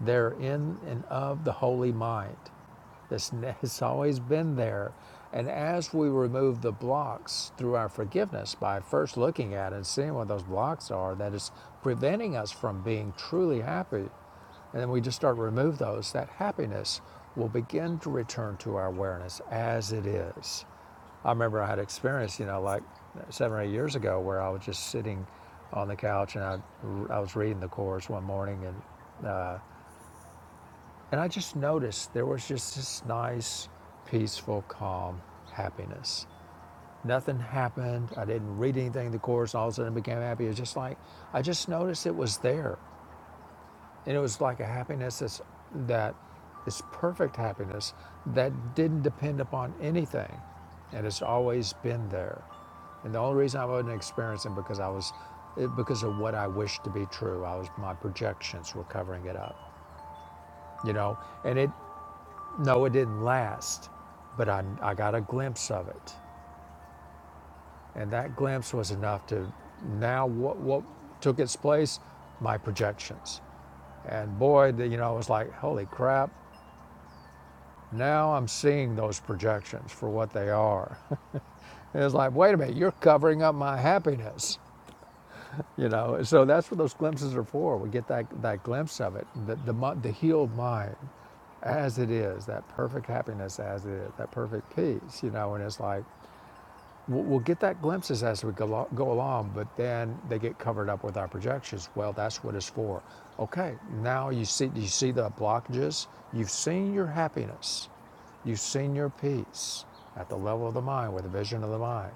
Speaker 2: They're in and of the holy mind. This has always been there. And as we remove the blocks through our forgiveness by first looking at and seeing what those blocks are that is preventing us from being truly happy, and then we just start to remove those, that happiness will begin to return to our awareness as it is. I remember I had experience, you know, like seven or eight years ago where I was just sitting on the couch and I, I was reading the Course one morning and, and I just noticed there was just this nice, peaceful, calm happiness. Nothing happened. I didn't read anything in the Course. All of a sudden I became happy. It was just like, I just noticed it was there. And it was like a happiness that's, that is perfect happiness that didn't depend upon anything. And it's always been there. And the only reason I wasn't experiencing it because I was, it- because of what I wished to be true. I was, my projections were covering it up, you know? And it, no, it didn't last, but I, I got a glimpse of it. And that glimpse was enough to, now what, what took its place? My projections. And boy, the, you know, I was like, holy crap, Now I'm seeing those projections for what they are. it's like, wait a minute, you're covering up my happiness. You know, so that's what those glimpses are for. We get that, that glimpse of it, the, the, the healed mind as it is, that perfect happiness as it is, that perfect peace, you know, and it's like, we'll, get that glimpses as we go along, but then they get covered up with our projections. Well, that's what it's for. Okay, now you see, you see the blockages. You've seen your happiness. You've seen your peace at the level of the mind, with the vision of the mind.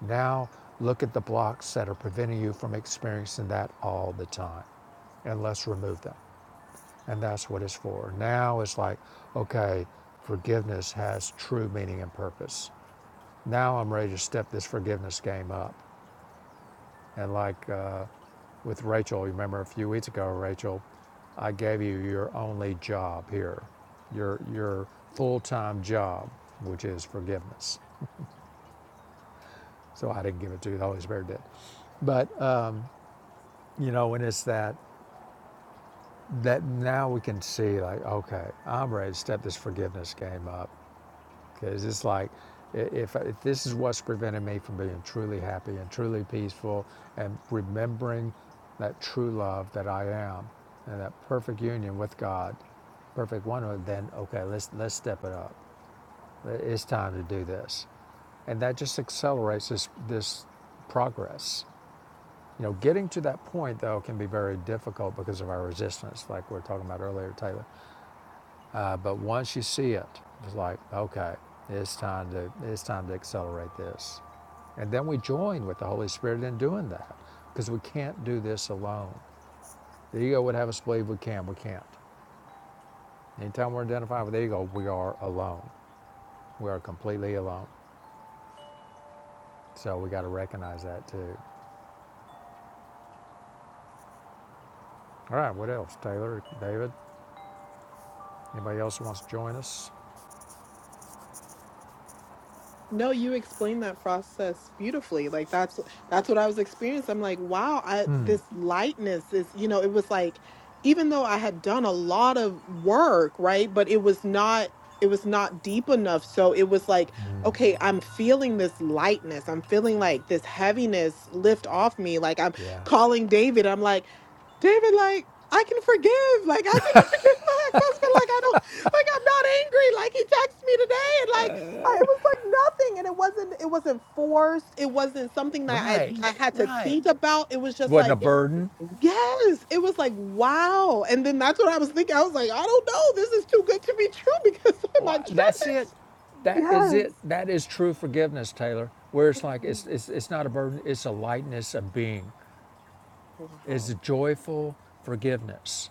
Speaker 2: Now look at the blocks that are preventing you from experiencing that all the time, and let's remove them. And that's what it's for. Now it's like, okay, forgiveness has true meaning and purpose. Now I'm ready to step this forgiveness game up. And like uh, with Rachel, remember a few weeks ago, Rachel, I gave you your only job here, your your full-time job, which is forgiveness. So I didn't give it to you; the Holy Spirit did. But uh, you know, when it's that that now we can see, like, okay, I'm ready to step this forgiveness game up Because it's like, if, if this is what's prevented me from being truly happy and truly peaceful and remembering that true love that I am and that perfect union with God, perfect one, then okay, let's, let's step it up. It's time to do this. And that just accelerates this, this progress. You know, getting to that point, though, can be very difficult because of our resistance, like we were talking about earlier, Taylor. Uh, but once you see it, it's like, okay, it's time to it's time to accelerate this. And then we join with the Holy Spirit in doing that because we can't do this alone. The ego would have us believe we can, we can't. Anytime we're identified with the ego, we are alone. We are completely alone. So we got to recognize that too. All right, what else? Taylor, David, anybody else who wants to join us?
Speaker 4: No, you explained that process beautifully. Like that's that's what I was experiencing. I'm like, wow, I this lightness is, you know, it was like even though I had done a lot of work, right? But it was not it was not deep enough. So it was like, okay, I'm feeling this lightness. I'm feeling like this heaviness lift off me. Like I'm
Speaker 2: Yeah.
Speaker 4: calling David. I'm like, David, like I can forgive. Like I can forgive my ex-husband. Like I don't like I'm not angry. Like he texted me today and like I- it was like nothing and it wasn't it wasn't forced it wasn't something that i
Speaker 2: Right,
Speaker 4: i had to
Speaker 2: right.
Speaker 4: think about it was just
Speaker 2: Wasn't a
Speaker 4: like
Speaker 2: burden.
Speaker 4: yes it was like wow and then that's what i was thinking i was like i don't know this is too good to be true because my
Speaker 2: Well, that's it.
Speaker 4: goodness
Speaker 2: That is
Speaker 4: yes
Speaker 2: it. That is true forgiveness, Taylor. Where it's like
Speaker 4: Mm.
Speaker 2: it's it's, it's not a burden. It's a lightness of being. It's a
Speaker 4: wow
Speaker 2: joyful forgiveness,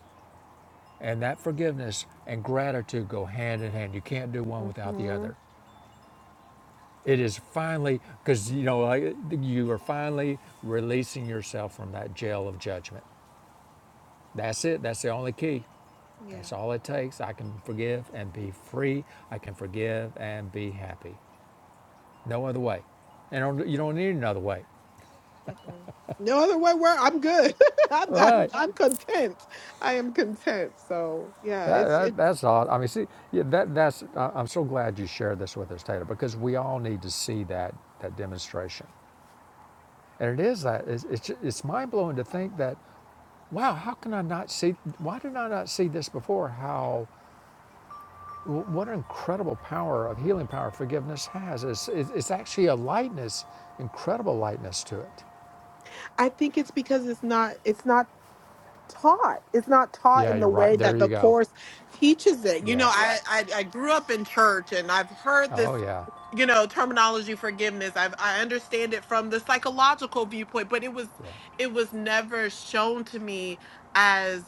Speaker 2: and that forgiveness and gratitude go hand in hand. You can't do one without the
Speaker 4: hmm
Speaker 2: other. It is finally because you know like, you are finally releasing yourself from that jail of judgment. That's it. That's the only key.
Speaker 4: yeah
Speaker 2: That's all it takes. I can forgive and be free. I can forgive and be happy. No other way. And you don't need another way.
Speaker 4: Mm-mm. no other way where i'm good I'm, I'm
Speaker 2: Right.
Speaker 4: i'm content i am content so yeah
Speaker 2: That,
Speaker 4: it's
Speaker 2: that,
Speaker 4: it's
Speaker 2: that's odd. I mean, see, yeah, that, that's, I- am so glad you shared this with us, Taylor, because we all need to see that, that demonstration. And it is that, it's, it's, it's mind blowing to think that, wow, how can I not see, why did I not see this before? How, what an incredible power of healing power forgiveness has. It's, it's it's actually a lightness, incredible lightness to it.
Speaker 4: i think it's because it's not it's not taught. It's not taught
Speaker 2: Yeah,
Speaker 4: in the
Speaker 2: you're right.
Speaker 4: way
Speaker 2: There
Speaker 4: that
Speaker 2: you
Speaker 4: the
Speaker 2: go.
Speaker 4: course teaches it. You
Speaker 2: Yeah.
Speaker 4: know, I I, I grew up in church and I've heard this
Speaker 2: Oh, yeah.
Speaker 4: you know terminology forgiveness i i understand it from the psychological viewpoint but it was
Speaker 2: Yeah.
Speaker 4: it was never shown to me as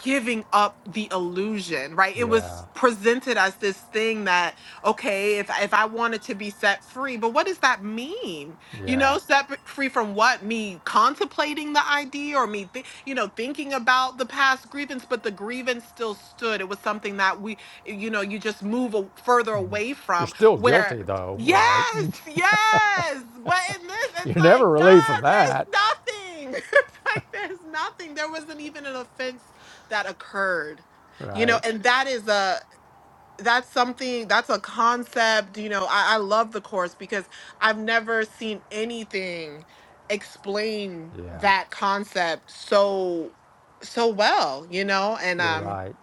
Speaker 4: giving up the illusion, right? It
Speaker 2: Yeah,
Speaker 4: was presented as this thing that okay, if if I wanted to be set free, but what does that mean? You
Speaker 2: yeah.
Speaker 4: know, set b- free from what? Me contemplating the idea or me thi- you know, thinking about the past grievance, but the grievance still stood. It was something that we you know, you just move a, further away
Speaker 2: You're
Speaker 4: from
Speaker 2: still
Speaker 4: Yeah. where
Speaker 2: guilty though, right?
Speaker 4: Yes, yes. But in this, it's
Speaker 2: You're
Speaker 4: like,
Speaker 2: never relieved
Speaker 4: God,
Speaker 2: from
Speaker 4: there's
Speaker 2: that,
Speaker 4: nothing. it's like there's nothing. There wasn't even an offense that occurred you know
Speaker 2: right?
Speaker 4: and that is a that's something that's a concept you know I, I love the course because i've never seen anything explain
Speaker 2: Yeah,
Speaker 4: that concept so so well you know and
Speaker 2: you're
Speaker 4: um
Speaker 2: right.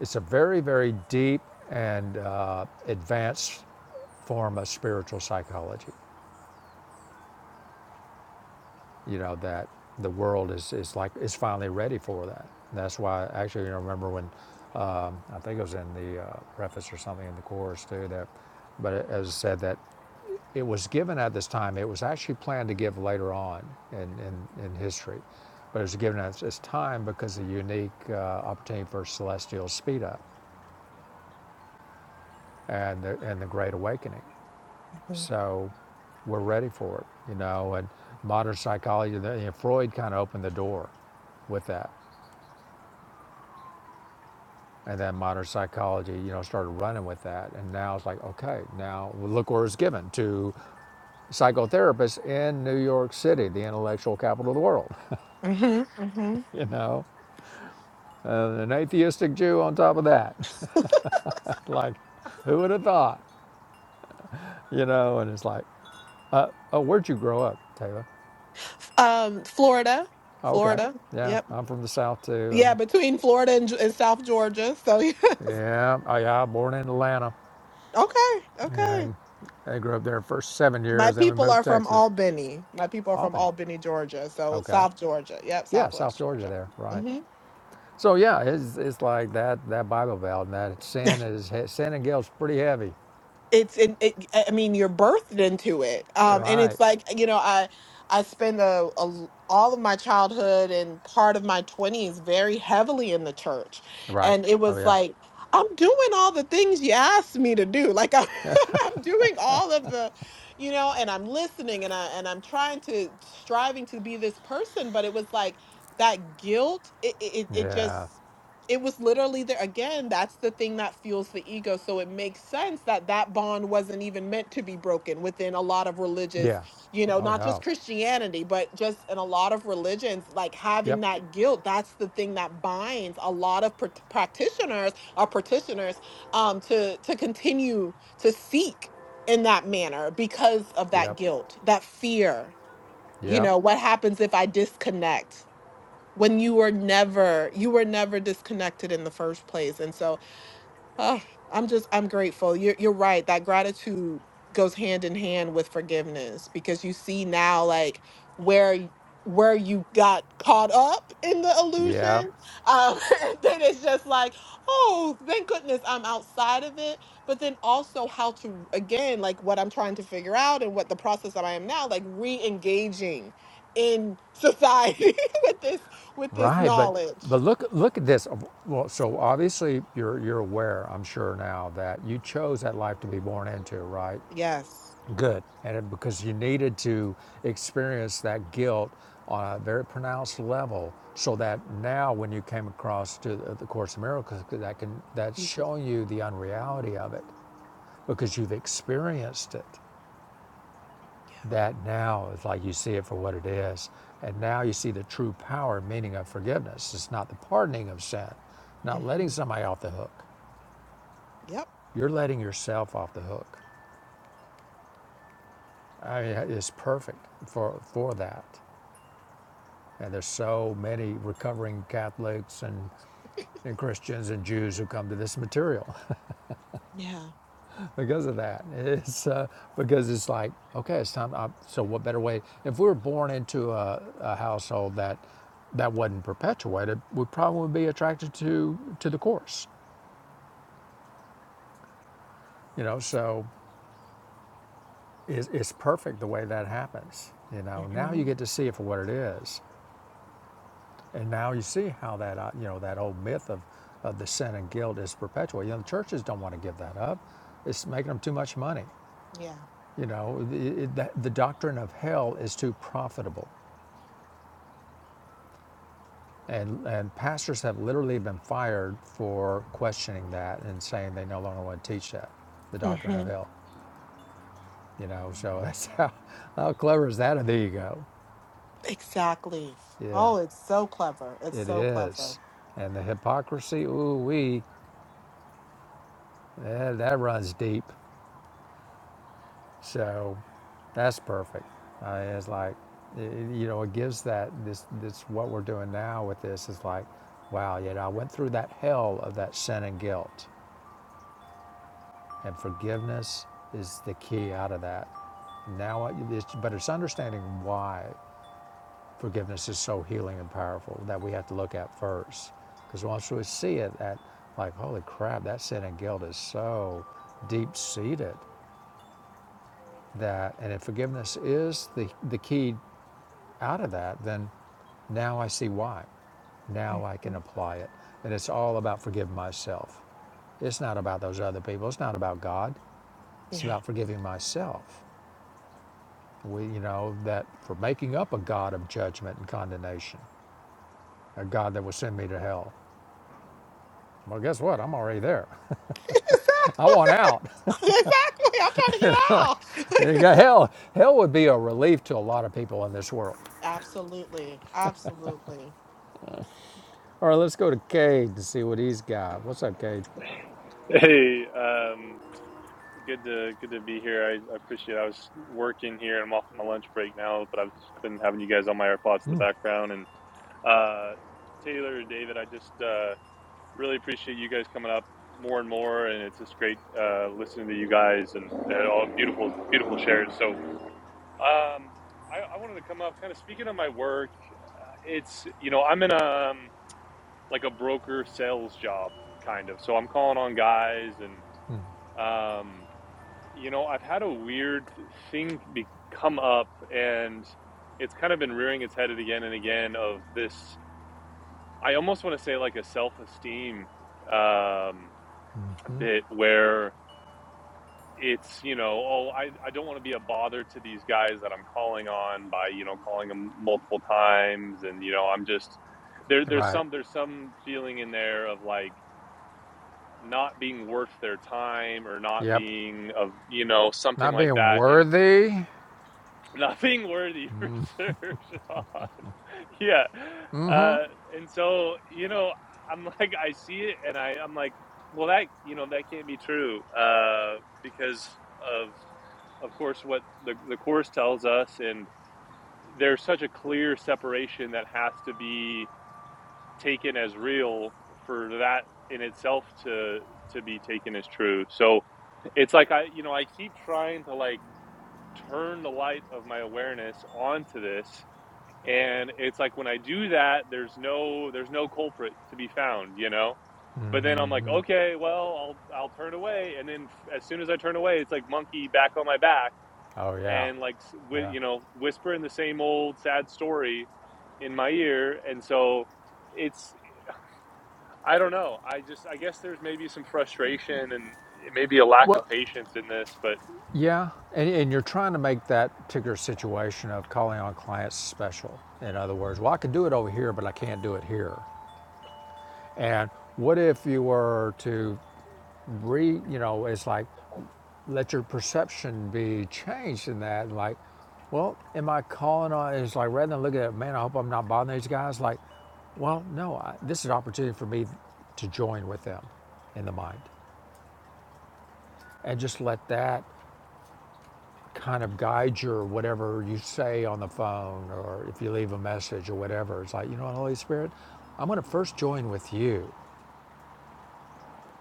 Speaker 2: It's a very, very deep and uh, advanced form of spiritual psychology. You know that the world is, is like is finally ready for that. And that's why actually you know, remember when um, I think it was in the uh, preface or something in the course too that, but it, as I said that It was given at this time. It was actually planned to give later on in, in, in history, but it was given at this time because of the unique uh, opportunity for celestial speed up and the, and the Great Awakening. So we're ready for it, you know. And modern psychology, you know, Freud kind of opened the door with that. And then modern psychology, you know, started running with that. And now it's like, okay, now look where it's given to psychotherapists in New York City, the intellectual capital of the world,
Speaker 4: mhm, mhm.
Speaker 2: you know? and an atheistic Jew on top of that. like, who would have thought? You know, and it's like, uh, oh, where'd you grow up, Taylor?
Speaker 4: um florida
Speaker 2: Oh, okay.
Speaker 4: florida
Speaker 2: Yeah,
Speaker 4: yep
Speaker 2: I'm from the South too.
Speaker 4: yeah
Speaker 2: I'm,
Speaker 4: between florida and, Ge- and south georgia so
Speaker 2: yeah, oh, yeah, born in Atlanta.
Speaker 4: okay
Speaker 2: Yeah,
Speaker 4: okay
Speaker 2: And I grew up there the first seven
Speaker 4: My
Speaker 2: years, then we
Speaker 4: people
Speaker 2: moved
Speaker 4: are
Speaker 2: to
Speaker 4: from
Speaker 2: Texas.
Speaker 4: Albany. My people are from
Speaker 2: Albany.
Speaker 4: Albany, Georgia. So
Speaker 2: Okay.
Speaker 4: South Georgia. Yep,
Speaker 2: Yeah, South
Speaker 4: Southwest
Speaker 2: Georgia
Speaker 4: Georgia.
Speaker 2: there, right.
Speaker 4: Mm-hmm.
Speaker 2: So yeah, it's, it's like that that Bible belt and that sin is sin and guilt's pretty heavy.
Speaker 4: it's in it, i I mean you're birthed into it
Speaker 2: You're
Speaker 4: um and
Speaker 2: right.
Speaker 4: it's like you know i i spend a, a l- all of my childhood and part of my 20s very heavily in the church
Speaker 2: Right.
Speaker 4: and it
Speaker 2: Oh
Speaker 4: was
Speaker 2: yeah.
Speaker 4: like i'm doing all the things you asked me to do like i'm, I'm doing all of the you know and i'm listening and i and i'm trying to striving to be this person but it was like that guilt it it, it it
Speaker 2: Yeah.
Speaker 4: just it was literally there again that's the thing that fuels the ego so it makes sense that that bond wasn't even meant to be broken within a lot of religious
Speaker 2: Yeah.
Speaker 4: you know
Speaker 2: Oh
Speaker 4: not just
Speaker 2: no.
Speaker 4: christianity but just in a lot of religions like
Speaker 2: Yep,
Speaker 4: having that guilt that's the thing that binds a lot of prac- practitioners or practitioners um to to continue to seek in that manner because of that
Speaker 2: yep,
Speaker 4: guilt that fear you
Speaker 2: yep,
Speaker 4: know what happens if i disconnect when you were never you were never disconnected in the first place and so Oh, I'm just I'm grateful. You're you're right. That gratitude goes hand in hand with forgiveness because you see now like where y- where you got caught up in the
Speaker 2: yep.
Speaker 4: illusion. Um, and then it's just like, oh, thank goodness I'm outside of it. But then also how to again, like what I'm trying to figure out and what the process that I am now, like re-engaging in society with this with this
Speaker 2: Right, but but
Speaker 4: knowledge.
Speaker 2: look look at this. Well, so obviously you're you're aware, I'm sure now, that you chose that life to be born into, right?
Speaker 4: Yes.
Speaker 2: Good, and it, because you needed to experience that guilt on a very pronounced level, so that now when you came across to the Course in Miracles, that can that's
Speaker 4: You could.
Speaker 2: showing you the unreality of it because you've experienced it. that now it's like you see it for what it is. And now you see the true power and meaning of forgiveness. It's not the pardoning of sin,
Speaker 4: Yep.
Speaker 2: not letting
Speaker 4: hmm
Speaker 2: somebody off the hook.
Speaker 4: Yep.
Speaker 2: You're letting yourself off the hook. I mean, it's perfect for, for that. And there's so many recovering Catholics and, and Christians and Jews who come to this material.
Speaker 4: Yeah.
Speaker 2: because of that. It's uh, because it's like, okay, it's time. I, so, what better way? If we were born into a, a household that that wasn't perpetuated, we probably would be attracted to to the course. You know, so it's, it's perfect the way that happens. You know, now
Speaker 4: hmm
Speaker 2: you get to see it for what it is, and now you see how that uh, you know that old myth of of the sin and guilt is perpetuated. You know, the churches don't want to give that up. It's making them too much money.
Speaker 4: Yeah.
Speaker 2: You know, the, it, that, the doctrine of hell is too profitable And, and pastors have literally been fired for questioning that and saying they no longer want to teach that, the doctrine of
Speaker 4: hmm
Speaker 2: hell. You know, so that's how, how clever is that And there you go.
Speaker 4: Exactly.
Speaker 2: Yeah,
Speaker 4: Oh, it's so clever. It's
Speaker 2: it
Speaker 4: so clever.
Speaker 2: is. And the hypocrisy, ooh, wee, eh, that runs deep. So that's perfect. Uh, it's like, i- you know, it gives that, this, this, what we're doing now with this is like, wow, you know, I went through that hell of that sin and guilt And forgiveness is the key out of that. Now, it's, but it's understanding why forgiveness is so healing and powerful that we have to look at first. Because once we see it, that like, holy crap, that sin and guilt is so deep seated that, and if forgiveness is the, the key out of that, then now I see why. Now I can
Speaker 4: hmm
Speaker 2: apply it. And it's all about forgiving myself. It's not about those other people. It's not about God. It's
Speaker 4: Yeah.
Speaker 2: about forgiving myself. We, you know, that for making up a God of judgment and condemnation, a God that will send me to hell. Well, guess what? I'm already there. I
Speaker 4: exactly.
Speaker 2: want out.
Speaker 4: Exactly. I'm trying to get
Speaker 2: You
Speaker 4: out.
Speaker 2: got Hell, hell would be a relief to a lot of people in this world.
Speaker 4: Absolutely. Absolutely.
Speaker 2: All right, let's go to Cade to see what he's got. What's up, Cade?
Speaker 6: Hey, um, good to good to be here. I, I appreciate it. I was working here. I'm off my lunch break now, but I've been having you guys on my AirPods in the background. And uh, Taylor David, I just uh, really appreciate you guys coming up more and more. And it's just great uh, listening to you guys and, and all beautiful, beautiful shares. So um, I, I wanted to come up, kind of speaking of my work. It's you know I'm in a um, like a broker sales job kind of. So I'm calling on guys and. Um, You know, I've had a weird thing be- come up, and it's kind of been rearing its head again and again of this. I almost want to say like a self esteem um, bit where it's, you know, oh, I, I don't want to be a bother to these guys that I'm calling on by, you know, calling them multiple times. And, you know, I'm just, there, there's
Speaker 2: Right.
Speaker 6: some, there's some feeling in there of like not being worth their time or not
Speaker 2: Yep.
Speaker 6: being of, you know, something
Speaker 2: Not
Speaker 6: like
Speaker 2: being
Speaker 6: that. And,
Speaker 2: worthy.
Speaker 6: Nothing worthy for sure, Sean. Yeah. Uh, and so, you know, I'm like, I see it and I, I'm like, well, that, you know, that can't be true uh, because of, of course, what the, the Course tells us. And there's such a clear separation that has to be taken as real for that in itself to, to be taken as true. So it's like, I, you know, I keep trying to like turn the light of my awareness onto this and it's like when i do that there's no there's no culprit to be found you know but then i'm like okay well i'll i'll turn away and then as soon as i turn away it's like monkey back on my back
Speaker 2: Oh yeah.
Speaker 6: and like with
Speaker 2: Yeah.
Speaker 6: you know whispering the same old sad story in my ear and so it's i don't know i just i guess there's maybe some frustration and maybe a lack of
Speaker 2: Well,
Speaker 6: patience in this but
Speaker 2: yeah, and, and you're trying to make that particular situation of calling on clients special. In other words, well, I can do it over here, but I can't do it here. And what if you were to re, you know, it's like let your perception be changed in that. Like, well, am I calling on? It's like rather than looking at, man, I hope I'm not bothering these guys. Like, well, no, I, this is an opportunity for me to join with them in the mind, and just let that kind of guide your whatever you say on the phone or if you leave a message or whatever. It's like, you know, Holy Spirit, I'm going to first join with you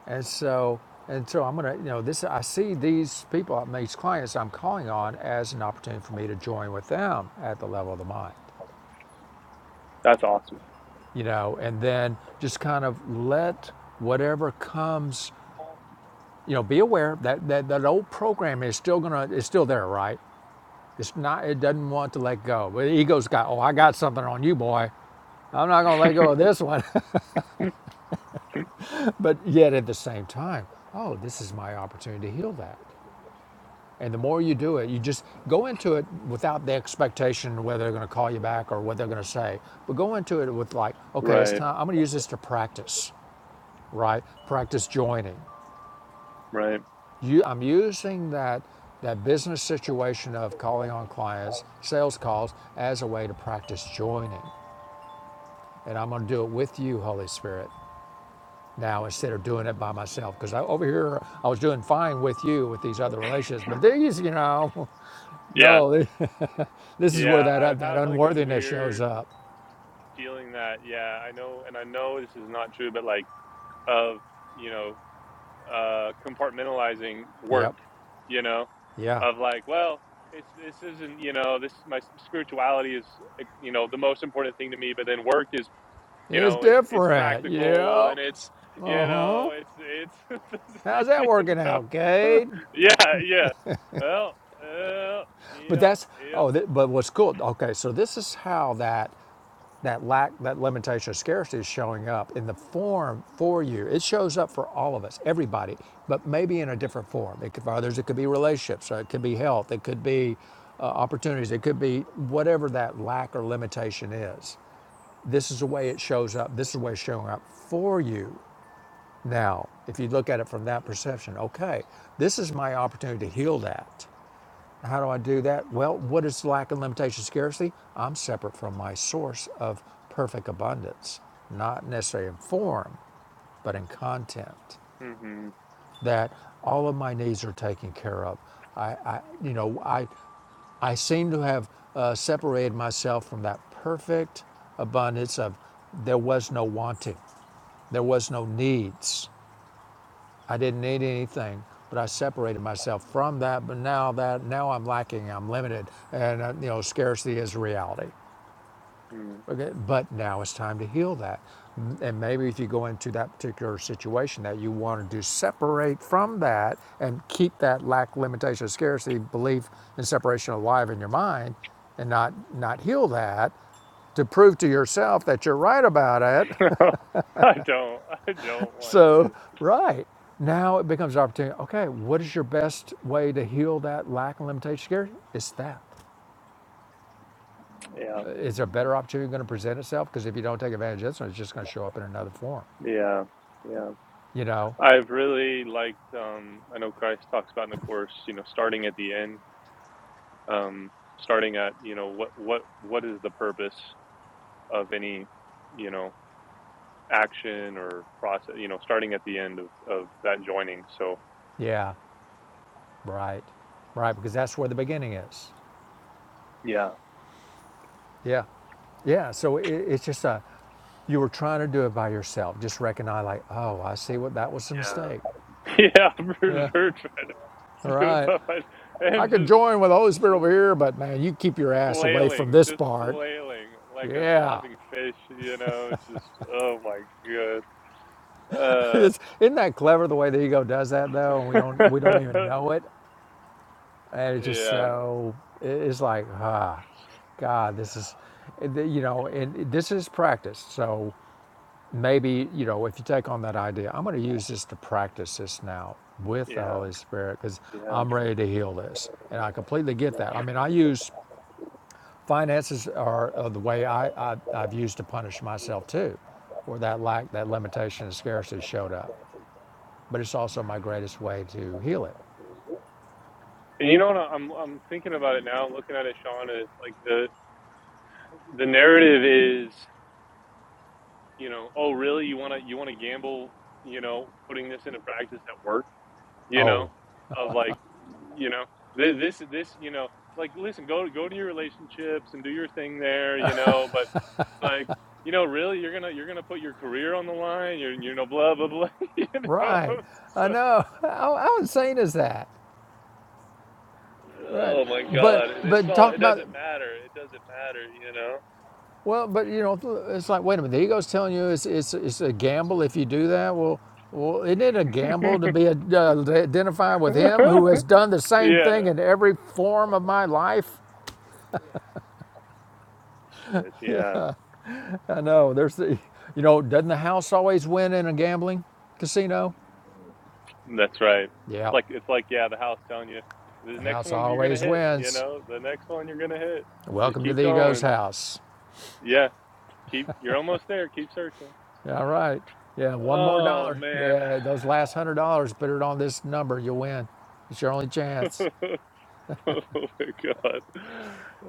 Speaker 2: And so, and so I'm gonna, you know, this I see these people, these clients I'm calling on as an opportunity for me to join with them at the level of the mind,
Speaker 6: that's awesome
Speaker 2: you know, and then just kind of let whatever comes, you know, be aware that that, that old program is still gonna it's still there, right? It's not. It doesn't want to let go. But the ego's got. Oh, I got something on you, boy. I'm not gonna let go of this one. but yet at the same time, oh, this is my opportunity to heal that. And the more you do it, you just go into it without the expectation whether they're going to call you back or what they're going to say. But go into it with like, okay, it's
Speaker 6: right
Speaker 2: time. I'm going to use this to practice, right? Practice joining.
Speaker 6: right
Speaker 2: You, I'm using that that business situation of calling on clients, sales calls, as a way to practice joining. And I'm going to do it with you, Holy Spirit, now instead of doing it by myself. Because I, over here, I was doing fine with you with these other relationships, but these, you know,
Speaker 6: yeah
Speaker 2: no. They, This is where
Speaker 6: yeah
Speaker 2: that uh,
Speaker 6: i
Speaker 2: that
Speaker 6: have like a
Speaker 2: unworthiness
Speaker 6: weird
Speaker 2: shows up.
Speaker 6: feeling that yeah i know and i know this is not true but like of you know uh compartmentalizing work
Speaker 2: Yep.
Speaker 6: you know
Speaker 2: Yeah.
Speaker 6: of like well it's this isn't you know this my spirituality is eh, you know the most important thing to me but then work is you
Speaker 2: It's
Speaker 6: know it's it's
Speaker 2: different.
Speaker 6: practical
Speaker 2: Yep.
Speaker 6: and it's you know it's
Speaker 2: How's
Speaker 6: it's
Speaker 2: that
Speaker 6: you
Speaker 2: working
Speaker 6: know
Speaker 2: out, Cade?
Speaker 6: yeah yeah well uh,
Speaker 2: But
Speaker 6: yeah
Speaker 2: that's
Speaker 6: yeah
Speaker 2: oh, th- but what's cool? Okay, so this is how that that lack, that limitation of scarcity is showing up in the form for you. It shows up for all of us, everybody, but maybe in a different form. It could, for others, it could be relationships, it could be health, it could be uh, opportunities, it could be whatever that lack or limitation is. this is the way it shows up. This is the way it's showing up for you now. If you look at it from that perception, okay, this is my opportunity to heal that. How do I do that? Well, what is lack and limitation scarcity? I'm separate from my source of perfect abundance, not necessarily in form, but in content
Speaker 6: hmm
Speaker 2: that all of my needs are taken care of. I, I you know, I, I seem to have uh, separated myself from that perfect abundance of there was no wanting, there was no needs. I didn't need anything, but I separated myself from that. But now that now I'm lacking, I'm limited, and uh, you know, scarcity is reality. Okay, But now it's time to heal that. Mm, And maybe if you go into that particular situation that you wanted to separate from that and keep that lack, limitation, scarcity, belief, and separation alive in your mind and not, not heal that to prove to yourself that you're right about it.
Speaker 6: I don't. I don't want to.
Speaker 2: so, right. Now it becomes an opportunity. Okay, what is your best way to heal that lack and limitation scarcity? It's that.
Speaker 6: Yeah,
Speaker 2: Uh, Is there a better opportunity going to present itself? Because if you don't take advantage of this one, it's just going to show up in another form.
Speaker 6: yeah, yeah.
Speaker 2: You know?
Speaker 6: I've really liked. Um, I know Christ talks about in the course, you know, starting at the end, um, starting at, you know, what what what is the purpose of any, you know, action or process, you know, starting at the end of of that joining. So
Speaker 2: Yeah, right, right, because that's where the beginning is.
Speaker 6: yeah,
Speaker 2: Yeah, yeah. So it, it's just a, you were trying to do it by yourself. Just recognize, like, oh, I see what that was a mistake.
Speaker 6: yeah, yeah, for
Speaker 2: Yeah,
Speaker 6: sure. Trying to
Speaker 2: all
Speaker 6: do it
Speaker 2: right.
Speaker 6: by myself
Speaker 2: I
Speaker 6: am
Speaker 2: could
Speaker 6: just
Speaker 2: join with the Holy Spirit over
Speaker 6: fl-
Speaker 2: here, but man, you keep your ass away from
Speaker 6: flailing,
Speaker 2: this
Speaker 6: just
Speaker 2: part.
Speaker 6: flailing like a
Speaker 2: Yeah.
Speaker 6: flopping fish, you know. Just oh my god. Uh,
Speaker 2: isn't that clever the way the ego does that though? And we
Speaker 6: yeah,
Speaker 2: don't we don't even know it. and it's just so it's like ah god this is you know and this is practice so maybe you know if you take on that idea i'm going to use this to practice this now with the
Speaker 6: yeah,
Speaker 2: holy spirit because
Speaker 6: yeah,
Speaker 2: i'm ready to heal this and i completely get
Speaker 6: yeah.
Speaker 2: that i mean i use finances are, are the way I, I i've used to punish myself too where that lack that limitation and scarcity showed up but it's also my greatest way to heal it
Speaker 6: And you know what? I'm I'm thinking about it now, looking at it, Sean. Is like the the narrative is, you know, oh really? You wanna you wanna gamble? You know, putting this into practice at work. You know,
Speaker 2: oh
Speaker 6: of like, you know, thi- this this you know, like listen, go go to your relationships and do your thing there. You know, but it's like. You know, really, you're gonna you're gonna put your career on the line. You're you know, blah blah blah. you know,
Speaker 2: Right. I
Speaker 6: so.
Speaker 2: know. How, how insane is that? Right.
Speaker 6: Oh my
Speaker 2: But
Speaker 6: God! It's
Speaker 2: but
Speaker 6: all. It
Speaker 2: talk about
Speaker 6: doesn't matter. It doesn't
Speaker 2: well, but you know, it's like wait a minute. The ego's telling you it's it's it's a gamble if you do that. Well, well, isn't it a gamble to be ad- uh, identified with him
Speaker 6: matter. You
Speaker 2: who
Speaker 6: know.
Speaker 2: has done the same
Speaker 6: yeah.
Speaker 2: thing in every form of my life?
Speaker 6: Shit.
Speaker 2: Yeah,
Speaker 6: Yeah.
Speaker 2: I know. There's the, you know, doesn't the house always win in a gambling casino?
Speaker 6: That's right. It's
Speaker 2: Yep,
Speaker 6: like it's like yeah, the house telling you the
Speaker 2: the
Speaker 6: next
Speaker 2: house
Speaker 6: one you're gonna
Speaker 2: always
Speaker 6: hit. You
Speaker 2: wins.
Speaker 6: know, the next one you're gonna hit. Just
Speaker 2: Welcome to
Speaker 6: keep
Speaker 2: the ego's
Speaker 6: going.
Speaker 2: house.
Speaker 6: Yeah. Keep. You're almost there. Keep searching.
Speaker 2: Yeah, all right. Yeah, one more
Speaker 6: Oh
Speaker 2: dollar.
Speaker 6: man.
Speaker 2: Yeah, those last hundred dollars, put it on this number, you'll win. It's your only chance.
Speaker 6: oh my god.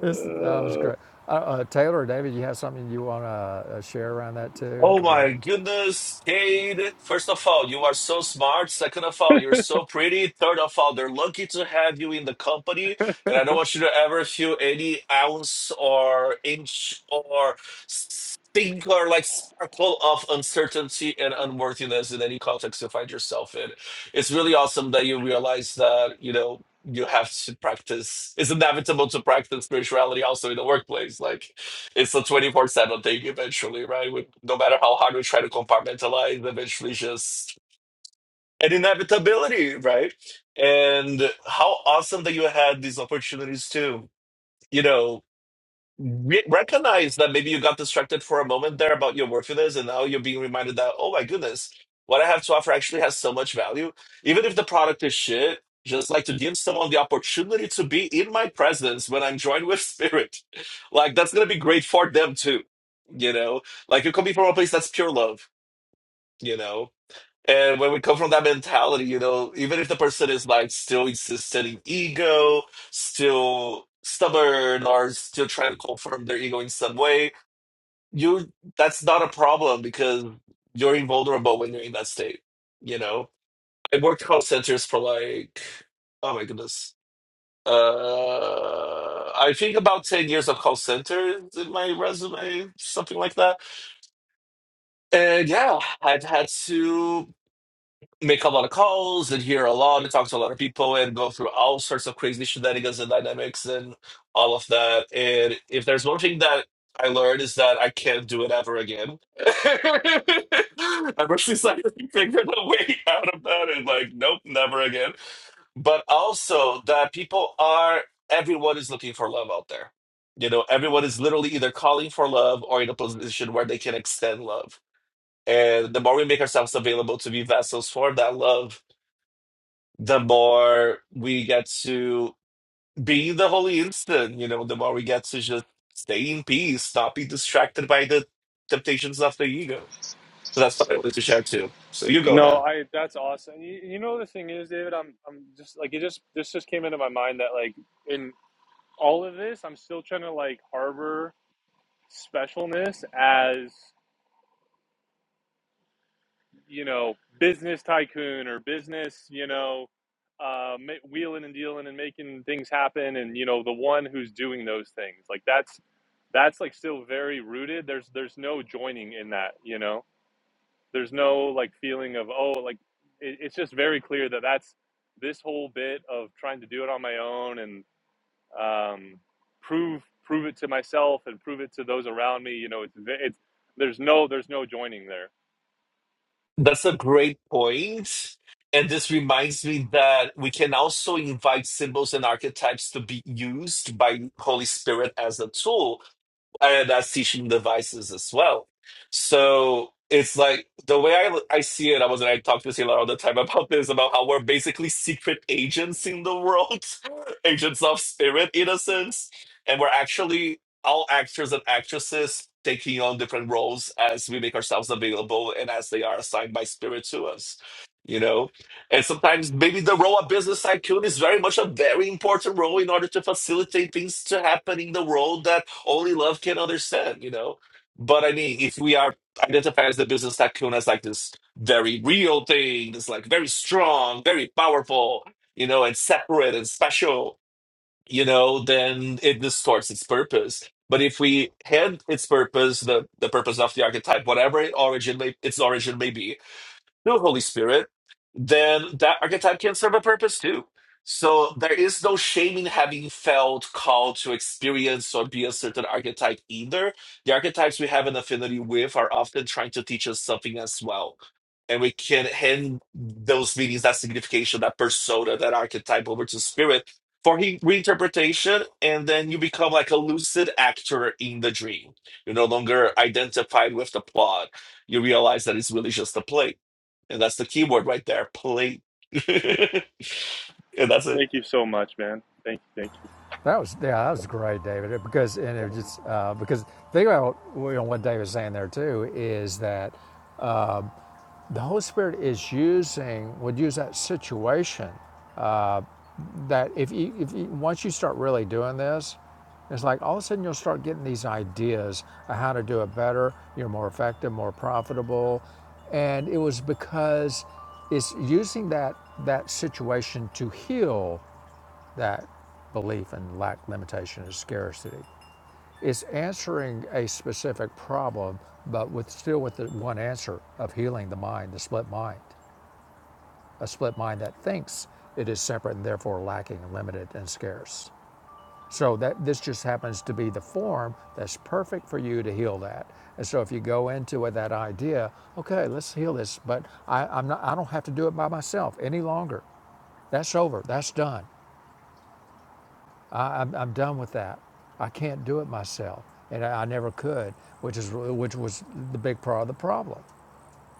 Speaker 2: This that was great. Uh, uh, Taylor, or David, you have something you want to uh, share around that too?
Speaker 5: Oh
Speaker 2: If you have-
Speaker 5: my goodness, Cade. First of all, you are so smart. Second of all, you're so pretty. Third of all, they're lucky to have you in the company. And I don't want you to ever feel any ounce or inch or stink or like sparkle of uncertainty and unworthiness in any context you find yourself in. It's really awesome that you realize that, you know, you have to practice. It's inevitable to practice spirituality also in the workplace. Like, it's a 24 7 thing eventually, right? We, no matter how hard we try to compartmentalize, eventually just an inevitability, right? And how awesome that you had these opportunities too. You know, re- recognize that maybe you got distracted for a moment there about your worthiness, and now you're being reminded that, oh my goodness, what I have to offer actually has so much value. Even if the product is shit, just like to give someone the opportunity to be in my presence when I'm joined with spirit. Like, that's going to be great for them too. You know, like you're coming from a place that's pure love, you know. And when we come from that mentality, you know, even if the person is like still insistent in ego, still stubborn, or still trying to confirm their ego in some way, you that's not a problem because you're invulnerable when you're in that state. You know, I worked call centers for like, oh my goodness, uh, I think about ten years of call centers in my resume, something like that. And yeah, I've had to. make a lot of calls and hear a lot and talk to a lot of people and go through all sorts of crazy shenanigans and dynamics and all of that. And if there's one thing that I learned is that I can't do it ever again. I'm actually since to figure a way out of that, and like, nope, never again. But also that people are, everyone is looking for love out there. You know, everyone is literally either calling for love or in a position where they can extend love. And the more we make ourselves available to be vessels for that love, the more we get to be in the holy instant, you know, the more we get to just stay in peace, not be distracted by the temptations of the ego. So that's what I wanted to share too. So you go,
Speaker 6: no,
Speaker 5: man.
Speaker 6: I that's awesome. You, you know the thing is, David, I'm I'm just like it just this just came into my mind that like in all of this, I'm still trying to like harbor specialness as you know business tycoon or business you know uh, wheeling and dealing and making things happen and you know the one who's doing those things like that's that's like still very rooted there's there's no joining in that you know there's no like feeling of oh like it, it's just very clear that that's this whole bit of trying to do it on my own and um, prove prove it to myself and prove it to those around me. You know, it's it's there's no there's no joining there.
Speaker 5: That's a great point. And this reminds me that we can also invite symbols and archetypes to be used by Holy Spirit as a tool and that's teaching devices as well. So it's like the way I, I see it, I was and I talk to Taylor all the time about this, about how we're basically secret agents in the world, agents of spirit in a sense. And we're actually all actors and actresses taking on different roles as we make ourselves available and as they are assigned by spirit to us. You know? And sometimes maybe the role of business IQ is very much a very important role in order to facilitate things to happen in the world that only love can understand, you know? But I mean, if we are identified as the business tycoon as like this very real thing, this like very strong, very powerful, you know, and separate and special, you know, then it distorts its purpose. But if we hand its purpose, the, the purpose of the archetype, whatever it origin may, its origin may be, no Holy Spirit, then that archetype can serve a purpose too. So there is no shame in having felt called to experience or be a certain archetype either. The archetypes we have an affinity with are often trying to teach us something as well. And we can hand those meanings, that signification, that persona, that archetype over to spirit for he- reinterpretation. And then you become like a lucid actor in the dream. You're no longer identified with the plot. You realize that it's really just a play and that's the keyword right there, plate. and that's it.
Speaker 6: Thank you so much, man. Thank you, thank you.
Speaker 2: That was yeah, that was great, David. It- Because and it was just uh, because think about you know, what David's saying there too is that um, the Holy Spirit is using would use that situation that if you, if you, once you start really doing this, it's like all of a sudden you'll start getting these ideas of how to do it better. You're more effective, more profitable, and it was because it's using that that situation to heal that belief in lack, limitation, and scarcity. It's answering a specific problem, but with still with the one answer of healing the mind, the split mind, a split mind that thinks it is separate and therefore lacking, limited, and scarce. So that this just happens to be the form that's perfect for you to heal that. And so if you go into it that idea, okay, let's heal this, but I, I'm not, I don't have to do it by myself any longer. That's over. That's done. I, I'm, I'm done with that. I can't do it myself, and I, I never could, which is which was the big part of the problem.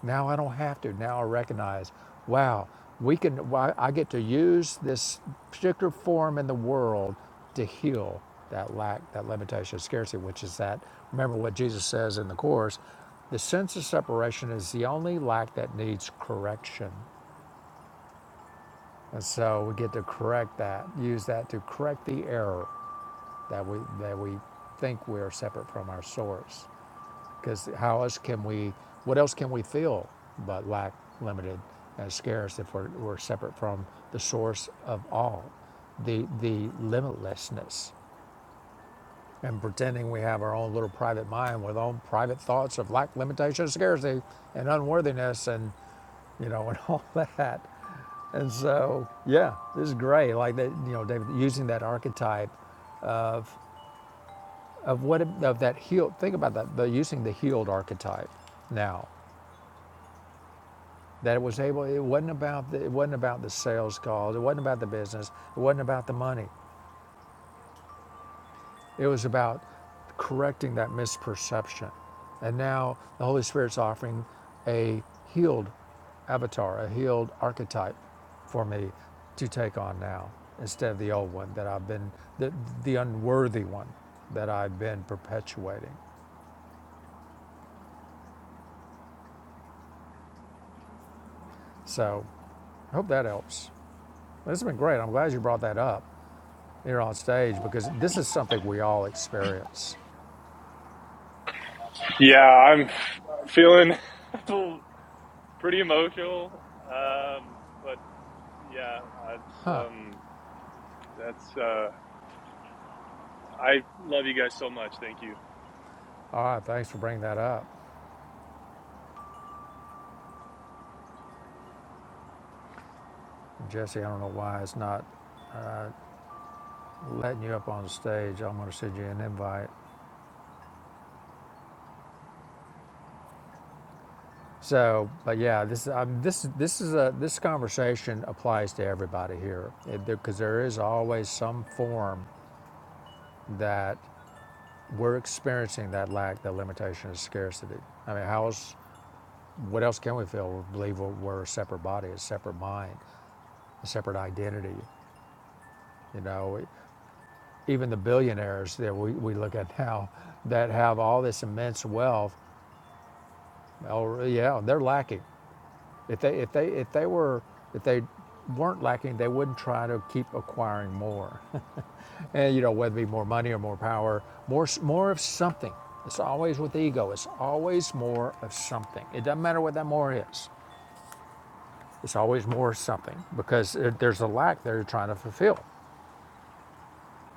Speaker 2: Now I don't have to. Now I recognize, wow, we can. I get to use this particular form in the world to heal that lack, that limitation, scarcity, which is that. Remember what Jesus says in the Course: the sense of separation is the only lack that needs correction, and so we get to correct that. Use that to correct the error that we that we think we are separate from our source. Because how else can we, what else can we feel but lack, limited, and scarce if we're, we're separate from the source of all, the, the limitlessness? And pretending we have our own little private mind with our own private thoughts of lack, limitation, scarcity, and unworthiness, and you know, and all that. And so, yeah, this is great. Like that, you know, David using that archetype of what of that healed. Think about that. The using the healed archetype now that it was able it wasn't about the, it wasn't about the sales calls it wasn't about the business it wasn't about the money it was about correcting that misperception and now the holy spirit's offering a healed avatar a healed archetype for me to take on now instead of the old one that i've been the, the unworthy one that i've been perpetuating so i hope that helps this has been great i'm glad you brought that up here on stage because this is something we all experience.
Speaker 6: Yeah, I'm feeling pretty emotional, um, but yeah, it's um, that's uh, I love you guys so much. Thank you.
Speaker 2: All right, thanks for bringing that up. Jesse, I don't know why it's not letting you up on stage. I'm going to send you an invite. So, but yeah, this um, this this is a this conversation applies to everybody here because there is always some form that we're experiencing that lack, that limitation, of scarcity. I mean, how else? What else can we feel? We Believe we're we're a separate body, a separate mind, a separate identity. You know, even the billionaires that we, we look at now that have all this immense wealth, oh yeah, they're lacking. If they if they if they were if they weren't lacking, they wouldn't try to keep acquiring more. and you know whether it be more money or more power, more more of something. It's always with ego. It's always more of something. It doesn't matter what that more is. It's always more something because uh, there's a lack they're trying to fulfill.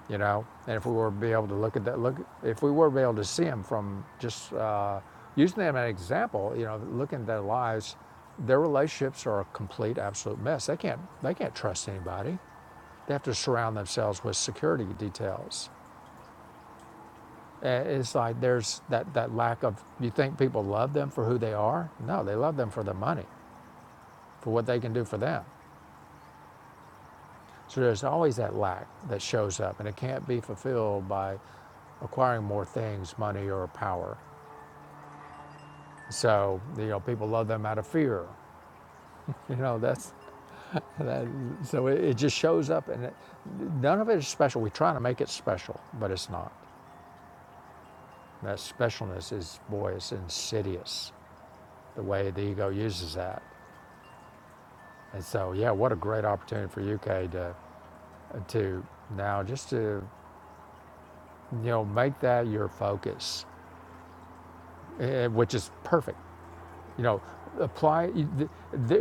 Speaker 2: you know? And if we were to be able to look at that, look, if we were to be able to see them from just uh, using them as an example, you know, looking at their lives, their relationships are a complete, absolute mess. They can't, they can't trust anybody. They have to surround themselves with security details. And It's like there's that, that lack of, you think people love them for who they are? No, they love them for the money, for what they can do for them. So there's always that lack that shows up, and it can't be fulfilled by acquiring more things, money or power. So, you know, people love them out of fear. You know, that's, that, so it, it just shows up and it, none of it is special. We're trying to make it special, but it's not. That specialness is, boy, it's insidious the way the ego uses that. And so, yeah, what a great opportunity for you, Kay, to, to now just to, you know, make that your focus, eh, which is perfect You know, apply, you- th-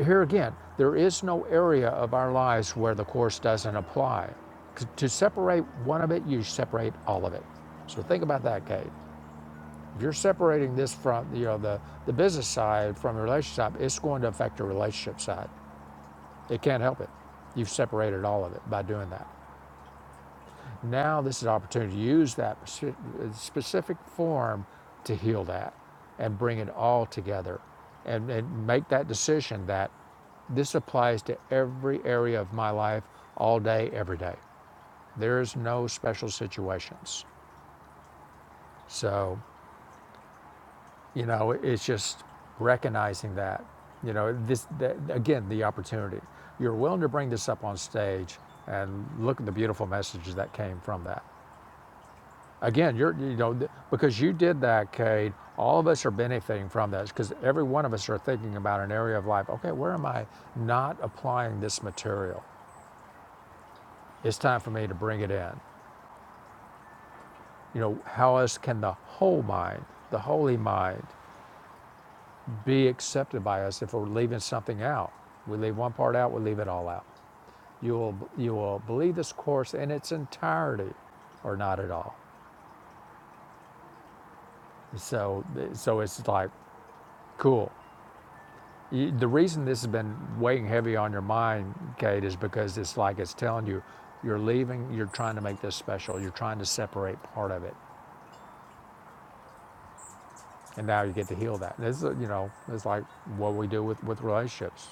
Speaker 2: here again, there is no area of our lives where the Course doesn't apply. apply. To separate one of it, you separate all of it. So think about that, Kate. If you're separating this from, you know, the, the business side from the relationship side, it's going to affect your relationship side. It can't help it. You've separated all of it by doing that. Now this is an opportunity to use that speci- specific form to heal that and bring it all together and, and make that decision that this applies to every area of my life all day, every day. There is no special situations. So, you know, it's just recognizing that, you know, this, that, again, the opportunity. You're willing to bring this up on stage and look at the beautiful messages that came from that. Again, you're, you know, because you did that, Cade, all of us are benefiting from that because every one of us are thinking about an area of life. Okay, where am I not applying this material? It's time for me to bring it in. You know, how else can the whole mind, the holy mind, be accepted by us if we're leaving something out? We leave one part out, we leave it all out. You will, you will believe this course in its entirety or not at all. So, so it's like, cool. the reason this has been weighing heavy on your mind, Kate, is because it's like it's telling you you're leaving, you're trying to make this special, you're trying to separate part of it, and now you get to heal that. This is, you know, it's like what we do with, with relationships.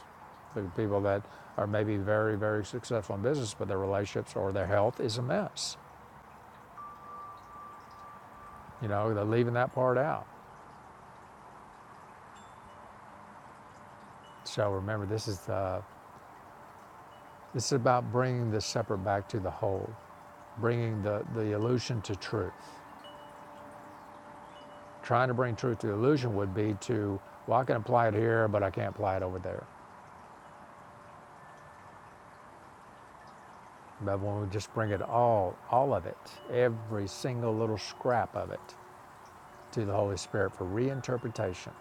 Speaker 2: The people that are maybe very, very successful in business, but their relationships or their health is a mess. You know, they're leaving that part out. So remember, this is the, this is about bringing the separate back to the whole, bringing the, the illusion to truth. Trying to bring truth to illusion would be to, well, I can apply it here, but I can't apply it over there. But when we just bring it all, all of it, every single little scrap of it, to the Holy Spirit for reinterpretation,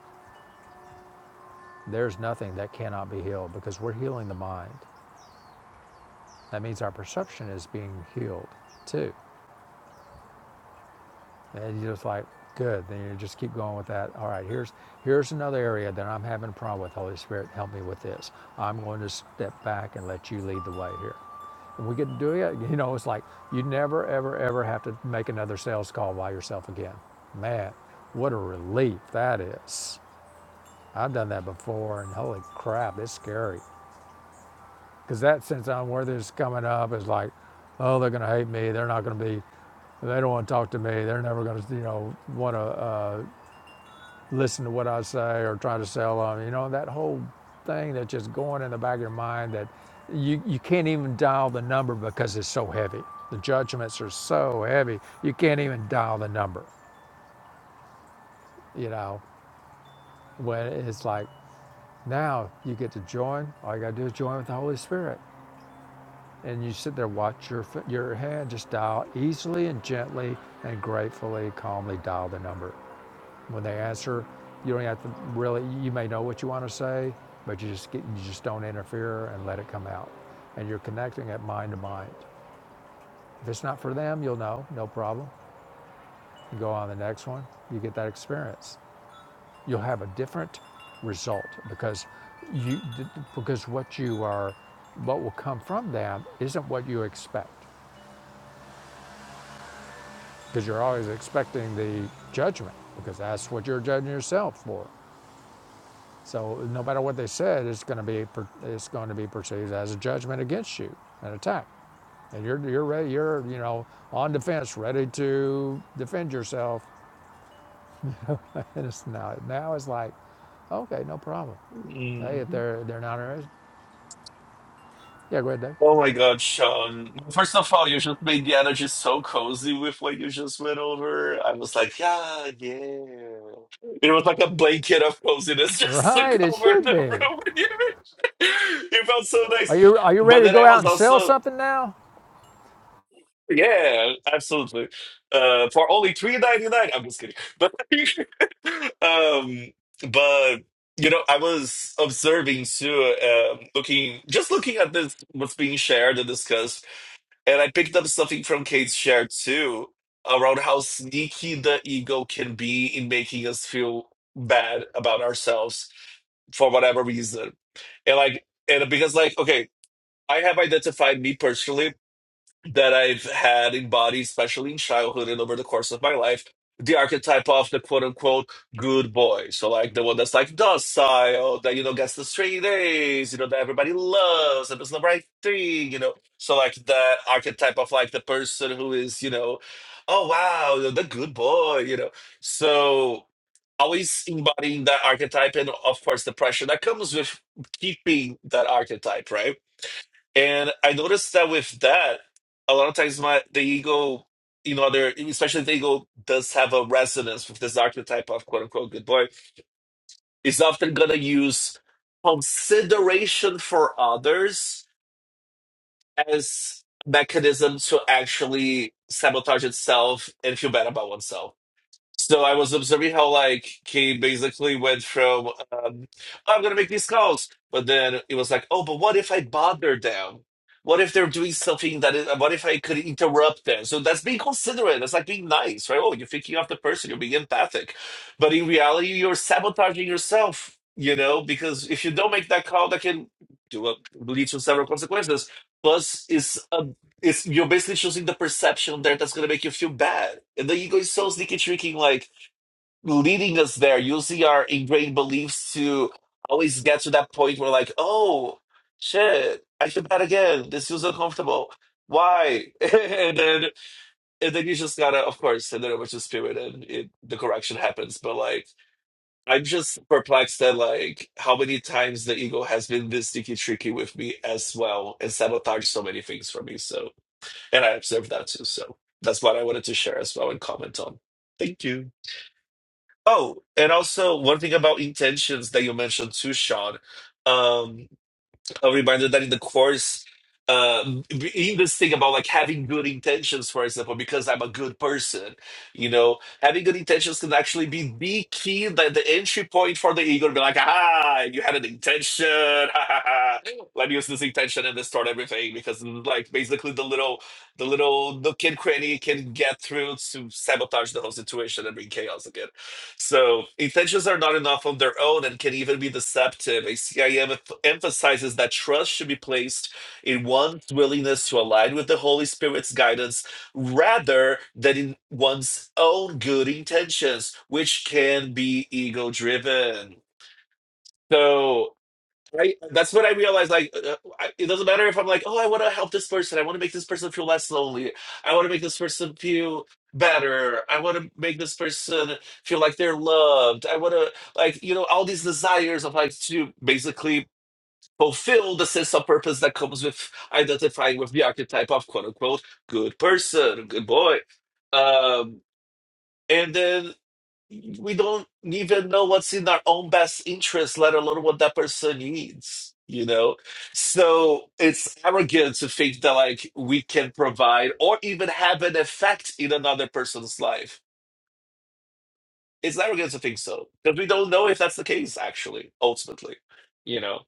Speaker 2: there's nothing that cannot be healed because we're healing the mind. That means our perception is being healed too. And you're just like, good. Then you just keep going with that. All right, here's here's another area that I'm having a problem with. Holy Spirit, help me with this. I'm going to step back and let you lead the way here. And we get to do it. You know, it's like you never, ever, ever have to make another sales call by yourself again. Man, what a relief that is. I've done that before, and holy crap, it's scary. Because that sense of unworthiness coming up is like, oh, they're going to hate me. They're not going to be, they don't want to talk to me. They're never going to, you know, want to uh, listen to what I say or try to sell on. You know, that whole thing that's just going in the back of your mind that you, you can't even dial the number because it's so heavy. The judgments are so heavy, you can't even dial the number, you know, when it's like, now you get to join. All you got to do is join with the Holy Spirit. and you sit there, watch your f- your hand just dial easily and gently and gratefully, calmly dial the number. When they answer, you don't have to really. You may know what you want to say, but you just get, you just don't interfere and let it come out, and you're connecting it mind to mind. If it's not for them, you'll know, no problem. You go on the next one, you get that experience. You'll have a different result because you because what you are, what will come from them isn't what you expect. because you're always expecting the judgment because that's what you're judging yourself for. So no matter what they said, it's going to be it's going to be perceived as a judgment against you, an attack, and you're you're ready, you're you know on defense, ready to defend yourself. And it's now now it's like, okay, no problem. Hey, if
Speaker 5: Mhm.
Speaker 2: they're they're not interested, yeah, go ahead, Dave.
Speaker 5: Oh my God, Sean. First of all, you just made the energy so cozy with what you just went over. I was like, yeah, yeah. It was like a blanket of coziness just took
Speaker 2: Right, it
Speaker 5: over
Speaker 2: should
Speaker 5: the
Speaker 2: be.
Speaker 5: room. it felt so
Speaker 2: Are
Speaker 5: nice.
Speaker 2: you are you ready
Speaker 5: But
Speaker 2: to
Speaker 5: then
Speaker 2: go
Speaker 5: I
Speaker 2: out
Speaker 5: was
Speaker 2: and sell
Speaker 5: also
Speaker 2: something now?
Speaker 5: Yeah, absolutely. Uh, for only three ninety nine. I'm just kidding, but um, but you know, I was observing too, um, looking just looking at this what's being shared and discussed, and I picked up something from Kate's share too around how sneaky the ego can be in making us feel bad about ourselves for whatever reason, and like and because like okay, I have identified me personally that I've had embodied, especially in childhood and over the course of my life, the archetype of the quote unquote good boy. So like the one that's like docile, that you know gets the straight A's, you know, that everybody loves, that does the right thing, you know. So like that archetype of like the person who is, you know, oh wow, you know, the good boy, you know. So always embodying that archetype and of course the pressure that comes with keeping that archetype, right? And I noticed that with that, a lot of times my the ego, you know, there especially if the ego does have a resonance with this archetype of quote unquote good boy, is often gonna use consideration for others as mechanism to actually sabotage itself and feel bad about oneself. So I was observing how like he basically went from um, "Oh, I'm gonna make these calls, but then it was like, oh, but what if I bother them? What if they're doing something that is? What if I could interrupt them? So that's being considerate. That's like being nice, right? Oh, you're thinking of the person. You're being empathic, but in reality, you're sabotaging yourself. You know, because if you don't make that call, that can do a, lead to several consequences. Plus, is a it's you're basically choosing the perception there that's gonna make you feel bad. And the ego is so sneaky tricking, like leading us there, using our ingrained beliefs to always get to that point where like, oh shit, I feel bad again. This feels uncomfortable. Why? and then and then you just gotta of course send it over to spirit and it the correction happens. But like I'm just perplexed at like how many times the ego has been this sneaky tricky with me as well and sabotaged so many things for me. So and I observed that too. So that's what I wanted to share as well and comment on. Thank you. Oh, and also one thing about intentions that you mentioned too, Sean. Um, a reminder that in the course um in this thing about like having good intentions for example because i'm a good person you know having good intentions can actually be the key that the entry point for the ego to be like ah you had an intention ha, ha, ha. let me use this intention and distort everything because like basically the little the little the kid cranny can get through to sabotage the whole situation and bring chaos again so intentions are not enough on their own and can even be deceptive. A C I M CIM emphasizes that trust should be placed in one's willingness to align with the Holy Spirit's guidance rather than in one's own good intentions, which can be ego driven. So Right? That's what I realized. Like, uh, uh, I, it doesn't matter if I'm like, oh, I want to help this person. I want to make this person feel less lonely. I want to make this person feel better. I want to make this person feel like they're loved. I want to, like, you know, all these desires of like to basically fulfill the sense of purpose that comes with identifying with the archetype of quote unquote good person, good boy. Um, and then we don't even know what's in our own best interest, let alone what that person needs, you know? So it's arrogant to think that like we can provide or even have an effect in another person's life. It's arrogant to think so because we don't know if that's the case, actually, ultimately, you know?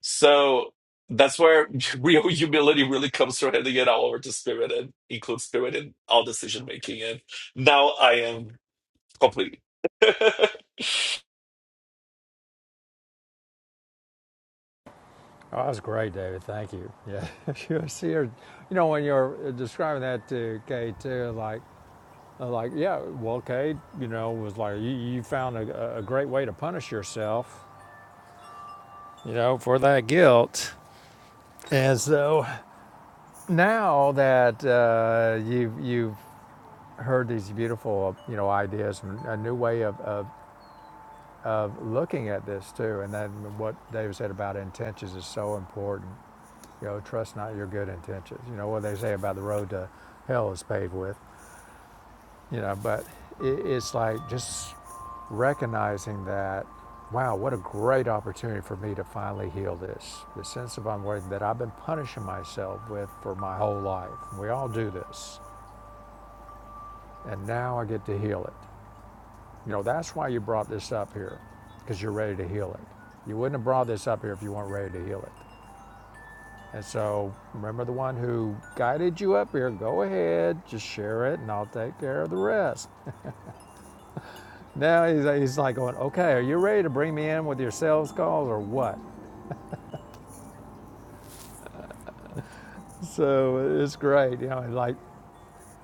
Speaker 5: So that's where real humility really comes from handing it all over to spirit and include spirit in all decision making. And now I am complete.
Speaker 2: Oh, that was great, David. Thank you. Yeah, you see her. You know, when you're uh, describing that to Kate, too, like, uh, like, yeah, well, Kate, you know, was like, you, you found a, a great way to punish yourself, you know, for that guilt. And so now that uh, you've you've heard these beautiful, you know, ideas and a new way of, of of looking at this too, and then what David said about intentions is so important You know, trust not your good intentions. You know what they say about the road to hell is paved with. You know, but it, it's like just recognizing that, wow, what a great opportunity for me to finally heal this. The sense of unworthiness that I've been punishing myself with for my whole life. We all do this, and now I get to heal it. You know, that's why you brought this up here, because you're ready to heal it. You wouldn't have brought this up here if you weren't ready to heal it. And so remember the one who guided you up here, go ahead, just share it, and I'll take care of the rest. Now he's, he's like going, okay, are you ready to bring me in with your sales calls or what? So it's great, you know, and like,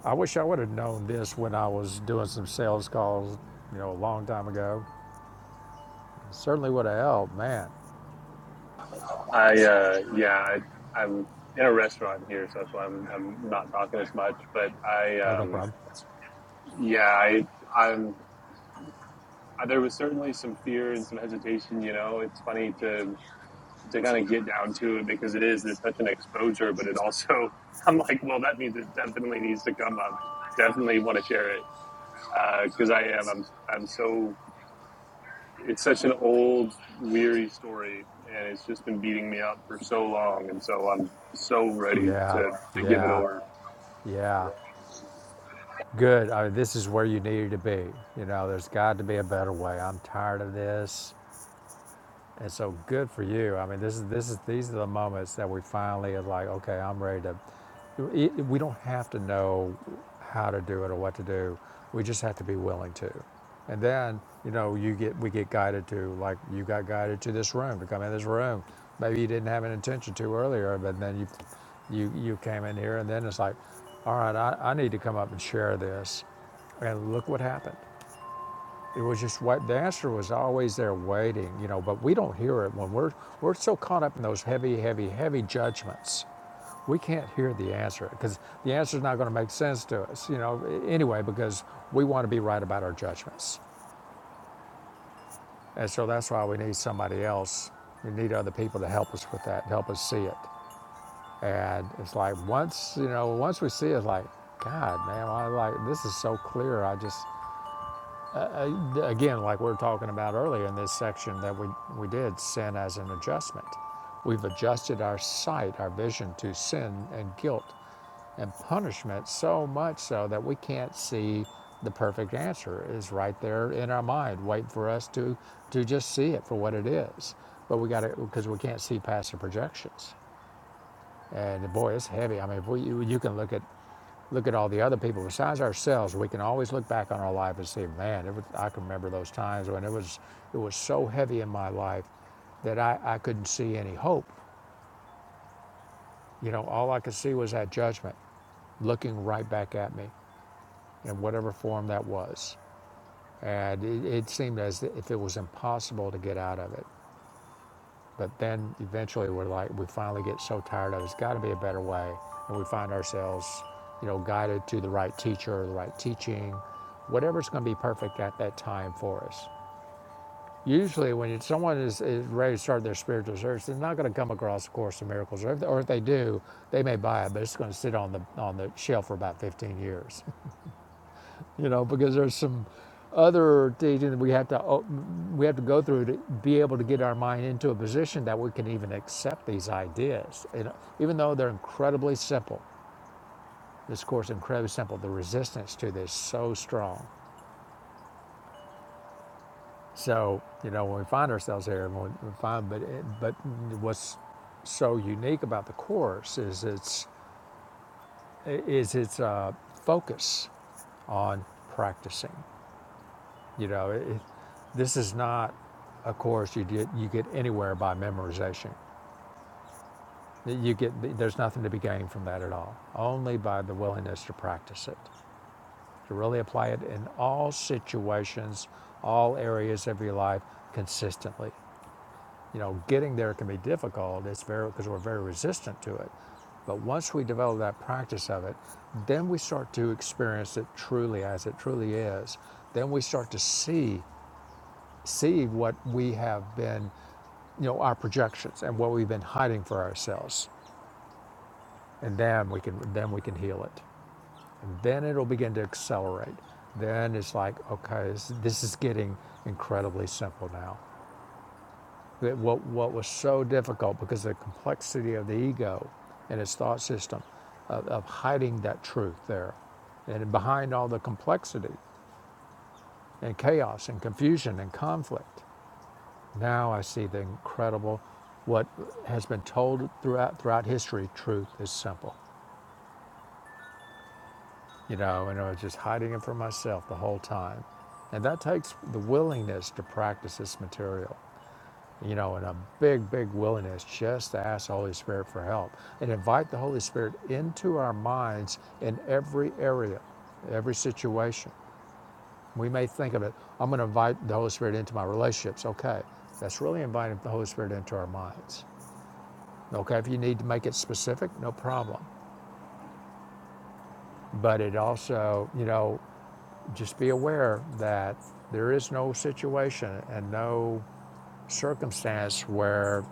Speaker 2: I wish I would have known this when I was doing some sales calls, you know, a long time ago. It Certainly would have helped, man.
Speaker 6: I uh, yeah, I, I'm in a restaurant here, so that's why I'm I'm not talking as much. But I
Speaker 2: Oh, no
Speaker 6: um,
Speaker 2: problem.
Speaker 6: yeah, I I'm uh, there was certainly some fear and some hesitation. You know, it's funny to to kind of get down to it because it is there's such an exposure, but it also I'm like, well, that means it definitely needs to come up. Definitely want to share it because uh, I am. I'm I'm so. It's such an old, weary story, and it's just been beating me up for so long, and so I'm so ready
Speaker 2: Yeah,
Speaker 6: to, to give it
Speaker 2: yeah,
Speaker 6: over.
Speaker 2: yeah. Good. I mean, this is where you needed to be. You know, there's got to be a better way. I'm tired of this. And so good for you. I mean, this is this is these are the moments that we finally are like, okay, I'm ready to. it- We don't have to know how to do it or what to do. We just have to be willing to. And then you know you get we get guided to like you got guided to this room to come in this room. Maybe you didn't have an intention to earlier, but then you you you came in here and then it's like, all right, I, I need to come up and share this, and look what happened. It was just what the answer was always there waiting, you know, but we don't hear it when we're we're so caught up in those heavy, heavy, heavy judgments. We can't hear the answer because the answer is not going to make sense to us, you know, anyway, because we want to be right about our judgments. And so that's why we need somebody else. We need other people to help us with that, help us see it. And it's like once, you know, once we see it, like, God, man, I like this is so clear. I just again, like we were talking about earlier in this section that we, we did, sin as an adjustment. We've adjusted our sight, our vision to sin and guilt and punishment so much so that we can't see the perfect answer is right there in our mind, waiting for us to to just see it for what it is. But we got to because we can't see past the projections. And boy, it's heavy. I mean, if we, you, can look at look at all the other people besides ourselves. We can always look back on our life and say, man, it was, I can remember those times when it was it was so heavy in my life that I, I couldn't see any hope. You know, all I could see was that judgment looking right back at me in whatever form that was. And it, it seemed as if it was impossible to get out of it. But then eventually we're like, we finally get so tired of it. It's got to be a better way. And we find ourselves, you know, guided to the right teacher or the right teaching, whatever's going to be perfect at that time for us. Usually, when someone is, is ready to start their spiritual search, they're not going to come across a course of miracles, or if, they, or if they do, they may buy it, but it's going to sit on the on the shelf for about 15 years you know, because there's some other teaching that we have to oh, we have to go through to be able to get our mind into a position that we can even accept these ideas. You know, even though they're incredibly simple, this course is incredibly simple. The resistance to this is so strong. So you know, when we find ourselves here, and we find, but it, but what's so unique about the course is its is its uh, focus on practicing. You know, it, it, this is not a course you get, you get anywhere by memorization. You get, there's nothing to be gained from that at all, only by the willingness to practice it, to really apply it in all situations, all areas of your life consistently. You know, getting there can be difficult. It's very because we're very resistant to it. But once we develop that practice of it, then we start to experience it truly as it truly is. Then we start to see see what we have been, you know, our projections and what we've been hiding for ourselves. And then we can then we can heal it. And then it'll begin to accelerate. Then it's like, okay, this, this is getting incredibly simple now. That what what was so difficult because of the complexity of the ego and its thought system of, of hiding that truth there and behind all the complexity and chaos and confusion and conflict Now I see the incredible, what has been told throughout throughout history. Truth is simple, you know, and I was just hiding it from myself the whole time, and that takes the willingness to practice this material, you know, and a big, big willingness just to ask the Holy Spirit for help and invite the Holy Spirit into our minds in every area, every situation. We may think of it, I'm going to invite the Holy Spirit into my relationships. Okay, that's really inviting the Holy Spirit into our minds Okay, if you need to make it specific, no problem. But it also, you know, just be aware that there is no situation and no circumstance where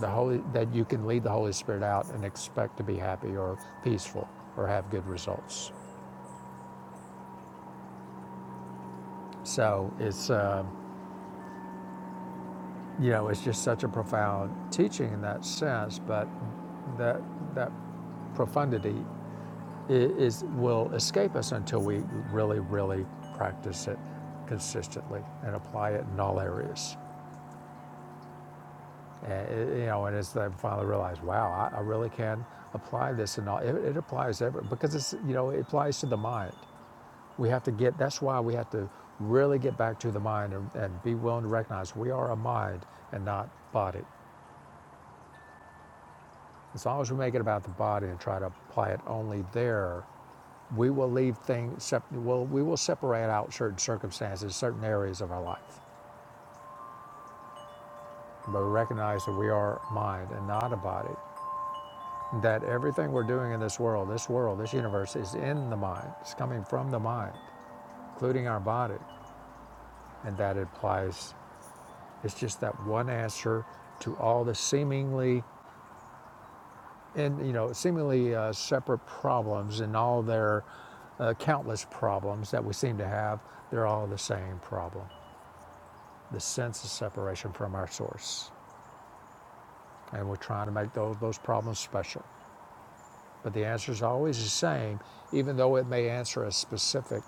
Speaker 2: the Holy that you can lead the Holy Spirit out and expect to be happy or peaceful or have good results. So it's uh, you know it's just such a profound teaching in that sense, but that that profundity is, will escape us until we really, really practice it consistently and apply it in all areas. And, it- you know, and as I finally realized, wow, I, I really can apply this and all. It, it applies every because it's, you know, it applies to the mind. We have to get. That's why we have to really get back to the mind and, and be willing to recognize we are a mind and not body. As long as we make it about the body and try to apply it only there, We will leave things, sep- we'll, we will separate out certain circumstances, certain areas of our life, but we recognize that we are mind and not a body. That everything we're doing in this world, this world, this universe is in the mind. It's coming from the mind, including our body. And that implies it's just that one answer to all the seemingly, and you know, seemingly uh, separate problems and all their uh, countless problems that we seem to have. They're all the same problem. the sense of separation from our source. And we're trying to make those, those problems special. But the answer is always the same, even though it may answer a specific,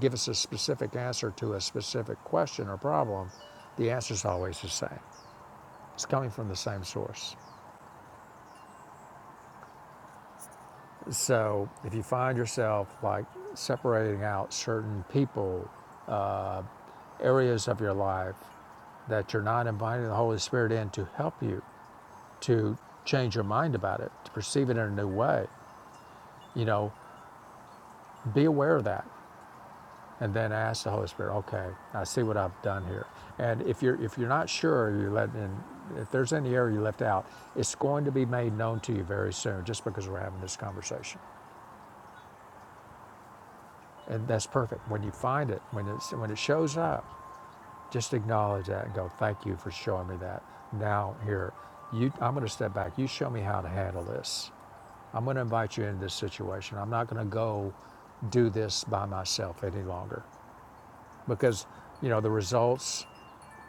Speaker 2: give us a specific answer to a specific question or problem, the answer is always the same. It's coming from the same source. So if you find yourself like separating out certain people, uh, areas of your life that you're not inviting the Holy Spirit in to help you, to change your mind about it, to perceive it in a new way. You know, be aware of that, and then ask the Holy Spirit, "Okay, I see what I've done here." And if you're if you're not sure, you let in. If there's any area you left out, it's going to be made known to you very soon, just because we're having this conversation, and that's perfect. When you find it, when it's when it shows up, just acknowledge that and go, "Thank you for showing me that." Now here, you, I'm going to step back. You show me how to handle this I'm going to invite you into this situation. I'm not going to go do this by myself any longer because, you know, the results,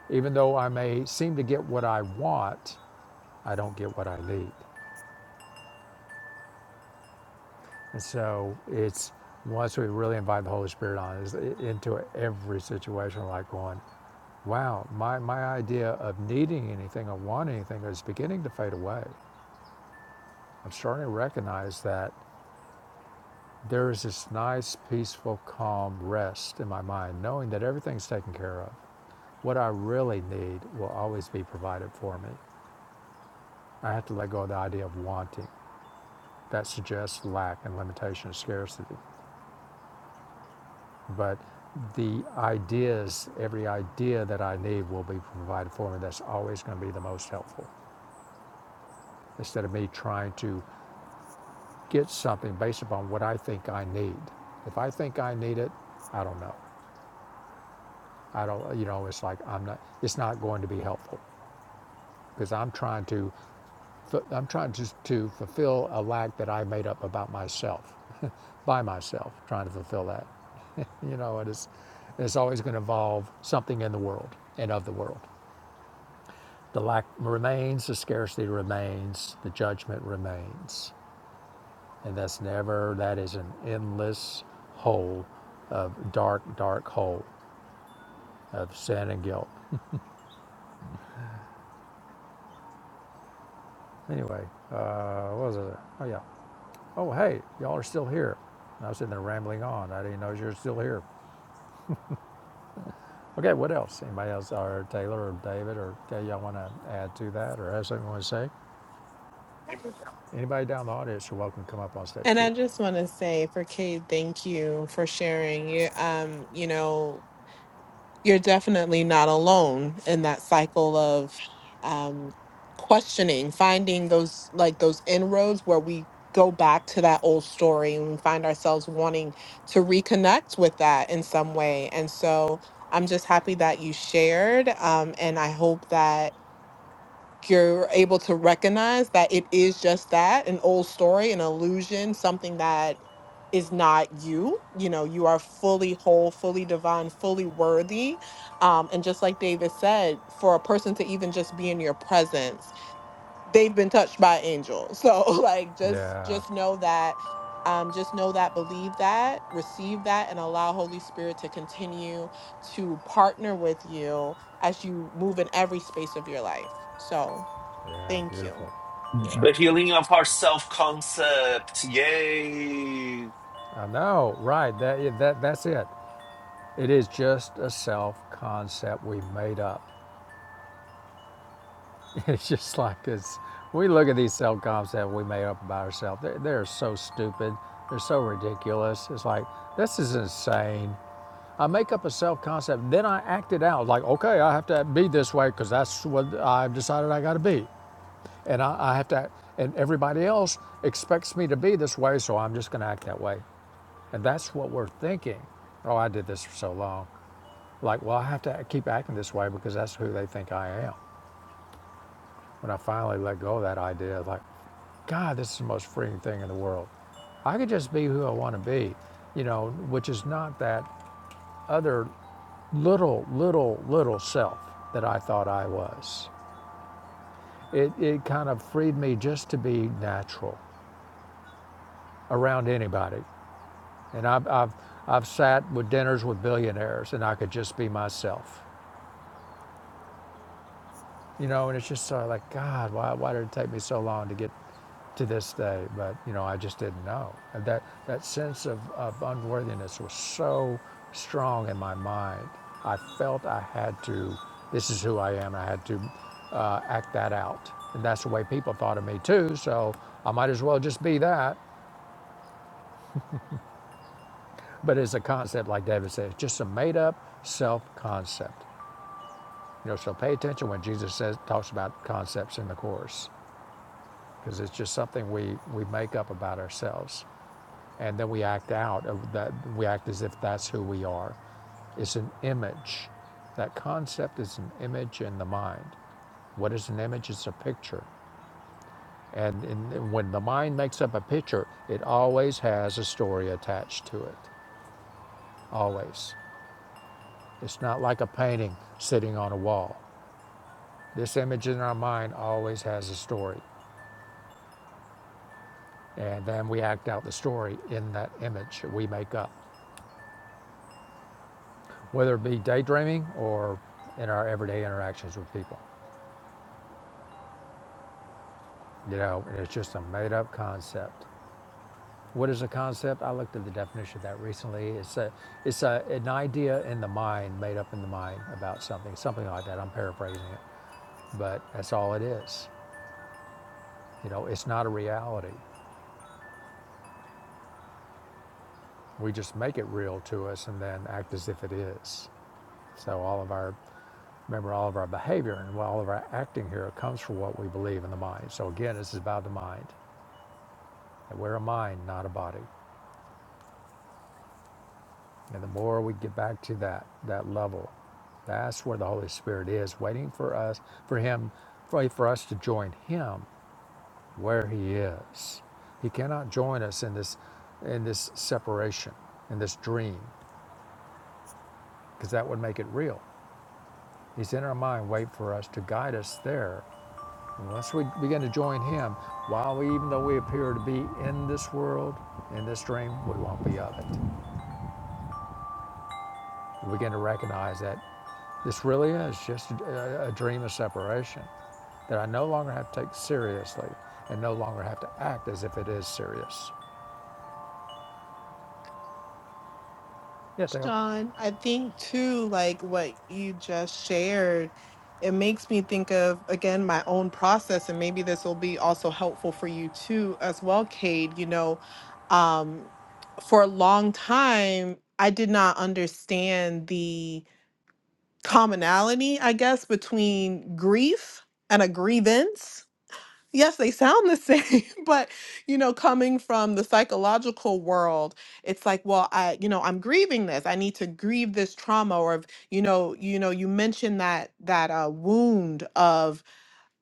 Speaker 2: even though I may seem to get what I want, I don't get what I need. And so it's once we really invite the Holy Spirit on is into every situation, like going, wow, my, my idea of needing anything or wanting anything is beginning to fade away. I'm starting to recognize that There is this nice, peaceful, calm rest in my mind, knowing that everything's taken care of. What I really need will always be provided for me. I have to let go of the idea of wanting. That suggests lack and limitation and scarcity. But the ideas, every idea that I need will be provided for me. That's always going to be the most helpful. Instead of me trying to get something based upon what I think I need. If I think I need it, I don't know. I don't, you know, it's like I'm not, it's not going to be helpful because I'm trying to, I'm trying to, to fulfill a lack that I made up about myself, by myself, trying to fulfill that, you know, it's, it's always going to involve something in the world and of the world. The lack remains, the scarcity remains, the judgment remains, and that's never, that is an endless hole of dark, dark hole of sin and guilt. Anyway, uh, what was it? Oh yeah. Oh, hey, y'all are still here. And I was sitting there rambling on. I didn't know you were still here. Okay, what else? Anybody else, or Taylor or David or Kay, y'all want to add to that or have something you want to say? Anybody down in the audience, you're welcome to come up on stage
Speaker 4: And I
Speaker 2: too.
Speaker 4: just want to say for Kate, thank you for sharing. You, um, you know. you're definitely not alone in that cycle of um, questioning, finding those like those inroads where we go back to that old story and we find ourselves wanting to reconnect with that in some way. And so I'm just happy that you shared, um, and I hope that you're able to recognize that it is just that an old story, an illusion, something that is not you. You know, you are fully whole, fully divine, fully worthy. Um, and just like David said, for a person to even just be in your presence, they've been touched by angels. So like just
Speaker 2: Yeah,
Speaker 4: just know that um, just know that, believe that, receive that, and allow Holy Spirit to continue to partner with you as you move in every space of your life. So
Speaker 2: yeah,
Speaker 4: Thank you.
Speaker 2: beautiful. Yeah,
Speaker 5: The healing of our self concept. Yay.
Speaker 2: I know, right? That, yeah, that, that's it. It is just a self concept we made up. It's just like it's. We look at these self comps that we made up about ourselves. They're, they're so stupid. They're so ridiculous. It's like this is insane. I make up a self concept, then I act it out. Like, okay, I have to be this way because that's what I've decided I got to be, and I, I have to. And everybody else expects me to be this way, so I'm just going to act that way. And that's what we're thinking. Oh, I did this for so long. Like, well, I have to keep acting this way because that's who they think I am. When I finally let go of that idea, I was like, God, this is the most freeing thing in the world. I could just be who I want to be, you know, which is not that other little, little, little self that I thought I was. It, it kind of freed me just to be natural around anybody. And I've, I've, I've sat with dinners with billionaires and I could just be myself. you know, and it's just sort of like, God, why, why did it take me so long to get to this day? But, you know, I just didn't know. And that, that sense of, of unworthiness was so strong in my mind. I felt I had to, this is who I am, I had to uh, act that out. And that's the way people thought of me too, so I might as well just be that. But it's a concept, like David says, just a made up self concept. You know, so pay attention when Jesus says talks about concepts in the Course because it's just something we, we make up about ourselves. And then we act out of that, we act as if that's who we are. It's an image. That concept is an image in the mind. What is an image? It's a picture. And, in, when the mind makes up a picture, it always has a story attached to it. Always. It's not like a painting sitting on a wall. This image in our mind always has a story. And then we act out the story in that image we make up. whether it be daydreaming or in our everyday interactions with people. You know, and it's just a made up concept. What is a concept? I looked at the definition of that recently. It's a, it's a, an idea in the mind, made up in the mind about something, something like that. I'm paraphrasing it, but that's all it is. You know, it's not a reality. We just make it real to us and then act as if it is. So all of our, remember, all of our behavior and all of our acting here comes from what we believe in the mind. So again, this is about the mind. that we're a mind, not a body. And the more we get back to that that level, that's where the Holy Spirit is waiting for us, for Him, for, for us to join Him where He is. He cannot join us in this in this separation, in this dream, because that would make it real. He's in our mind, wait for us to guide us there. Unless we begin to join Him, while we even though we appear to be in this world, in this dream, we won't be of it. We begin to recognize that this really is just a, a dream of separation, that I no longer have to take seriously and no longer have to act as if it is serious. Yeah, Taylor.
Speaker 4: Sean, I think too, like what you just shared, it makes me think of, again, my own process. And maybe this will be also helpful for you too, as well, Cade. You know, um, for a long time, I did not understand the commonality, I guess, between grief and a grievance Yes, they sound the same, but you know, coming from the psychological world, it's like, well, I, you know, I'm grieving this. I need to grieve this trauma, or if, you know, you know, you mentioned that that uh, wound of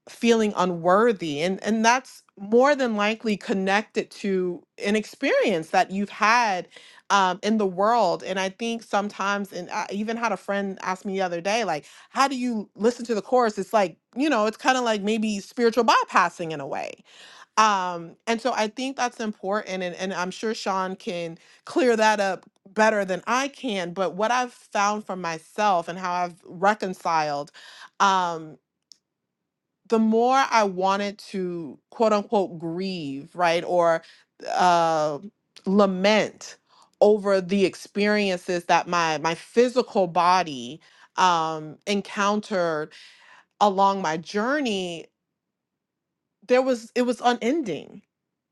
Speaker 4: feeling unworthy and and that's more than likely connected to an experience that you've had um, in the world and i think sometimes and i even had a friend ask me the other day like how do you listen to the chorus it's like you know it's kind of like maybe spiritual bypassing in a way um, and so i think that's important and, and i'm sure sean can clear that up better than i can but what i've found for myself and how i've reconciled um the more I wanted to quote unquote grieve, right, or uh, lament over the experiences that my my physical body um, encountered along my journey, there was it was unending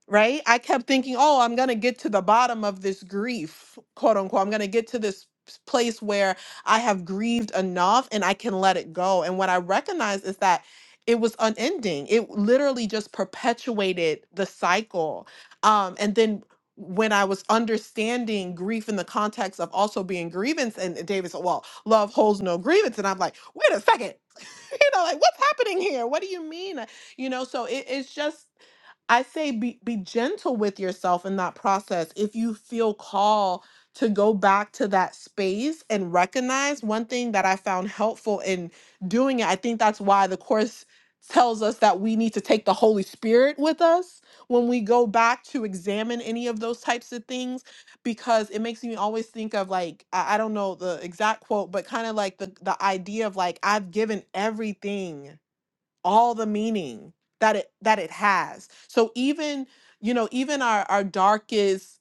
Speaker 4: right? I kept thinking, oh, I'm going to get to the bottom of this grief, quote unquote. I'm going to get to this s- place where I have grieved enough and I can let it go. And what I recognized is that it was unending. It literally just perpetuated the cycle. Um, and then when I was understanding grief in the context of also being grievance, and David said, Well, love holds no grievance. And I'm like, Wait a second. you know, like what's happening here? What do you mean? Uh, You know, so it, it's just I say be, be gentle with yourself in that process. If you feel called to go back to that space and recognize one thing that I found helpful in doing it, I think that's why the Course tells us that we need to take the Holy Spirit with us when we go back to examine any of those types of things because it makes me always think of like I, I don't know the exact quote, but kind of like the the idea of like I've given everything all the meaning that it that it has. So even you know even our our darkest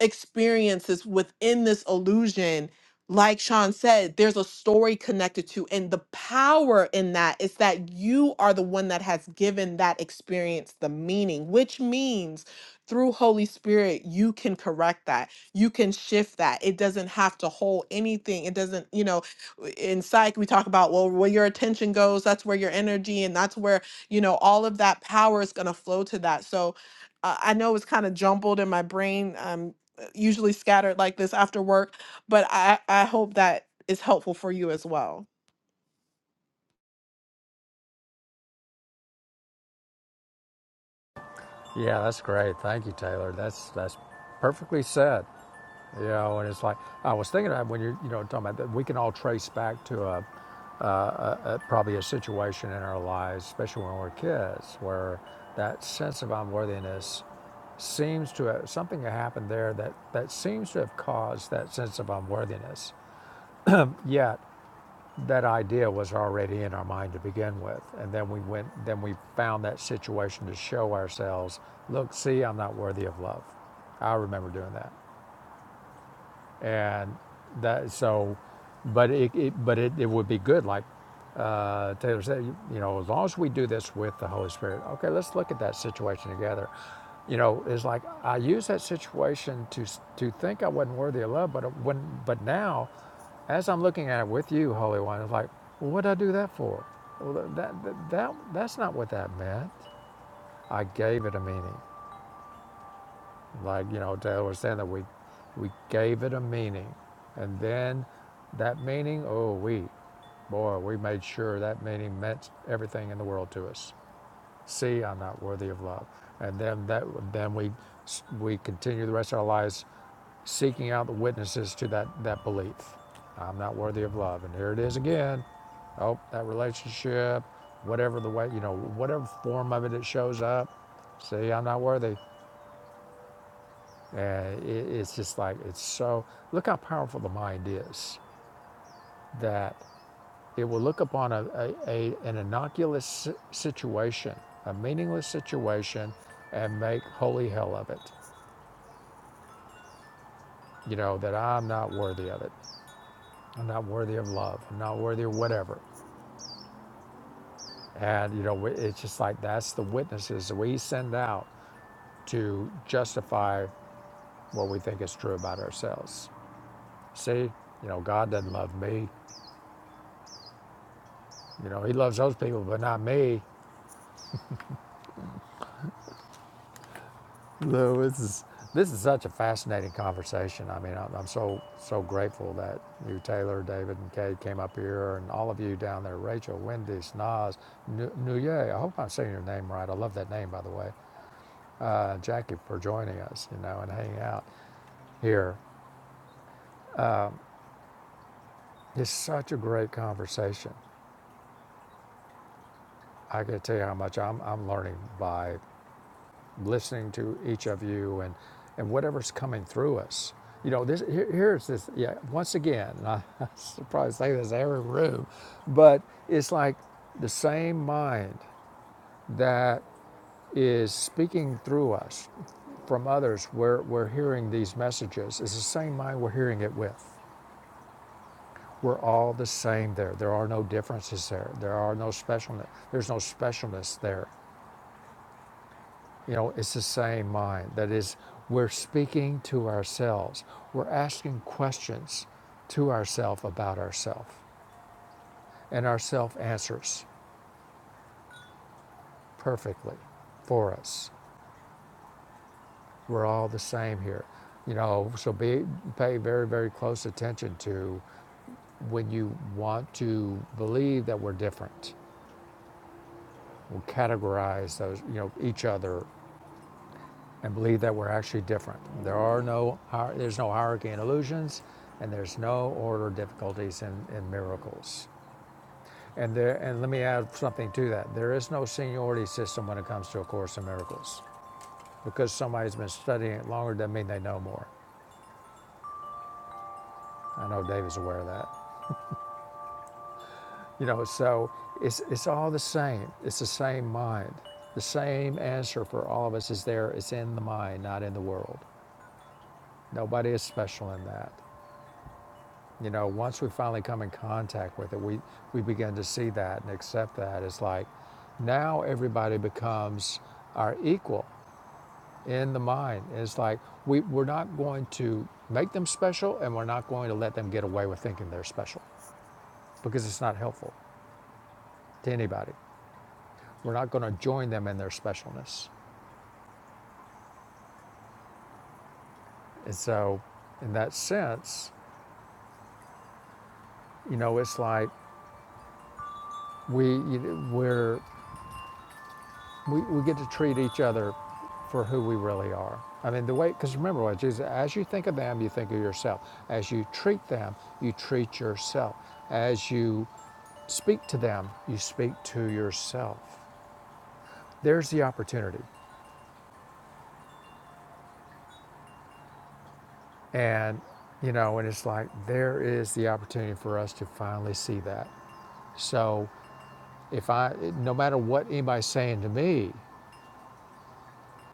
Speaker 4: experiences within this illusion like sean said there's a story connected to and the power in that is that you are the one that has given that experience the meaning which means through holy spirit you can correct that you can shift that it doesn't have to hold anything it doesn't you know w- in psych we talk about well where your attention goes that's where your energy and that's where you know all of that power is going to flow to that so uh, I know it's kind of jumbled in my brain. Um, usually scattered like this after work, but I, I hope that is helpful for you as well.
Speaker 2: Yeah, that's great. Thank you, Taylor. That's that's perfectly said. You know, and it's like I was thinking of when you are you know talking about that we can all trace back to a uh, uh, probably a situation in our lives, especially when we're kids, where that sense of unworthiness seems to have, something happened there that, that seems to have caused that sense of unworthiness. Yet that idea was already in our mind to begin with. And then we went, then we found that situation to show ourselves, look, see, I'm not worthy of love. I remember doing that and that so but it, it but it, it would be good like uh, taylor said you, you know as long as we do this with the holy spirit okay let's look at that situation together you know it's like i used that situation to to think i wasn't worthy of love but when but now as i'm looking at it with you holy one it's like well, what did i do that for well that, that that that's not what that meant i gave it a meaning like you know Taylor was saying that we we gave it a meaning, and then that meaning, oh we, boy, we made sure that meaning meant everything in the world to us. See, I'm not worthy of love, and then that then we we continue the rest of our lives seeking out the witnesses to that that belief. I'm not worthy of love, and here it is again. Oh, that relationship, whatever the way you know, whatever form of it it shows up. See, I'm not worthy. And it's just like, it's so, look how powerful the mind is that it will look upon a, a, a, an innocuous si- situation, a meaningless situation, and make holy hell of it. You know, that I'm not worthy of it. I'm not worthy of love. I'm not worthy of whatever. And, you know, it's just like that's the witnesses that we send out to justify what we think is true about ourselves. See, you know, God doesn't love me. You know, He loves those people, but not me. No, this is this is such a fascinating conversation. I mean, I'm, I'm so so grateful that you, Taylor, David, and Kate came up here, and all of you down there, Rachel, Wendy, Snaz, Nuye. I hope I'm saying your name right. I love that name, by the way. Uh, Jackie for joining us, you know, and hanging out here. It's such a great conversation. I can tell you how much I'm I'm learning by listening to each of you and, and whatever's coming through us. You know, this here, here's this. Yeah, once again, and I, I should probably say this in every room, but it's like the same mind that is speaking through us from others. Where we're hearing these messages. It's the same mind we're hearing it with. We're all the same there. There are no differences there. There are no specialness. There's no specialness there. You know, it's the same mind. That is, we're speaking to ourselves. We're asking questions to ourselves about ourselves. And ourself answers perfectly for us. We're all the same here. You know, so be pay very, very close attention to when you want to believe that we're different. We'll categorize those, you know, each other and believe that we're actually different. There are no, there's no hierarchy in illusions, and there's no order difficulties in, in miracles. And there, and let me add something to that. There is no seniority system when it comes to A Course in Miracles, because somebody's been studying it longer doesn't mean they know more. I know Dave is aware of that. You know, so it's it's all the same. It's the same mind. The same answer for all of us is there. It's in the mind, not in the world. Nobody is special in that. You know, once we finally come in contact with it, we, we begin to see that and accept that. It's like now everybody becomes our equal in the mind. It's like we, we're not going to make them special and we're not going to let them get away with thinking they're special because it's not helpful to anybody. We're not going to join them in their specialness. And so, in that sense, you know, it's like we, we're We, we get to treat each other for who we really are. I mean, the way, because remember what Jesus, as you think of them, you think of yourself. As you treat them, you treat yourself. As you speak to them, you speak to yourself. There's the opportunity. And, you know, and it's like, there is the opportunity for us to finally see that. So if I, no matter what anybody's saying to me,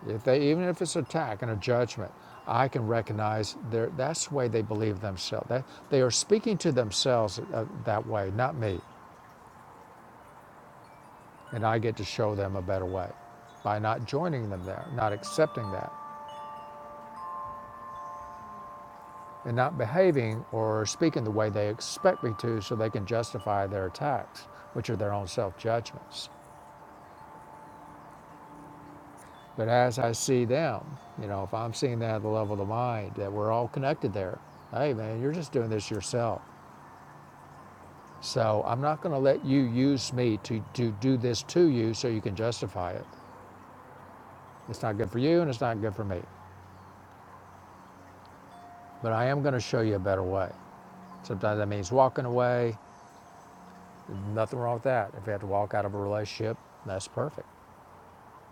Speaker 2: If they, even if it's an attack and a judgment, I can recognize their, that's the way they believe themselves. That, they are speaking to themselves uh, that way, not me. And I get to show them a better way by not joining them there, not accepting that, and not behaving or speaking the way they expect me to so they can justify their attacks, which are their own self judgments. But as I see them, you know, if I'm seeing that at the level of the mind, that we're all connected there, hey man, you're just doing this yourself. So I'm not going to let you use me to, to do this to you so you can justify it. It's not good for you and it's not good for me. But I am going to show you a better way. Sometimes that means walking away. Nothing wrong with that. If you have to walk out of a relationship, that's perfect.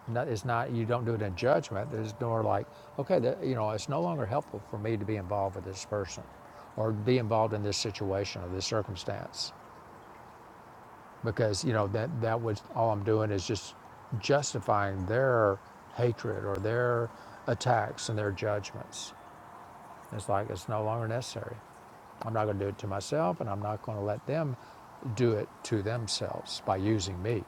Speaker 2: No- It's not you don't do it in judgment. There's nor like, okay, that, you know, it's no longer helpful for me to be involved with this person, or be involved in this situation or this circumstance. because you know that that was all I'm doing is just justifying their hatred or their attacks and their judgments. It's like it's no longer necessary. I'm not going to do it to myself, and I'm not going to let them do it to themselves by using me.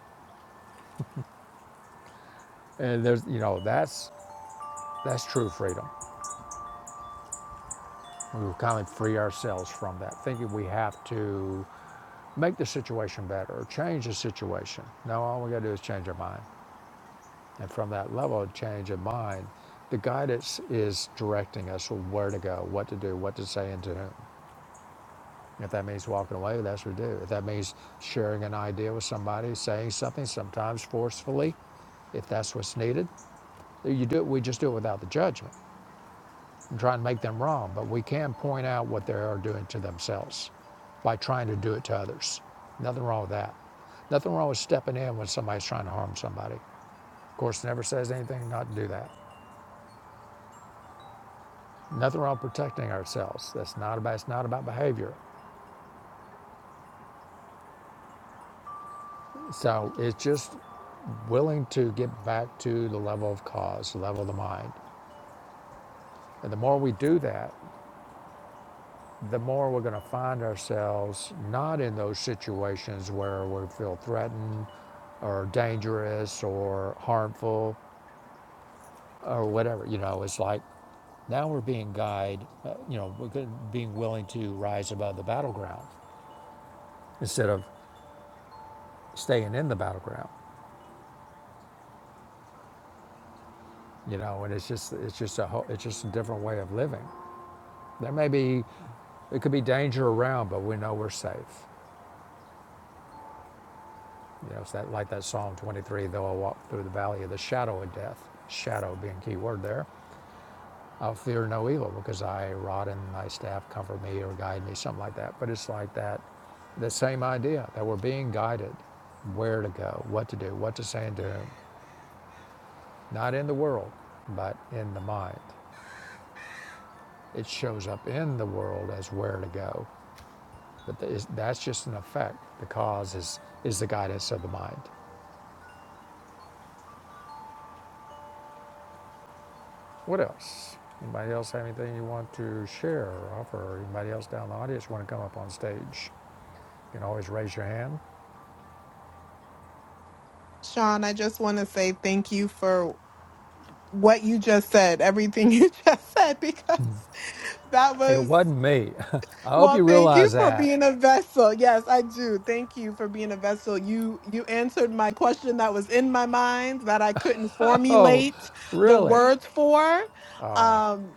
Speaker 2: And there's you know that's that's true freedom. We kind of free ourselves from that thinking we have to make the situation better or change the situation. No, all we got to do is change our mind. And from that level of change of mind, the guidance is directing us where to go, what to do, what to say, and to whom. If that means walking away, that's what we do. If that means sharing an idea with somebody, saying something, sometimes forcefully, if that's what's needed, you do it, we just do it without the judgment and try and make them wrong. But we can point out what they are doing to themselves by trying to do it to others. Nothing wrong with that. Nothing wrong with stepping in when somebody's trying to harm somebody. Of course, it never says anything not to do that. Nothing wrong with protecting ourselves. That's not about it's not about behavior. So it's just willing to get back to the level of cause, the level of the mind. And the more we do that, the more we're going to find ourselves not in those situations where we feel threatened or dangerous or harmful or whatever. You know, it's like now we're being guided, uh, you know, we're being willing to rise above the battleground instead of staying in the battleground. you know and it's just it's just a whole, it's just a different way of living there may be it could be danger around but we know we're safe you know it's that like that psalm 23 though i walk through the valley of the shadow of death shadow being key word there i'll fear no evil because thy rod and thy staff comfort me or guide me something like that but it's like that the same idea that we're being guided where to go what to do what to say and do not in the world but in the mind it shows up in the world as where to go But that is- just an effect. The cause is, is the guidance of the mind. What else? Anybody else have anything you want to share or offer? Anybody else down in the audience want to come up on stage? You can always raise your hand.
Speaker 4: Sean, I just want to say thank you for what you just said, everything you just said, because that
Speaker 2: It
Speaker 4: was.
Speaker 2: wasn't me. I hope
Speaker 4: Well,
Speaker 2: you
Speaker 4: thank you
Speaker 2: realize
Speaker 4: for
Speaker 2: that.
Speaker 4: being a vessel. Yes, I do. Thank you for being a vessel. You you answered my question that was in my mind that I couldn't
Speaker 2: Oh,
Speaker 4: formulate the
Speaker 2: really?
Speaker 4: words for. Um,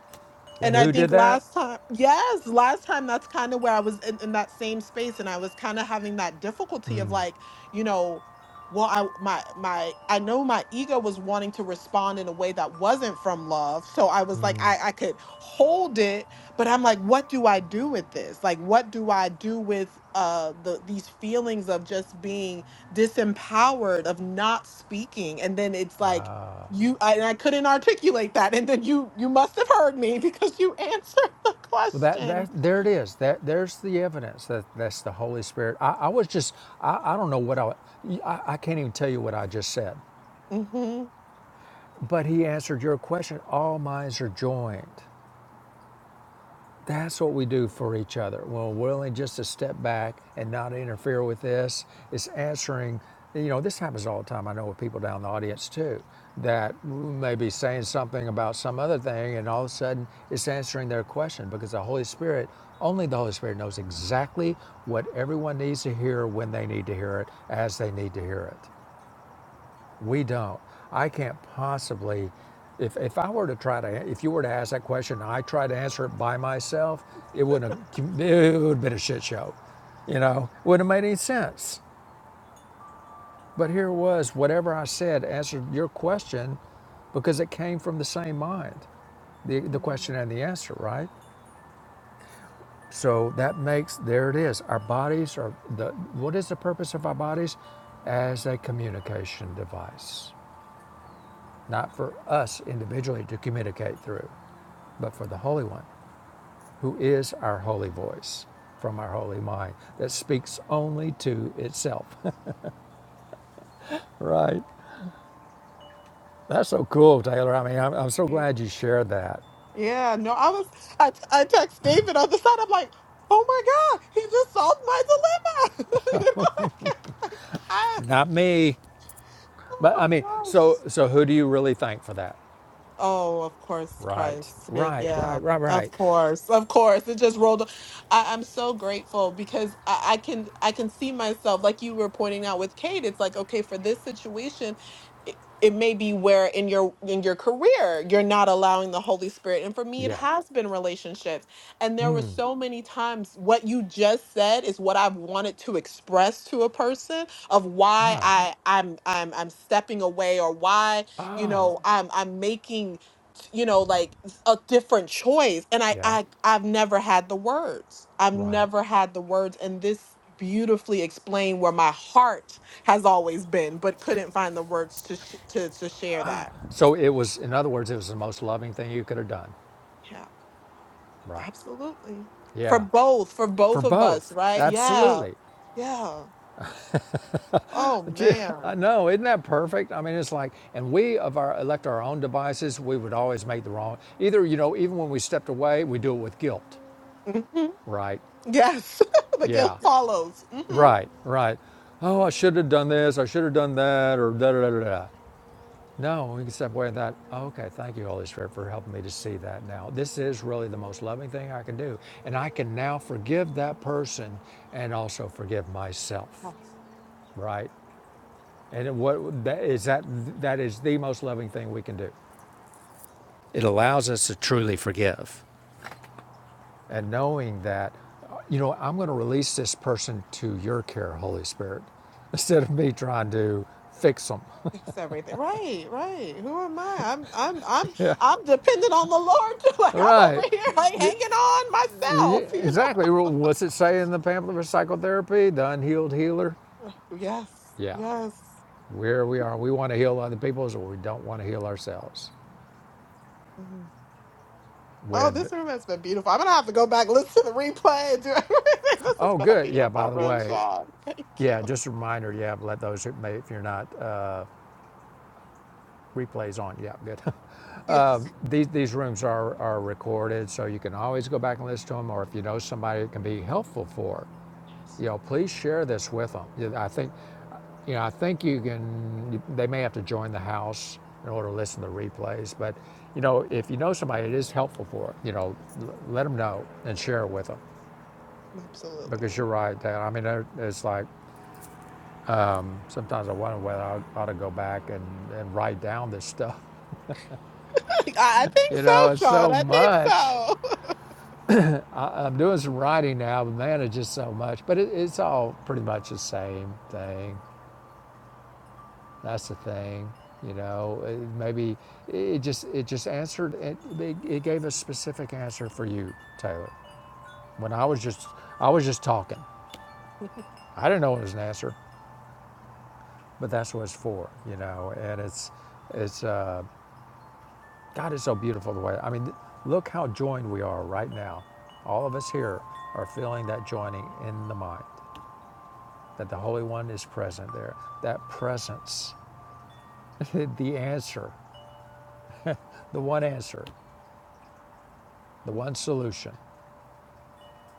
Speaker 2: And
Speaker 4: and I
Speaker 2: who did
Speaker 4: think
Speaker 2: that?
Speaker 4: last time, yes, last time that's kind of where I was in, in that same space and I was kind of having that difficulty of like, you know, well, I my my I know my ego was wanting to respond in a way that wasn't from love. So I was like, I, I could hold it, but I'm like, what do I do with this? Like what do I do with uh the these feelings of just being disempowered, of not speaking? And then it's like you I, and I couldn't articulate that, and then you you must have heard me because you answered the
Speaker 2: Well, that,
Speaker 4: question.
Speaker 2: that there it is. That there's the evidence that that's the Holy Spirit. I, I was just I, I don't know what I, I I can't even tell you what I just said,
Speaker 4: hmm
Speaker 2: but He answered your question. All minds are joined. That's what we do for each other. We're willing just to step back and not interfere with this. It's answering, you know, this happens all the time. I know with people down in the audience too, that may be saying something about some other thing, and all of a sudden it's answering their question because the Holy Spirit, only the Holy Spirit knows exactly what everyone needs to hear when they need to hear it, as they need to hear it. We don't. I can't possibly. If, if I were to try to, if you were to ask that question, and I tried to answer it by myself, it wouldn't have, it would have been a shit show. You know, wouldn't have made any sense. But here it was, whatever I said answered your question because it came from the same mind, the, the question and the answer, right? So that makes, there it is. Our bodies are the, what is the purpose of our bodies? As a communication device not for us individually to communicate through, but for the Holy One, who is our holy voice from our holy mind that speaks only to itself. right? That's so cool, Taylor. I mean, I'm, I'm so glad you shared that.
Speaker 4: Yeah, no, I was I t- I text David on the side. I'm like, oh my god, he just solved my dilemma. You know, like, like, I,
Speaker 2: Not me, but I
Speaker 4: oh
Speaker 2: mean,
Speaker 4: gosh.
Speaker 2: so so who do you really thank for that?
Speaker 4: Oh, of course,
Speaker 2: Right,
Speaker 4: Christ. Bit-
Speaker 2: right, right,
Speaker 4: Yeah,
Speaker 2: right,
Speaker 4: of
Speaker 2: right.
Speaker 4: course, of course. It just rolled. o- I, I'm so grateful because I, I can I can see myself like you were pointing out with Kate. It's like okay, for this situation, it, it may be where in your in your career you're not allowing the Holy Spirit, and for me, it
Speaker 2: Yeah.
Speaker 4: has been relationships. And there were so many times what you just said is what I've wanted to express to a person of why I I'm I'm I'm stepping away or why you
Speaker 2: Oh,
Speaker 4: know i'm i'm making you know like a different choice and i
Speaker 2: yeah,
Speaker 4: i i've never had the words i've
Speaker 2: right.
Speaker 4: never had the words and this beautifully explained where my heart has always been but couldn't find the words to sh- to to share that
Speaker 2: So it was, in other words, it was the most loving thing you could have done.
Speaker 4: yeah
Speaker 2: Right.
Speaker 4: absolutely for
Speaker 2: Yeah.
Speaker 4: both for
Speaker 2: For
Speaker 4: both of us
Speaker 2: both,
Speaker 4: right yeah
Speaker 2: absolutely.
Speaker 4: yeah oh man
Speaker 2: I know, isn't that perfect? I mean, it's like, and we of our elect our own devices, we would always make the wrong. Either you know, even when we stepped away, we do it with guilt,
Speaker 4: hmm
Speaker 2: right?
Speaker 4: yes the guilt
Speaker 2: Yeah,
Speaker 4: follows hmm
Speaker 2: right, right. Oh, I should have done this. I should have done that, or da da da da. No, we can step away. and That Oh, okay? Thank you, Holy Spirit, for helping me to see that now. This is really the most loving thing I can do, and I can now forgive that person and also forgive myself, right? And what that is that that is the most loving thing we can do. It allows us to truly forgive. And knowing that, you know, I'm going to release this person to your care, Holy Spirit, instead of me trying to fix them.
Speaker 4: fix everything. Right, right. Who am I? I'm I'm I'm
Speaker 2: yeah.
Speaker 4: I'm dependent on the Lord too. Like
Speaker 2: All
Speaker 4: I'm over
Speaker 2: right.
Speaker 4: here like hanging on
Speaker 2: Yeah,
Speaker 4: myself, you know.
Speaker 2: Exactly. Well, What's it say in the pamphlet for psychotherapy? The unhealed healer?
Speaker 4: Yes.
Speaker 2: Yeah.
Speaker 4: Yes.
Speaker 2: Where we are, we want to heal other people, so we don't want to heal ourselves.
Speaker 4: Mhm. Oh,
Speaker 2: When, the,
Speaker 4: this room has been beautiful. I'm gonna have to go back, listen to the replay, and do everything. This has
Speaker 2: oh,
Speaker 4: been a
Speaker 2: good. Yeah, by
Speaker 4: beautiful
Speaker 2: the
Speaker 4: room,
Speaker 2: way,
Speaker 4: Sean. Thank you.
Speaker 2: Yeah, just a reminder, yeah, let those, if you're not, uh, replays on, yeah, good.
Speaker 4: Yes.
Speaker 2: These, these rooms are, are recorded, so you can always go back and listen to them, or if you know somebody it can be helpful for,
Speaker 4: yes.
Speaker 2: you know, please share this with them. I think, you know, I think you can, they may have to join the house in order to listen to replays, but, you know, if you know somebody, it is helpful for, you know, let them know and share it with them. Because
Speaker 4: Absolutely.
Speaker 2: you're right, Dan. I mean, it's like, Sometimes I wonder whether I ought to go back and, and write down this stuff.
Speaker 4: I I think
Speaker 2: You
Speaker 4: so,
Speaker 2: know, it's
Speaker 4: Sean.
Speaker 2: so
Speaker 4: I think
Speaker 2: much.
Speaker 4: so.
Speaker 2: I'm doing some writing now, but man, it's just so much. But it, it's all pretty much the same thing. That's the thing. You know, it, maybe it just it just answered. It, it, gave a specific answer for you, Taylor. When I was just I was just talking. I didn't know it was an answer, but that's what it's for. You know, and it's it's uh, God is so beautiful the way. I mean, look how joined we are right now. All of us here are feeling that joining in the mind, that the Holy One is present there. That presence, the answer, the one answer, the one solution.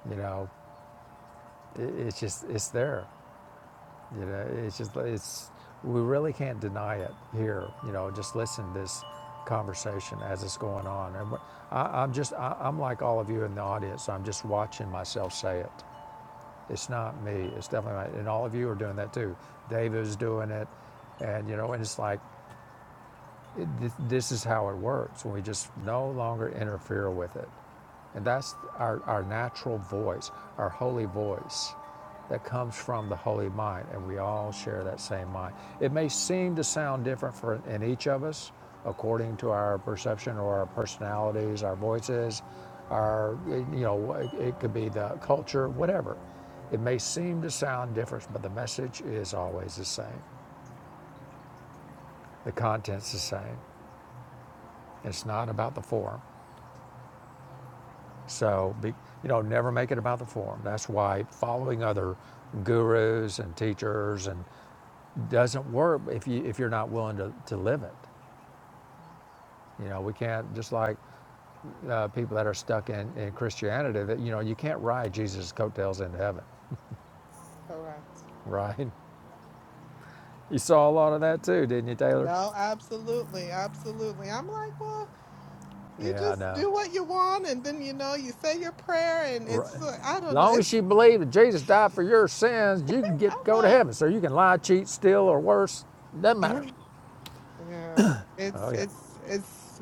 Speaker 2: You know, i- it's just it's there. You know, it's just it's we really can't deny it here. You know, just listen to this conversation as it's going on, and I, I'm just I, I'm like all of you in the audience. I'm just watching myself say it It's not me. It's definitely not. And all of you are doing that too. Dave is doing it. And, you know, and it's like, it, this, is how it works when we just no longer interfere with it. And that's our, our natural voice, our holy voice that comes from the holy mind. And we all share that same mind. It may seem to sound different for in each of us according to our perception or our personalities, our voices, our, you know, it could be the culture, whatever. It may seem to sound different, but the message is always the same. The content's the same. It's not about the form. So, be, you know, never make it about the form. That's why following other gurus and teachers and doesn't work if you if you're not willing to, to live it. You know, we can't just like uh, people that are stuck in, in Christianity. That you know, you can't ride Jesus' coattails into heaven,
Speaker 4: Correct.
Speaker 2: right? You saw a lot of that too, didn't you, Taylor?
Speaker 4: No, absolutely. Absolutely. I'm like, well, You
Speaker 2: Yeah, I
Speaker 4: just
Speaker 2: know.
Speaker 4: do what you want, and then you know you say your prayer, and
Speaker 2: Right.
Speaker 4: it's uh, I
Speaker 2: As
Speaker 4: don't know.
Speaker 2: Long as
Speaker 4: It's
Speaker 2: you believe that Jesus died for your sins, you can
Speaker 4: I'm
Speaker 2: get go to
Speaker 4: like
Speaker 2: heaven. So you can lie, cheat, steal, or worse. Doesn't matter.
Speaker 4: yeah, yeah.
Speaker 2: Oh
Speaker 4: It's
Speaker 2: yeah.
Speaker 4: it's it's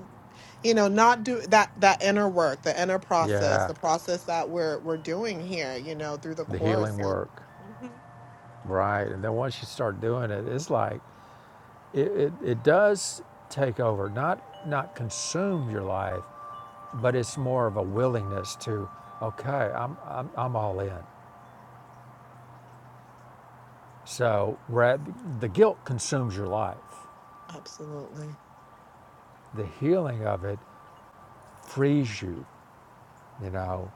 Speaker 4: you know not do that that inner work, the inner process,
Speaker 2: Yeah.
Speaker 4: the process that we're we're doing here. You know through the
Speaker 2: the
Speaker 4: course
Speaker 2: healing
Speaker 4: and
Speaker 2: work,
Speaker 4: Mhm.
Speaker 2: right? And then once you start doing it, it's like it, it, it does take over, not not consume your life, but it's more of a willingness to, okay, I'm I'm, I'm all in. So the guilt consumes your life.
Speaker 4: absolutely.
Speaker 2: The healing of it frees you, you know,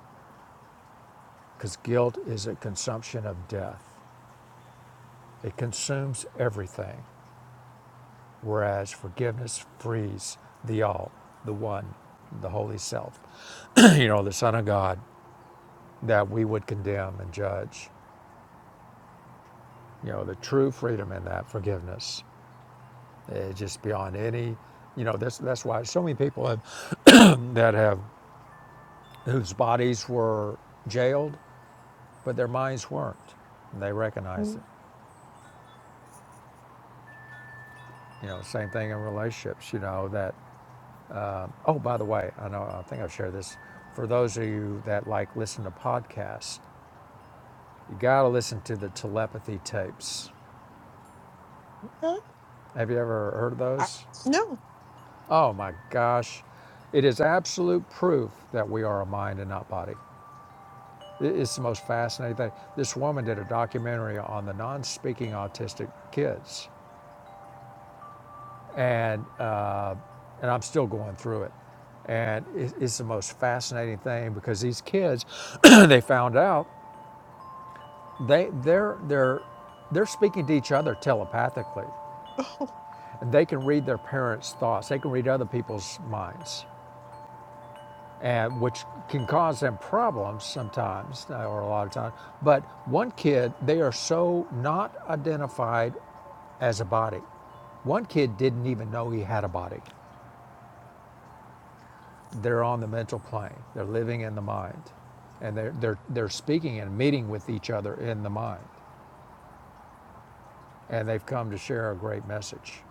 Speaker 2: because guilt is a consumption of death. It consumes everything. Whereas forgiveness frees the all, the one, the holy self, you know, the Son of God that we would condemn and judge. You know, the true freedom in that forgiveness is just beyond any, you know, that's, that's why so many people have, that have, whose bodies were jailed, but their minds weren't. And they recognized it.
Speaker 4: Okay.
Speaker 2: You know, same thing in relationships, you know, that, oh, by the way, I know, I think I've shared this. For those of you that like listen to podcasts, You gotta listen to the telepathy tapes. Have you ever heard of
Speaker 4: I,
Speaker 2: those?
Speaker 4: no.
Speaker 2: Oh my gosh. It is absolute proof that we are a mind and not body. It's the most fascinating thing. This woman did a documentary on the non speaking autistic kids, and, uh, and I'm still going through it. And it- it's the most fascinating thing because these kids, they found out they, they're, they're, they're speaking to each other telepathically They can read their parents' thoughts, they can read other people's minds, and which can cause them problems sometimes uh, or a lot of times. But one kid, they are so not identified as a body. One kid didn't even know he had a body. They're on the mental plane, they're living in the mind, and they're, they're, they're speaking and meeting with each other in the mind. And they've come to share a great message.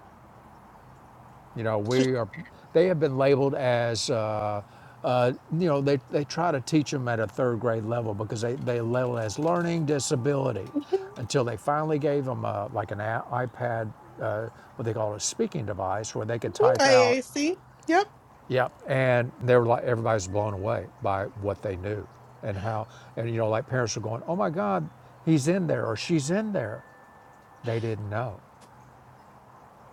Speaker 2: You know, we are. They have been labeled as, uh, uh, you know, they, they try to teach them at a third grade level because they they label it as learning disability,
Speaker 4: Oh,
Speaker 2: until they finally gave them uh like an a- iPad, uh, what they call a speaking device, where they could type out.
Speaker 4: AAC. Yep.
Speaker 2: Yep. And they were like everybody's blown away by what they knew, and how, and you know, like parents are going, oh my God, he's in there or she's in there. They didn't know.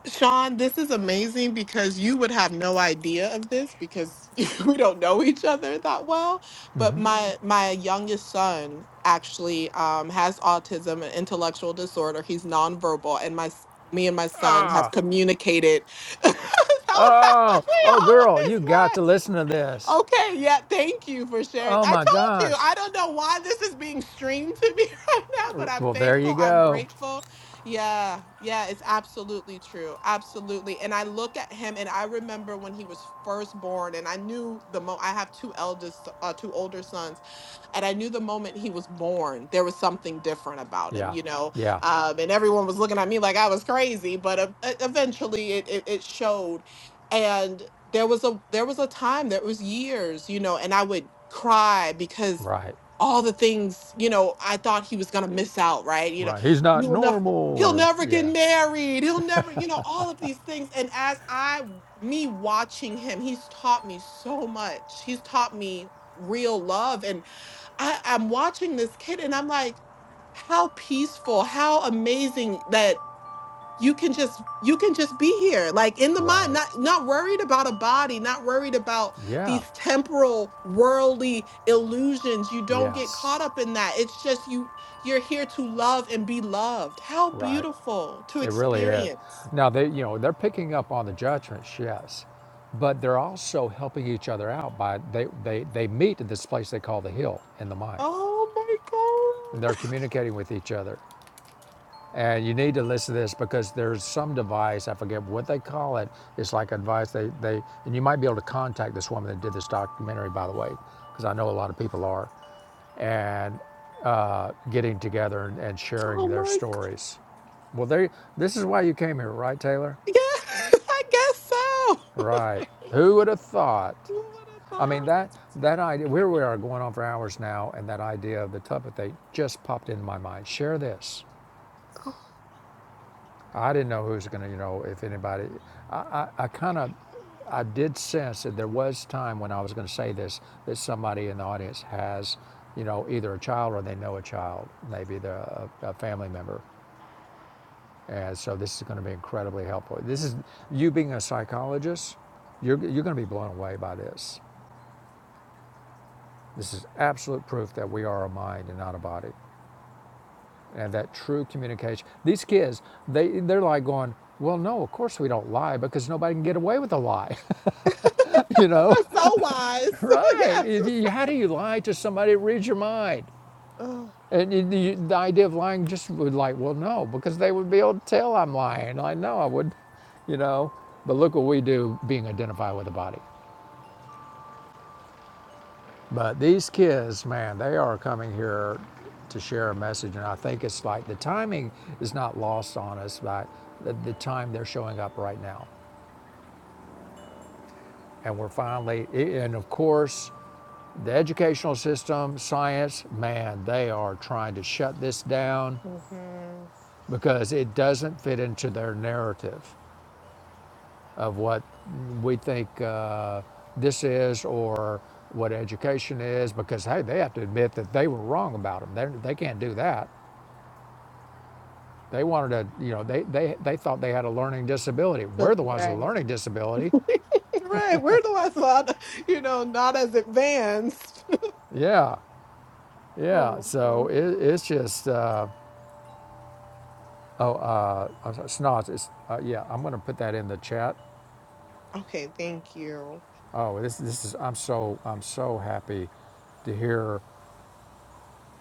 Speaker 4: Sean, this is amazing because you would have no idea of this because we don't know each other that well. But my my youngest son actually um, has autism and intellectual disorder. He's nonverbal, and my s- me and my son have communicated. Tell all
Speaker 2: Oh, oh,
Speaker 4: of
Speaker 2: girl, you
Speaker 4: his always
Speaker 2: got to listen to this.
Speaker 4: Okay, yeah, thank you for sharing.
Speaker 2: Oh
Speaker 4: I
Speaker 2: my
Speaker 4: told you,
Speaker 2: gosh.
Speaker 4: I don't know why this is being streamed to me right now, but I'm
Speaker 2: Well, there you
Speaker 4: thankful, I'm
Speaker 2: go.
Speaker 4: grateful. Yeah, yeah, it's absolutely true. Absolutely. And I look at him and I remember when he was first born and I knew the mo I have two eldest uh two older sons and I knew the moment he was born, there was something different about him,
Speaker 2: Yeah.
Speaker 4: you know.
Speaker 2: Yeah.
Speaker 4: Um, and everyone was looking at me like I was crazy, but uh, e- eventually it, it it showed. And there was a there was a time, there was years, you know, and I would cry because
Speaker 2: Right.
Speaker 4: all the things, you know, I thought he was gonna miss out, right? You know,
Speaker 2: Right. He's not
Speaker 4: he'll never
Speaker 2: normal
Speaker 4: he'll
Speaker 2: or
Speaker 4: never get
Speaker 2: yeah.
Speaker 4: married, he'll never, you know, all of these things. And as I me watching him, he's taught me so much. He's taught me real love and I, I'm watching this kid and I'm like, how peaceful, how amazing that you can just you can just be here like in the mind
Speaker 2: Right.
Speaker 4: not not worried about a body not worried about
Speaker 2: Yeah.
Speaker 4: these temporal worldly illusions you don't get
Speaker 2: Yes.
Speaker 4: caught up in that it's just you you're here to love and be loved how
Speaker 2: Right.
Speaker 4: beautiful to
Speaker 2: It really is.
Speaker 4: experience
Speaker 2: Now they you know, they're picking up on the judgments, yes. But they're also helping each other out by they they, they meet at this place they call the hill in the mind.
Speaker 4: oh my
Speaker 2: And
Speaker 4: god
Speaker 2: they're communicating with each other. And you need to listen to this because there's some device, I forget what they call it. It's like advice they, they and you might be able to contact this woman that did this documentary, by the way, because I know a lot of people are, and uh, getting together and, and sharing
Speaker 4: oh
Speaker 2: their
Speaker 4: my god
Speaker 2: stories. Well, they, this is why you came here, right, Taylor?
Speaker 4: yeah i guess so
Speaker 2: Right. Who would have thought?
Speaker 4: what a
Speaker 2: I mean,
Speaker 4: thought
Speaker 2: that, that idea, where we are going on for hours now, and that idea of the Tupperthate just popped into my mind. Share this. I didn't know who was going to, you know, if anybody. I, I, I kind of, I did sense that there was time when I was going to say this that somebody in the audience has, you know, either a child or they know a child, maybe they're a, a family member, and so this is going to be incredibly helpful. This is you being a psychologist, you're you're going to be blown away by this. This is absolute proof that we are a mind and not a body. have that true communication. These kids, they they're like going, well, no, of course we don't lie because nobody can get away with a lie, you know,
Speaker 4: so wise.
Speaker 2: right?
Speaker 4: yes.
Speaker 2: If
Speaker 4: just
Speaker 2: you, how do you lie to somebody that reads your mind?
Speaker 4: oh,
Speaker 2: And you, the idea of lying just would like, well, no, because they would be able to tell I'm lying. I know I would, you know. But look what we do being identified with the body. But these kids, man, they are coming here to share a message, and I think it's like the timing is not lost on us by the, the time they're showing up right now, and we're finally, and of course, the educational system, science, man, they are trying to shut this down
Speaker 4: Mm-hmm.
Speaker 2: because it doesn't fit into their narrative of what we think uh, this is or what education is because hey they have to admit that they were wrong about them they, they can't do that They wanted to, you know, they, they, they thought they had a learning disability. We're
Speaker 4: that's
Speaker 2: the ones with a
Speaker 4: Right.
Speaker 2: learning disability.
Speaker 4: right. We're the ones not, you know, not as advanced.
Speaker 2: Yeah, yeah.
Speaker 4: Oh.
Speaker 2: So
Speaker 4: oh.
Speaker 2: it, it's just, uh, oh, uh, snots. It's, uh, yeah, I'm going to put that in the chat.
Speaker 4: okay, thank you.
Speaker 2: Oh, this, this is, I'm so, I'm so happy to hear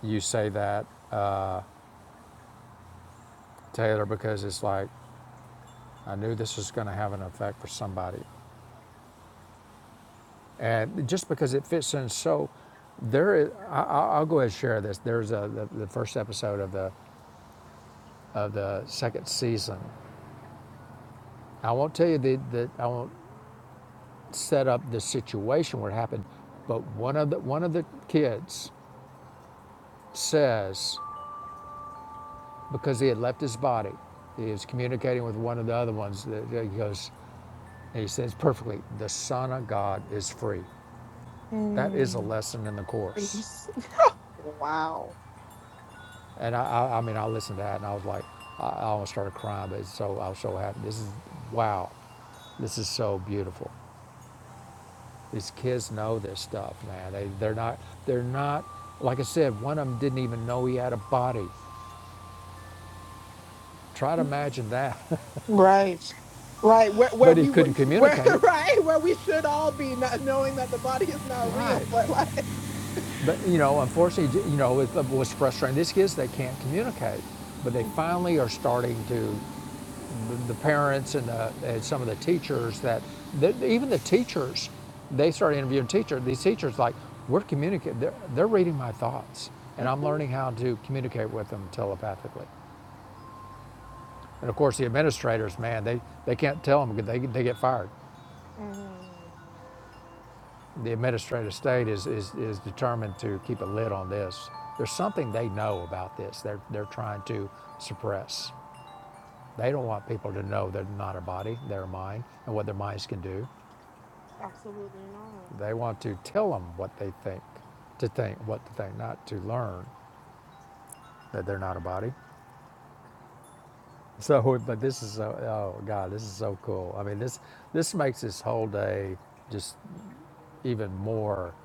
Speaker 2: you say that, uh, Taylor, because it's like, I knew this was going to have an effect for somebody. And just because it fits in so, there is, I, I- I'll go ahead and share this. There's a, the, the first episode of the of the second season. I won't tell you that the I won't set up the situation where it happened, but one of the one of the kids says because he had left his body, he was communicating with one of the other ones. That he goes, and he says perfectly, "The Son of God is free." That is a
Speaker 4: Mm,
Speaker 2: lesson in the
Speaker 4: it
Speaker 2: course,
Speaker 4: was- wow.
Speaker 2: and I, I, I mean, I listened to that and I was like, I, almost started crying, but it's so I was so happy. This is wow, this is so beautiful. These kids know this stuff, man. They they're not they're not like I said. One of them didn't even know he had a body. Try to imagine that.
Speaker 4: Right. Right, where where
Speaker 2: but he
Speaker 4: we
Speaker 2: couldn't
Speaker 4: would where
Speaker 2: communicate.
Speaker 4: right where we should all be, not knowing that the body is not real,
Speaker 2: Right.
Speaker 4: but like.
Speaker 2: But you know, unfortunately, you know, it was frustrating. These kids they can't communicate, but they
Speaker 4: Mm-hmm.
Speaker 2: finally are starting to. The parents and, the, and some of the teachers that, that even the teachers, they started interviewing teachers. These teachers like we're communicating. They're, they're reading my thoughts, and I'm learning how to communicate with them telepathically. And of course, the administrators, man, they, they can't tell them because they, they get fired.
Speaker 4: hmm
Speaker 2: The administrative state is, is, is determined to keep a lid on this. There's something they know about this they're, they're trying to suppress. They don't want people to know they're not a body, they're a mind, and what their minds can do.
Speaker 4: Absolutely not.
Speaker 2: They want to tell them what they think, to think, what to think, not to learn that they're not a body. So, but this is so, oh God, this is so cool. I mean, this this makes this whole day just even more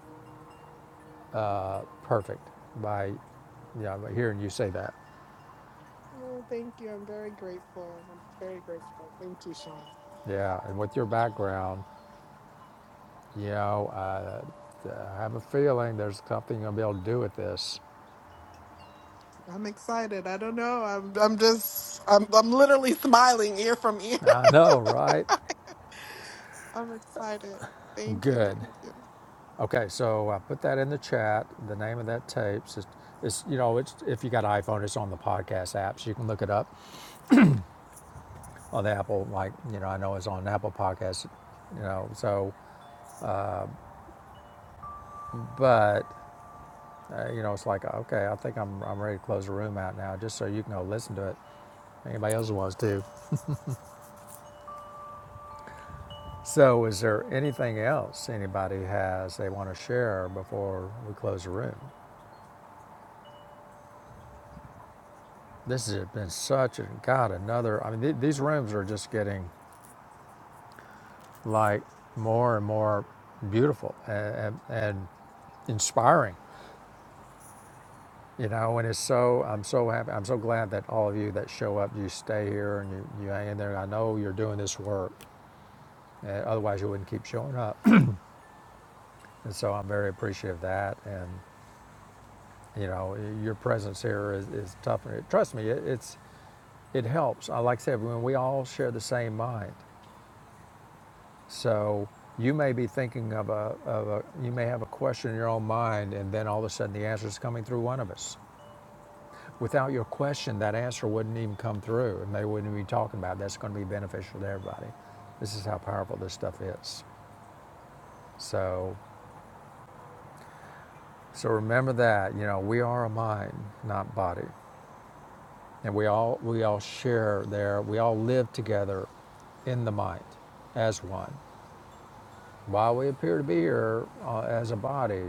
Speaker 2: perfect by, you know, hearing you say that.
Speaker 4: Well, thank you. I'm very grateful. I'm very grateful. Thank you, Sean.
Speaker 2: Yeah, and with your background, you know, I, I have a feeling there's something you'll be able to do with this.
Speaker 4: I'm excited. I don't know. I'm I'm just I'm I'm literally smiling ear from ear.
Speaker 2: I know, right?
Speaker 4: I'm excited. Thank you.
Speaker 2: Good.
Speaker 4: Thank you.
Speaker 2: Okay, so I put that in the chat. The name of that tapes is, it's you know, it's if you got an iPhone, it's on the podcast apps. You can look it up on the Apple. Like you know, I know it's on Apple Podcasts. You know, so but uh, you know, it's like okay, I think I'm I'm ready to close the room out now, just so you can go listen to it. Anybody else wants to? So, is there anything else anybody has they want to share before we close the room? This has been such a God, another. I mean, th- these rooms are just getting like more and more beautiful and, and, and inspiring, you know. And it's so I'm so happy. I'm so glad that all of you that show up, you stay here and you, you hang in there. I know you're doing this work, uh, otherwise you wouldn't keep showing up. And so I'm very appreciative of that. And You know, your presence here is, is tough. Trust me, it, it's it helps. Uh, Like I said, when we all share the same mind, so you may be thinking of a, of a you may have a question in your own mind, and then all of a sudden the answer is coming through one of us. Without your question, that answer wouldn't even come through, and they wouldn't be talking about. It. That's going to be beneficial to everybody. This is how powerful this stuff is. So, so remember that you know we are a mind, not body. and we all we all share there. We all live together in the mind as one. While we appear to be here uh, as a body,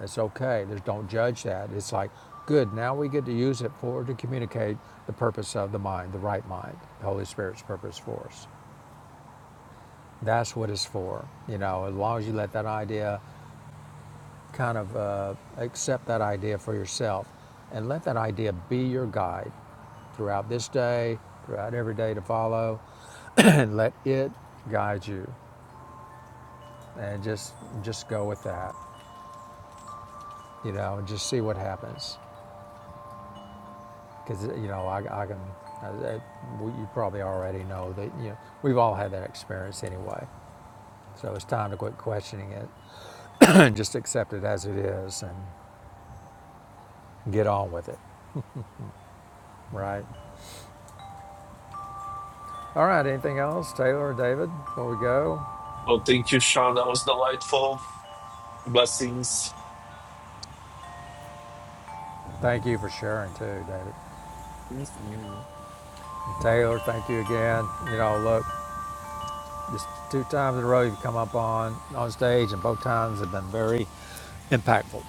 Speaker 2: it's okay. There's don't judge that. It's like good. Now we get to use it for to communicate the purpose of the mind, the right mind, the Holy Spirit's purpose for us. That's what it's for. You know, as long as you let that idea kind of uh, accept that idea for yourself and let that idea be your guide throughout this day, throughout every day to follow, and let it guide you. And just just go with that, you know, and just see what happens. Because you know, I, I can. I, you probably already know that. You know, we've all had that experience anyway. So it's time to quit questioning it, and just accept it as it is, and get on with it, right? All right, anything else, Taylor or David, before we go?
Speaker 5: Oh, thank you, Sean. That was delightful. Blessings.
Speaker 2: Thank you for sharing too, David. Taylor, thank you again. You know, look, just two times in a row you've come up on, on stage and both times have been very impactful.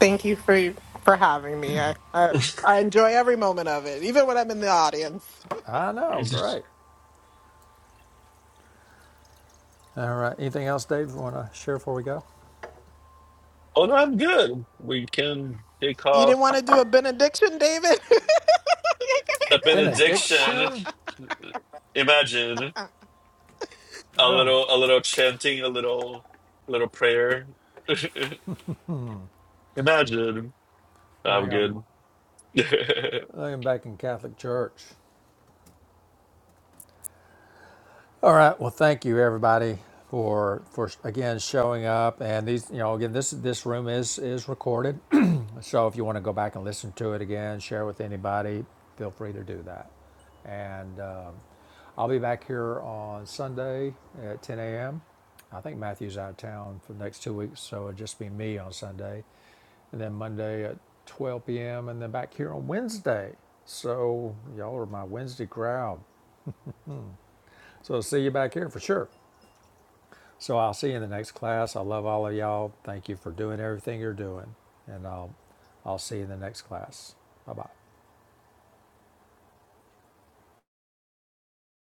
Speaker 4: Thank you for for having me. I I, I enjoy every moment of it, even when I'm in the audience.
Speaker 2: I know,
Speaker 5: Mhm.
Speaker 2: great. All right, anything else, David, you want to share before we go?
Speaker 5: oh, no, I'm good. We can take
Speaker 4: You
Speaker 5: off
Speaker 4: didn't want to do a benediction, David?
Speaker 5: the benediction.
Speaker 2: Benediction?
Speaker 5: Imagine a
Speaker 2: Oh my,
Speaker 5: little, a little chanting, a little, little prayer. Imagine.
Speaker 2: I
Speaker 5: I'm
Speaker 2: think
Speaker 5: good.
Speaker 2: I'm, I think I'm back in Catholic Church. All right, well, thank you everybody for, for again showing up. And these, you know, again, this this room is is recorded So if you want to go back and listen to it again, share with anybody, feel free to do that. And um, I'll be back here on Sunday at 10 a.m. I think Matthew's out of town for the next two weeks, so it'll just be me on Sunday. And then Monday at 12 p.m. and then back here on Wednesday. So y'all are my Wednesday crowd. So I'll see you back here for sure. So I'll see you in the next class. I love all of y'all. Thank you for doing everything you're doing. And I'll I'll see you in the next class. Bye bye.